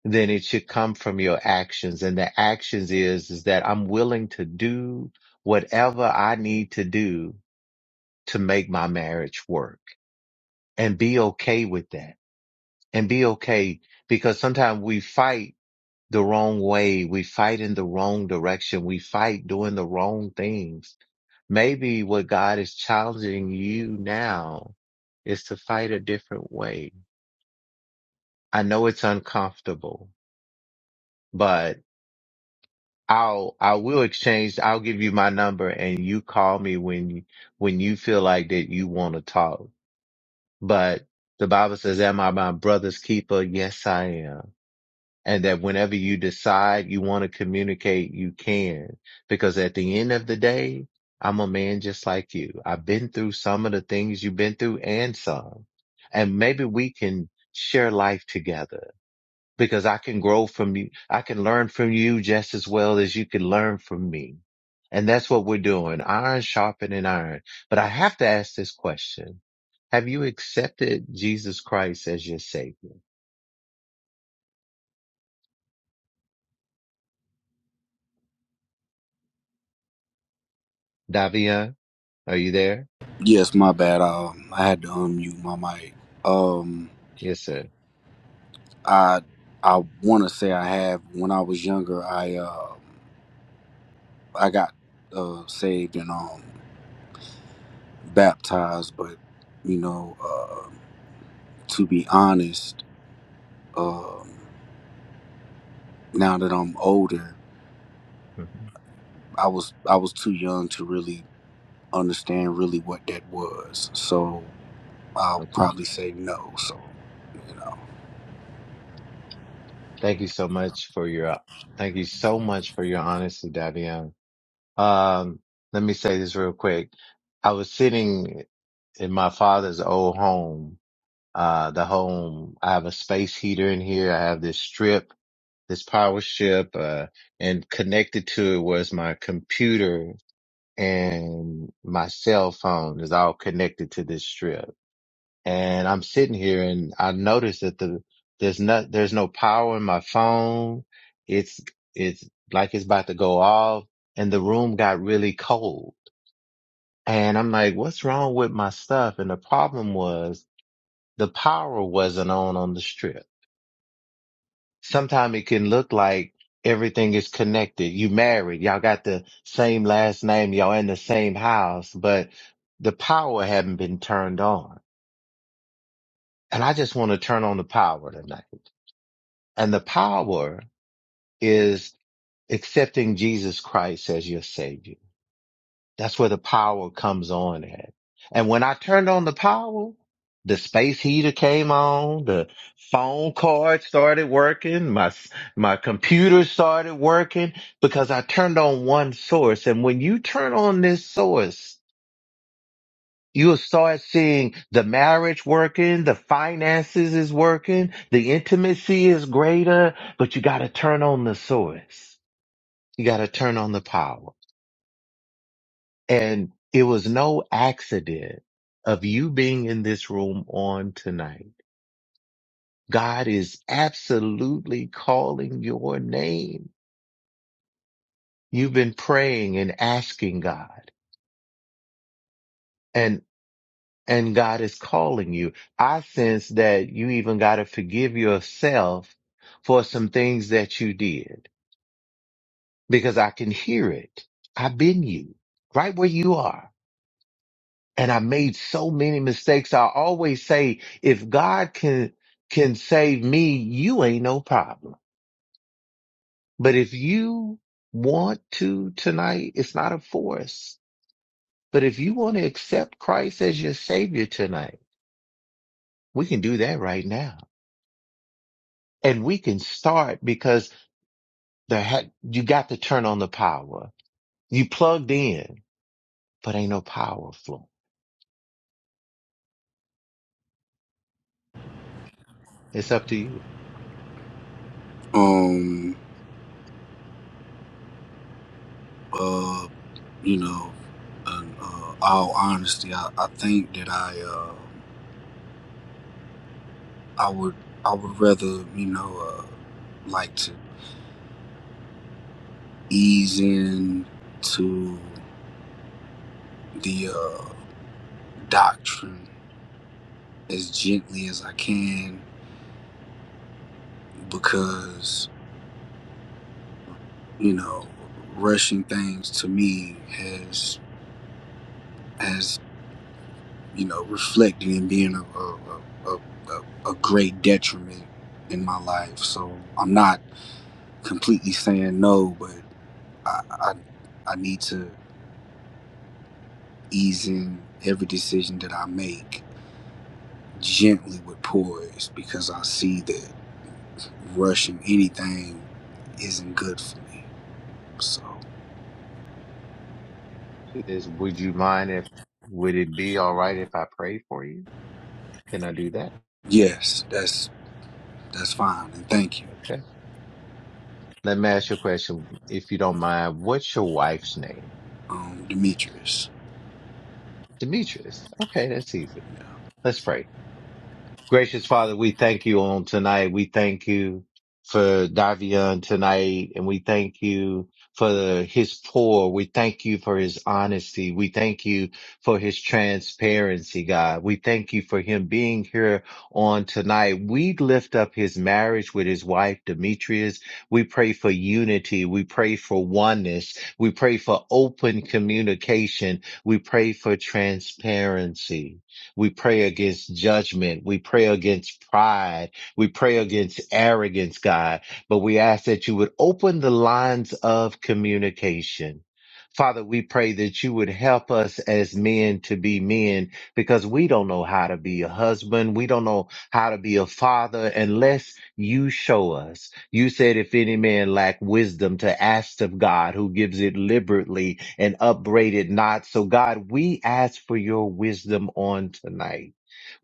[SPEAKER 6] then it should come from your actions. And the actions is, is that I'm willing to do whatever I need to do to make my marriage work and be okay with that and be okay because sometimes we fight the wrong way. We fight in the wrong direction. We fight doing the wrong things. Maybe what God is challenging you now is to fight a different way. I know it's uncomfortable, but I'll, I will exchange. I'll give you my number and you call me when you, when you feel like that you want to talk. But the Bible says, am I my brother's keeper? Yes, I am. and that whenever you decide you want to communicate, you can. Because at the end of the day, I'm a man just like you. I've been through some of the things you've been through and some. And maybe we can share life together because I can grow from you. I can learn from you just as well as you can learn from me. And that's what we're doing. Iron sharpening iron. But I have to ask this question. Have you accepted Jesus Christ as your savior? Davian, are you there?
[SPEAKER 8] yes my bad um i had to unmute my mic um
[SPEAKER 6] Yes, sir.
[SPEAKER 8] I I want to say I have. When I was younger, I uh, I got uh, saved and um, baptized, but you know, uh, to be honest, um, now that I'm older,
[SPEAKER 6] hmm
[SPEAKER 8] I was I was too young to really understand really what that was. So I'll
[SPEAKER 6] Okay.
[SPEAKER 8] probably say no. So you know,
[SPEAKER 6] Thank you so much for your uh, thank you so much for your honesty, Davion. Um, let me say this real quick. I was sitting in my father's old home. Uh, the home, I have a space heater in here. I have this strip, this power strip, uh, and connected to it was my computer and my cell phone is all connected to this strip. and I'm sitting here and I noticed that the there's not there's no power in my phone. It's it's like it's about to go off and the room got really cold. And I'm like, what's wrong with my stuff? And the problem was the power wasn't on on the strip. Sometimes it can look like everything is connected. You married, y'all got the same last name, y'all in the same house, but the power hadn't been turned on. And I just want to turn on the power tonight. And the power is accepting Jesus Christ as your savior. That's where the power comes on at. And when I turned on the power, the space heater came on, the phone card started working, my, my computer started working because I turned on one source. And when you turn on this source, You'll start seeing the marriage working, the finances is working, the intimacy is greater, but you got to turn on the source. You got to turn on the power. And it was no accident of you being in this room on tonight. God is absolutely calling your name. You've been praying and asking God. and. and God is calling you. I sense that you even got to forgive yourself for some things that you did because I can hear it. I've been you right where you are. And I made so many mistakes. I always say, if God can, can save me, you ain't no problem. But if you want to tonight, it's not a force. But if you want to accept Christ as your savior tonight, we can do that right now. and we can start because there had, you got to turn on the power. You plugged in, but ain't no power flowing. It's up to you.
[SPEAKER 8] um, uh, you know, in uh, all honesty, I, I think that I. uh. I would I would rather you know uh, like to ease in to the uh, doctrine as gently as I can because you know rushing things to me has has you know reflected in being a a, a, a, a great detriment in my life so I'm not completely saying no but I I, I need to ease in every decision that I make gently with poise because I see that rushing anything isn't good for me. So
[SPEAKER 6] Is, would you mind if, would it be all right if I pray for you? Can I do that?
[SPEAKER 8] yes, that's that's fine and thank you,
[SPEAKER 6] Okay. Let me ask you a question. If you don't mind, what's your wife's name?
[SPEAKER 8] um, Demetrius.
[SPEAKER 6] Demetrius. Okay. That's easy. Let's pray. Gracious Father, we thank you on tonight. We thank you for Davion tonight, and we thank you for his pour. We thank you for his honesty. We thank you for his transparency, God. We thank you for him being here on tonight. We lift up his marriage with his wife, Demetrius. We pray for unity. We pray for oneness. We pray for open communication. We pray for transparency. We pray against judgment. We pray against pride. We pray against arrogance, God. But we ask that you would open the lines of communication. Father, we pray that you would help us as men to be men because we don't know how to be a husband. We don't know how to be a father unless you show us. You said, if any man lack wisdom, to ask of God, who gives it liberally and upbraid it not. So, God, we ask for your wisdom on tonight.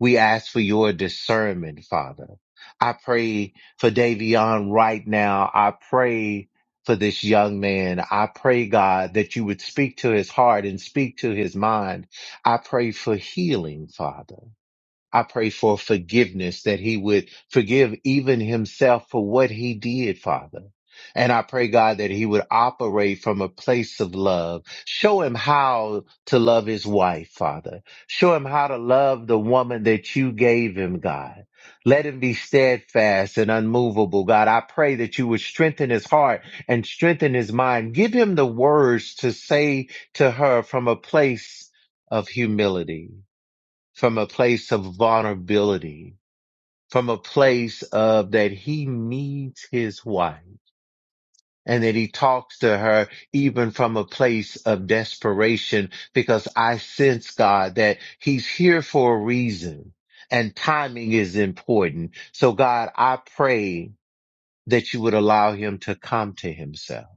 [SPEAKER 6] We ask for your discernment, Father. I pray for Davion right now. I pray for this young man. I pray, God, that you would speak to his heart and speak to his mind. I pray for healing, Father. I pray for forgiveness that he would forgive even himself for what he did, Father. And I pray, God, that he would operate from a place of love. Show him how to love his wife, Father. Show him how to love the woman that you gave him, God. Let him be steadfast and unmovable, God. I pray that you would strengthen his heart and strengthen his mind. Give him the words to say to her from a place of humility from a place of vulnerability, from a place of that he needs his wife and that he talks to her even from a place of desperation because I sense God that he's here for a reason and timing is important. So God, I pray that you would allow him to come to himself,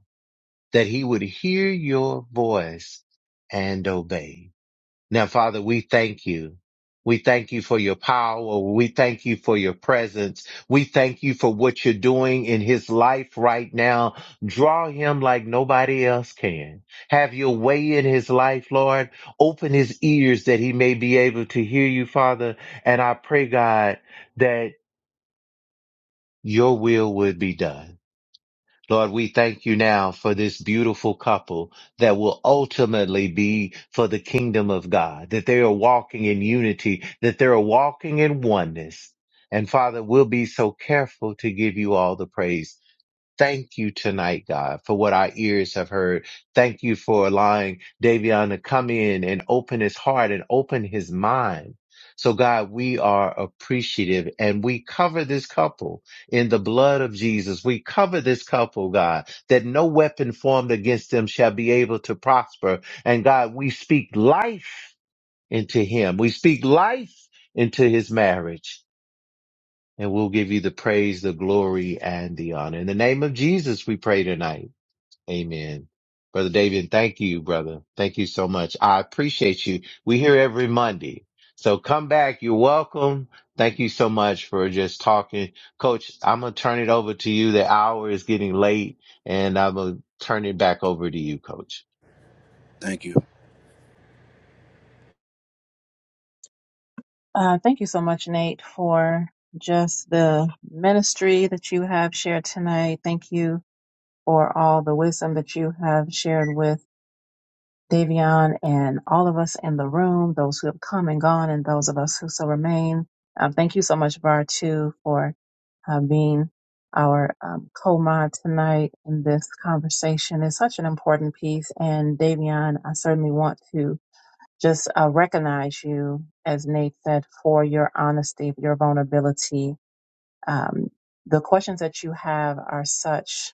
[SPEAKER 6] that he would hear your voice and obey. Now, Father, we thank you. We thank you for your power. We thank you for your presence. We thank you for what you're doing in his life right now. Draw him like nobody else can. Have your way in his life, Lord. Open his ears that he may be able to hear you, Father. And I pray, God, that your will would be done. Lord, we thank you now for this beautiful couple that will ultimately be for the kingdom of God, that they are walking in unity, that they are walking in oneness. And Father, we'll be so careful to give you all the praise Thank you tonight, God, for what our ears have heard. Thank you for allowing Davion to come in and open his heart and open his mind. So God, we are appreciative and we cover this couple in the blood of Jesus. We cover this couple, God, that no weapon formed against them shall be able to prosper. And God, we speak life into him. We speak life into his marriage. And we'll give you the praise, the glory, and the honor. In the name of Jesus, we pray tonight. Amen. Brother David, thank you, brother. Thank you so much. I appreciate you. We here every Monday. So come back. You're welcome. Thank you so much for just talking. Coach, I'm going to turn it over to you. The hour is getting late and I'm going to turn it back over to you, coach.
[SPEAKER 8] Thank you,
[SPEAKER 1] Uh, thank you so much, Nate, for just the ministry that you have shared tonight. Thank you for all the wisdom that you have shared with Davion and all of us in the room, those who have come and gone, and those of us who still remain. Um, thank you so much, Var, too, for uh, being our um, co-mod tonight in this conversation. It's such an important piece, and Davion, I certainly want to just uh, recognize you, as Nate said, for your honesty, your vulnerability. Um, the questions that you have are such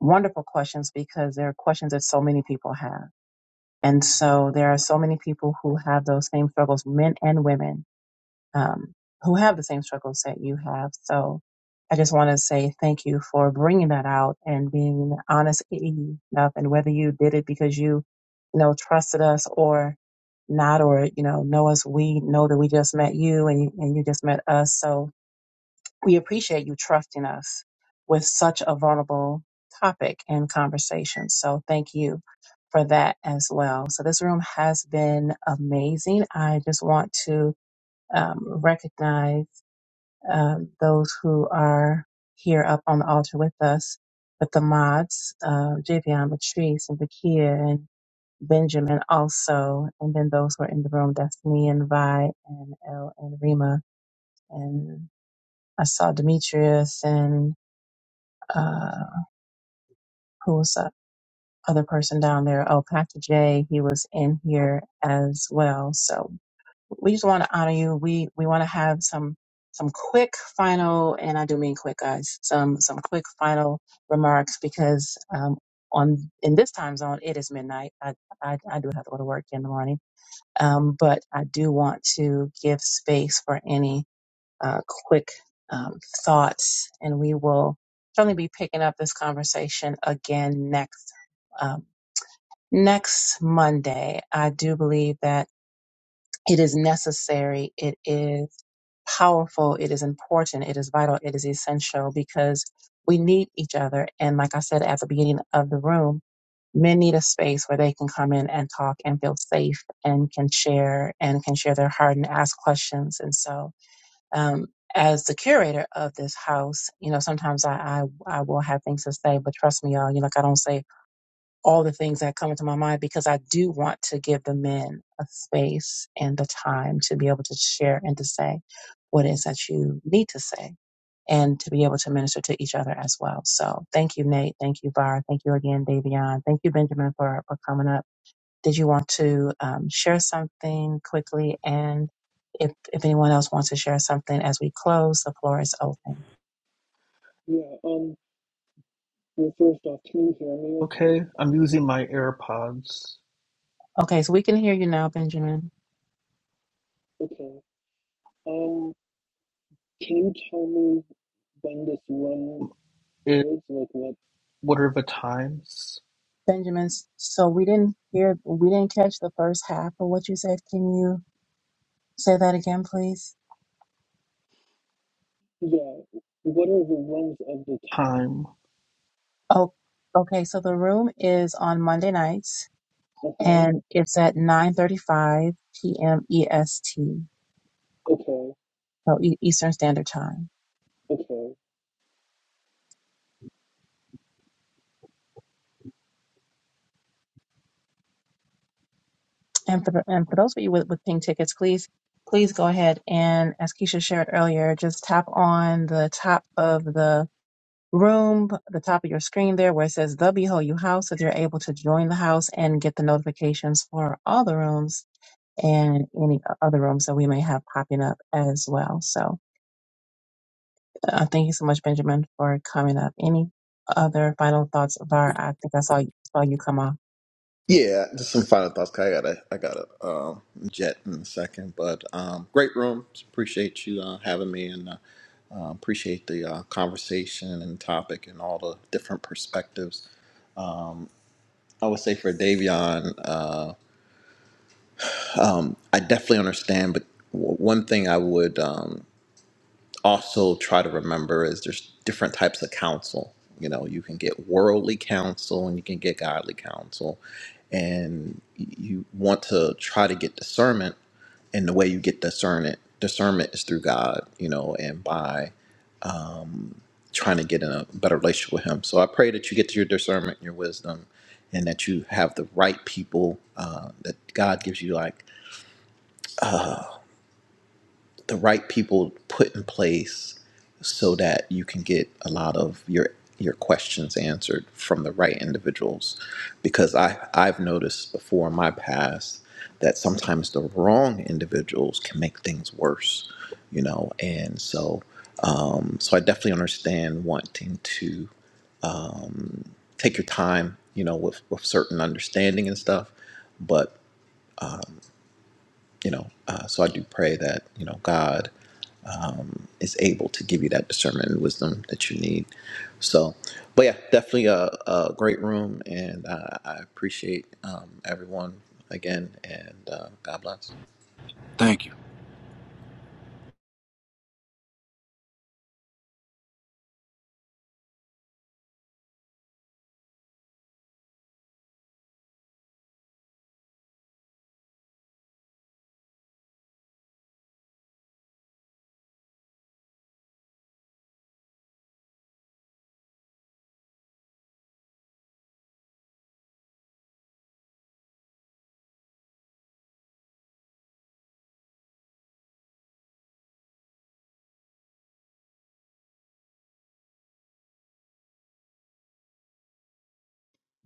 [SPEAKER 1] wonderful questions because they're questions that so many people have. And so there are so many people who have those same struggles, men and women um, who have the same struggles that you have. So I just want to say thank you for bringing that out and being honest enough. And whether you did it because you, you know, trusted us or not, or, you know, know us, we know that we just met you and you, and you just met us. So we appreciate you trusting us with such a vulnerable topic and conversation. So thank you for that as well. So this room has been amazing. I just want to um, recognize um, those who are here up on the altar with us, but the mods, uh, Javion, Latrice, and Vakia, and Benjamin also, and then those who are in the room, Destiny and Vi and El and Rima. And I saw Demetrius and uh, who was the other person down there? Oh, Pastor Jay, he was in here as well. So we just want to honor you. We we want to have some some quick final, and I do mean quick, guys. Some some quick final remarks because um, on in this time zone it is midnight. I I, I do have to go to work in the morning, um, but I do want to give space for any uh, quick um, thoughts, and we will certainly be picking up this conversation again next um, next Monday. I do believe that it is necessary. It is powerful. It is important. It is vital. It is essential because we need each other. And like I said at the beginning of the room, men need a space where they can come in and talk and feel safe and can share and can share their heart and ask questions. And so, um, as the curator of this house, you know, sometimes I, I, I will have things to say, but trust me, y'all, you know, like I don't say all the things that come into my mind because I do want to give the men a space and the time to be able to share and to say what it is that you need to say and to be able to minister to each other as well. So thank you, Nate. Thank you, Var. Thank you again, Davion. Thank you, Benjamin, for, for coming up. Did you want to um, share something quickly? And if, if anyone else wants to share something as we close, the floor is open.
[SPEAKER 9] Yeah, um, well, first off, can you hear me okay? I'm using my AirPods.
[SPEAKER 1] Okay, so we can hear you now, Benjamin.
[SPEAKER 9] Okay. Um, can you tell me when this run It, is? Like, what? what are the times?
[SPEAKER 1] Benjamin's. so we didn't hear, we didn't catch the first half of what you said. Can you say that again, please?
[SPEAKER 9] Yeah, what are the runs of the Time.
[SPEAKER 1] Oh, okay. So the room is on Monday nights
[SPEAKER 9] Uh-huh.
[SPEAKER 1] and it's at 9:35 p.m. EST,
[SPEAKER 9] Okay.
[SPEAKER 1] so E- Eastern Standard Time.
[SPEAKER 9] Okay.
[SPEAKER 1] And for the, and for those of you with, with pink tickets, please please go ahead and as Keisha shared earlier, just tap on the top of the room, the top of your screen there where it says the Behold You House, if you're able to join the house and get the notifications for all the rooms and any other rooms that we may have popping up as well. So uh, thank you so much, Benjamin, for coming up. Any other final thoughts, Var? I think I saw you, saw you come off.
[SPEAKER 2] Yeah, just some final thoughts. 'cause I gotta, I gotta um, jet in a second. But um, great room. Appreciate you uh, having me, and uh, uh, appreciate the uh, conversation and topic and all the different perspectives. I would say for Davion, uh, um, I definitely understand. But w- one thing I would, um, also try to remember is there's different types of counsel. You know, you can get worldly counsel and you can get godly counsel. And you want to try to get discernment. And the way you get discernment, discernment is through God, you know, and by um, trying to get in a better relationship with Him. So I pray that you get your discernment, and your wisdom, and that you have the right people, uh, that God gives you like the right people put in place so that you can get a lot of your your questions answered from the right individuals because i i've noticed before in my past that sometimes the wrong individuals can make things worse you know and so um so i definitely understand wanting to take your time you know with, with certain understanding and stuff but you know uh, so i do pray that you know god is able to give you that discernment and wisdom that you need. So, but yeah, definitely a, a great room, and uh, I appreciate um, everyone again, and uh, God bless.
[SPEAKER 8] thank you.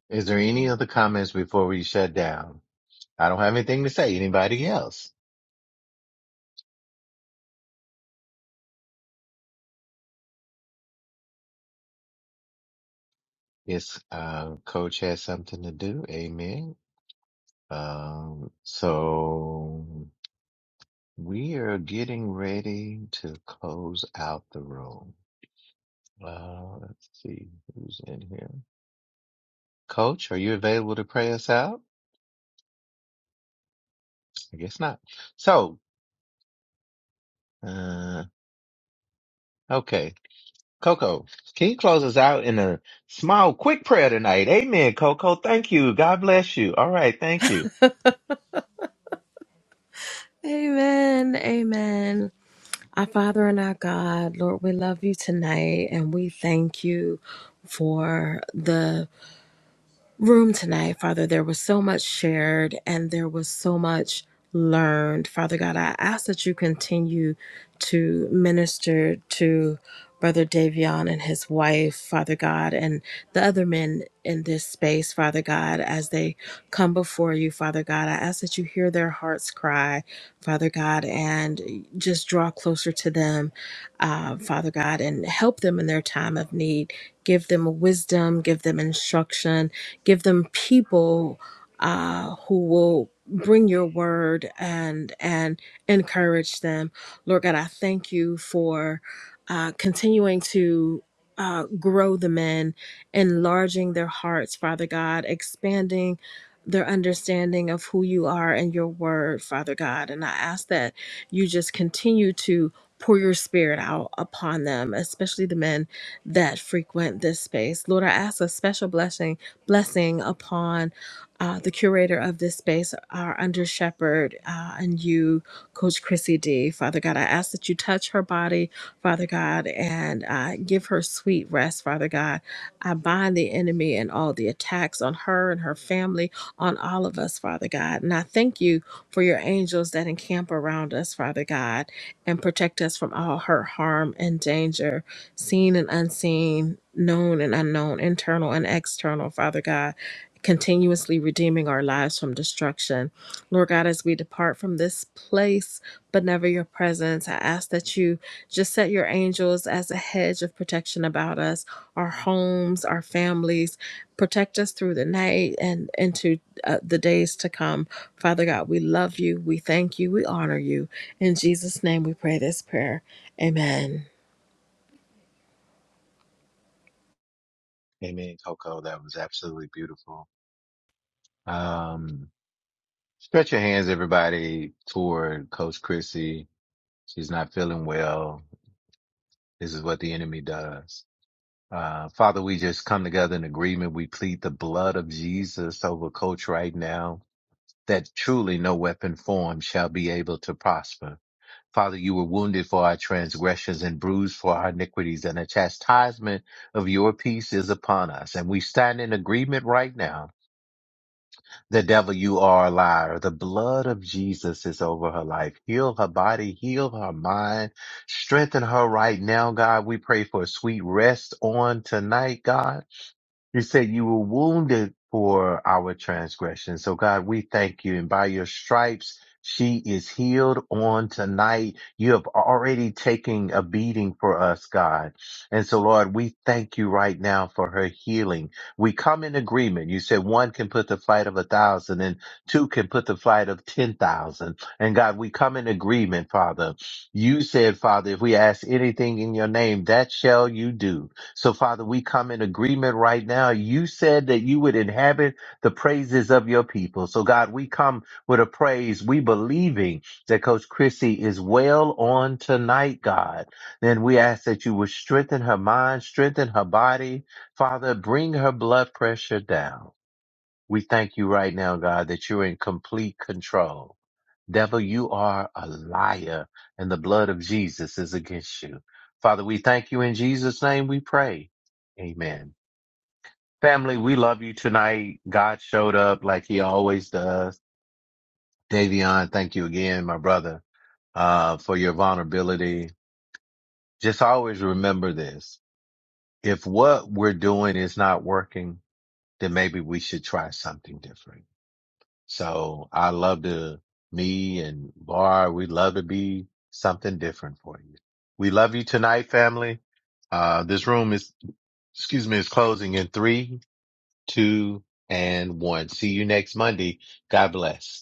[SPEAKER 6] Is there any other comments before we shut down? I don't have anything to say. Anybody else? Yes, uh, coach has something to do. Amen. Um, so we are getting ready to close out the room. Uh, let's see who's in here. Coach, are you available to pray us out? I guess not. So, uh, okay. Coco, can you close us out in a small, quick prayer tonight? Amen, Coco. Thank you. God bless you. All right. Thank you.
[SPEAKER 3] Amen. Amen. Our Father and our God, Lord, we love you tonight and we thank you for the room tonight, Father. There was so much shared and there was so much learned. Father God, I ask that you continue to minister to Brother Davion and his wife, Father God, and the other men in this space, Father God, as they come before you, Father God. I ask that you hear their hearts cry, Father God, and just draw closer to them, uh, Father God, and help them in their time of need. Give them wisdom, give them instruction, Give them people uh, who will bring your word and and encourage them. Lord God, I thank you for uh, continuing to uh, grow the men, enlarging their hearts, Father God, expanding their understanding of who you are and your word, Father God. And I ask that you just continue to pour your spirit out upon them, especially the men that frequent this space. Lord, I ask a special blessing blessing upon uh, the curator of this space, our under shepherd, uh, and you, Coach Chrissy D. Father God, I ask that you touch her body, Father God, and uh, give her sweet rest, Father God. I bind the enemy and all the attacks on her and her family, on all of us, Father God. And I thank you for your angels that encamp around us, Father God, and protect us from all hurt, harm, and danger seen and unseen, known and unknown, internal and external, Father God, continuously redeeming our lives from destruction. Lord God, as we depart from this place, but never your presence, I ask that you just set your angels as a hedge of protection about us, our homes, our families. Protect us through the night and into uh, the days to come. Father God, we love you. We thank you. We honor you. In Jesus' name we pray this prayer. Amen.
[SPEAKER 6] Amen, Coco. That was absolutely beautiful.
[SPEAKER 10] Amen.
[SPEAKER 6] Um, Stretch your hands, everybody, toward Coach Chrissy. She's not feeling well. This is what the enemy does. Uh, Father, we just come together in agreement. We plead the blood of Jesus over Coach right now that truly no weapon formed shall be able to prosper. Father, you were wounded for our transgressions and bruised for our iniquities and the chastisement of your peace is upon us. And we stand in agreement right now The devil, you are a liar. The blood of Jesus is over her life. Heal her body, heal her mind, strengthen her right now, God. We pray for a sweet rest on tonight, God. You said you were wounded for our transgression. So God, we thank you. And by your stripes, she is healed on tonight. You have already taken a beating for us, God. And so Lord, we thank you right now for her healing. We come in agreement. You said one can put the flight of a thousand and two can put the flight of 10,000. And God, we come in agreement, Father. You said, Father, if we ask anything in your name, that shall you do. So, Father, we come in agreement right now. You said that you would inhabit the praises of your people. So, God, we come with a praise. We believing that Coach Chrissy is well on tonight, God. Then we ask that you would strengthen her mind, strengthen her body, Father, bring her blood pressure down. We thank you right now, God, that you're in complete control. Devil, you are a liar, and the blood of Jesus is against you. Father, we thank you in Jesus' name we pray. Amen. Family, we love you tonight. God showed up like he always does. Davion, thank you again, my brother, uh, for your vulnerability. Just always remember this. If what we're doing is not working, then maybe we should try something different So I love to, me and Bar, we love to be something different for you. We love you tonight, family. Uh, this room is, excuse me, is closing in three, two, and one. See you next Monday. God bless.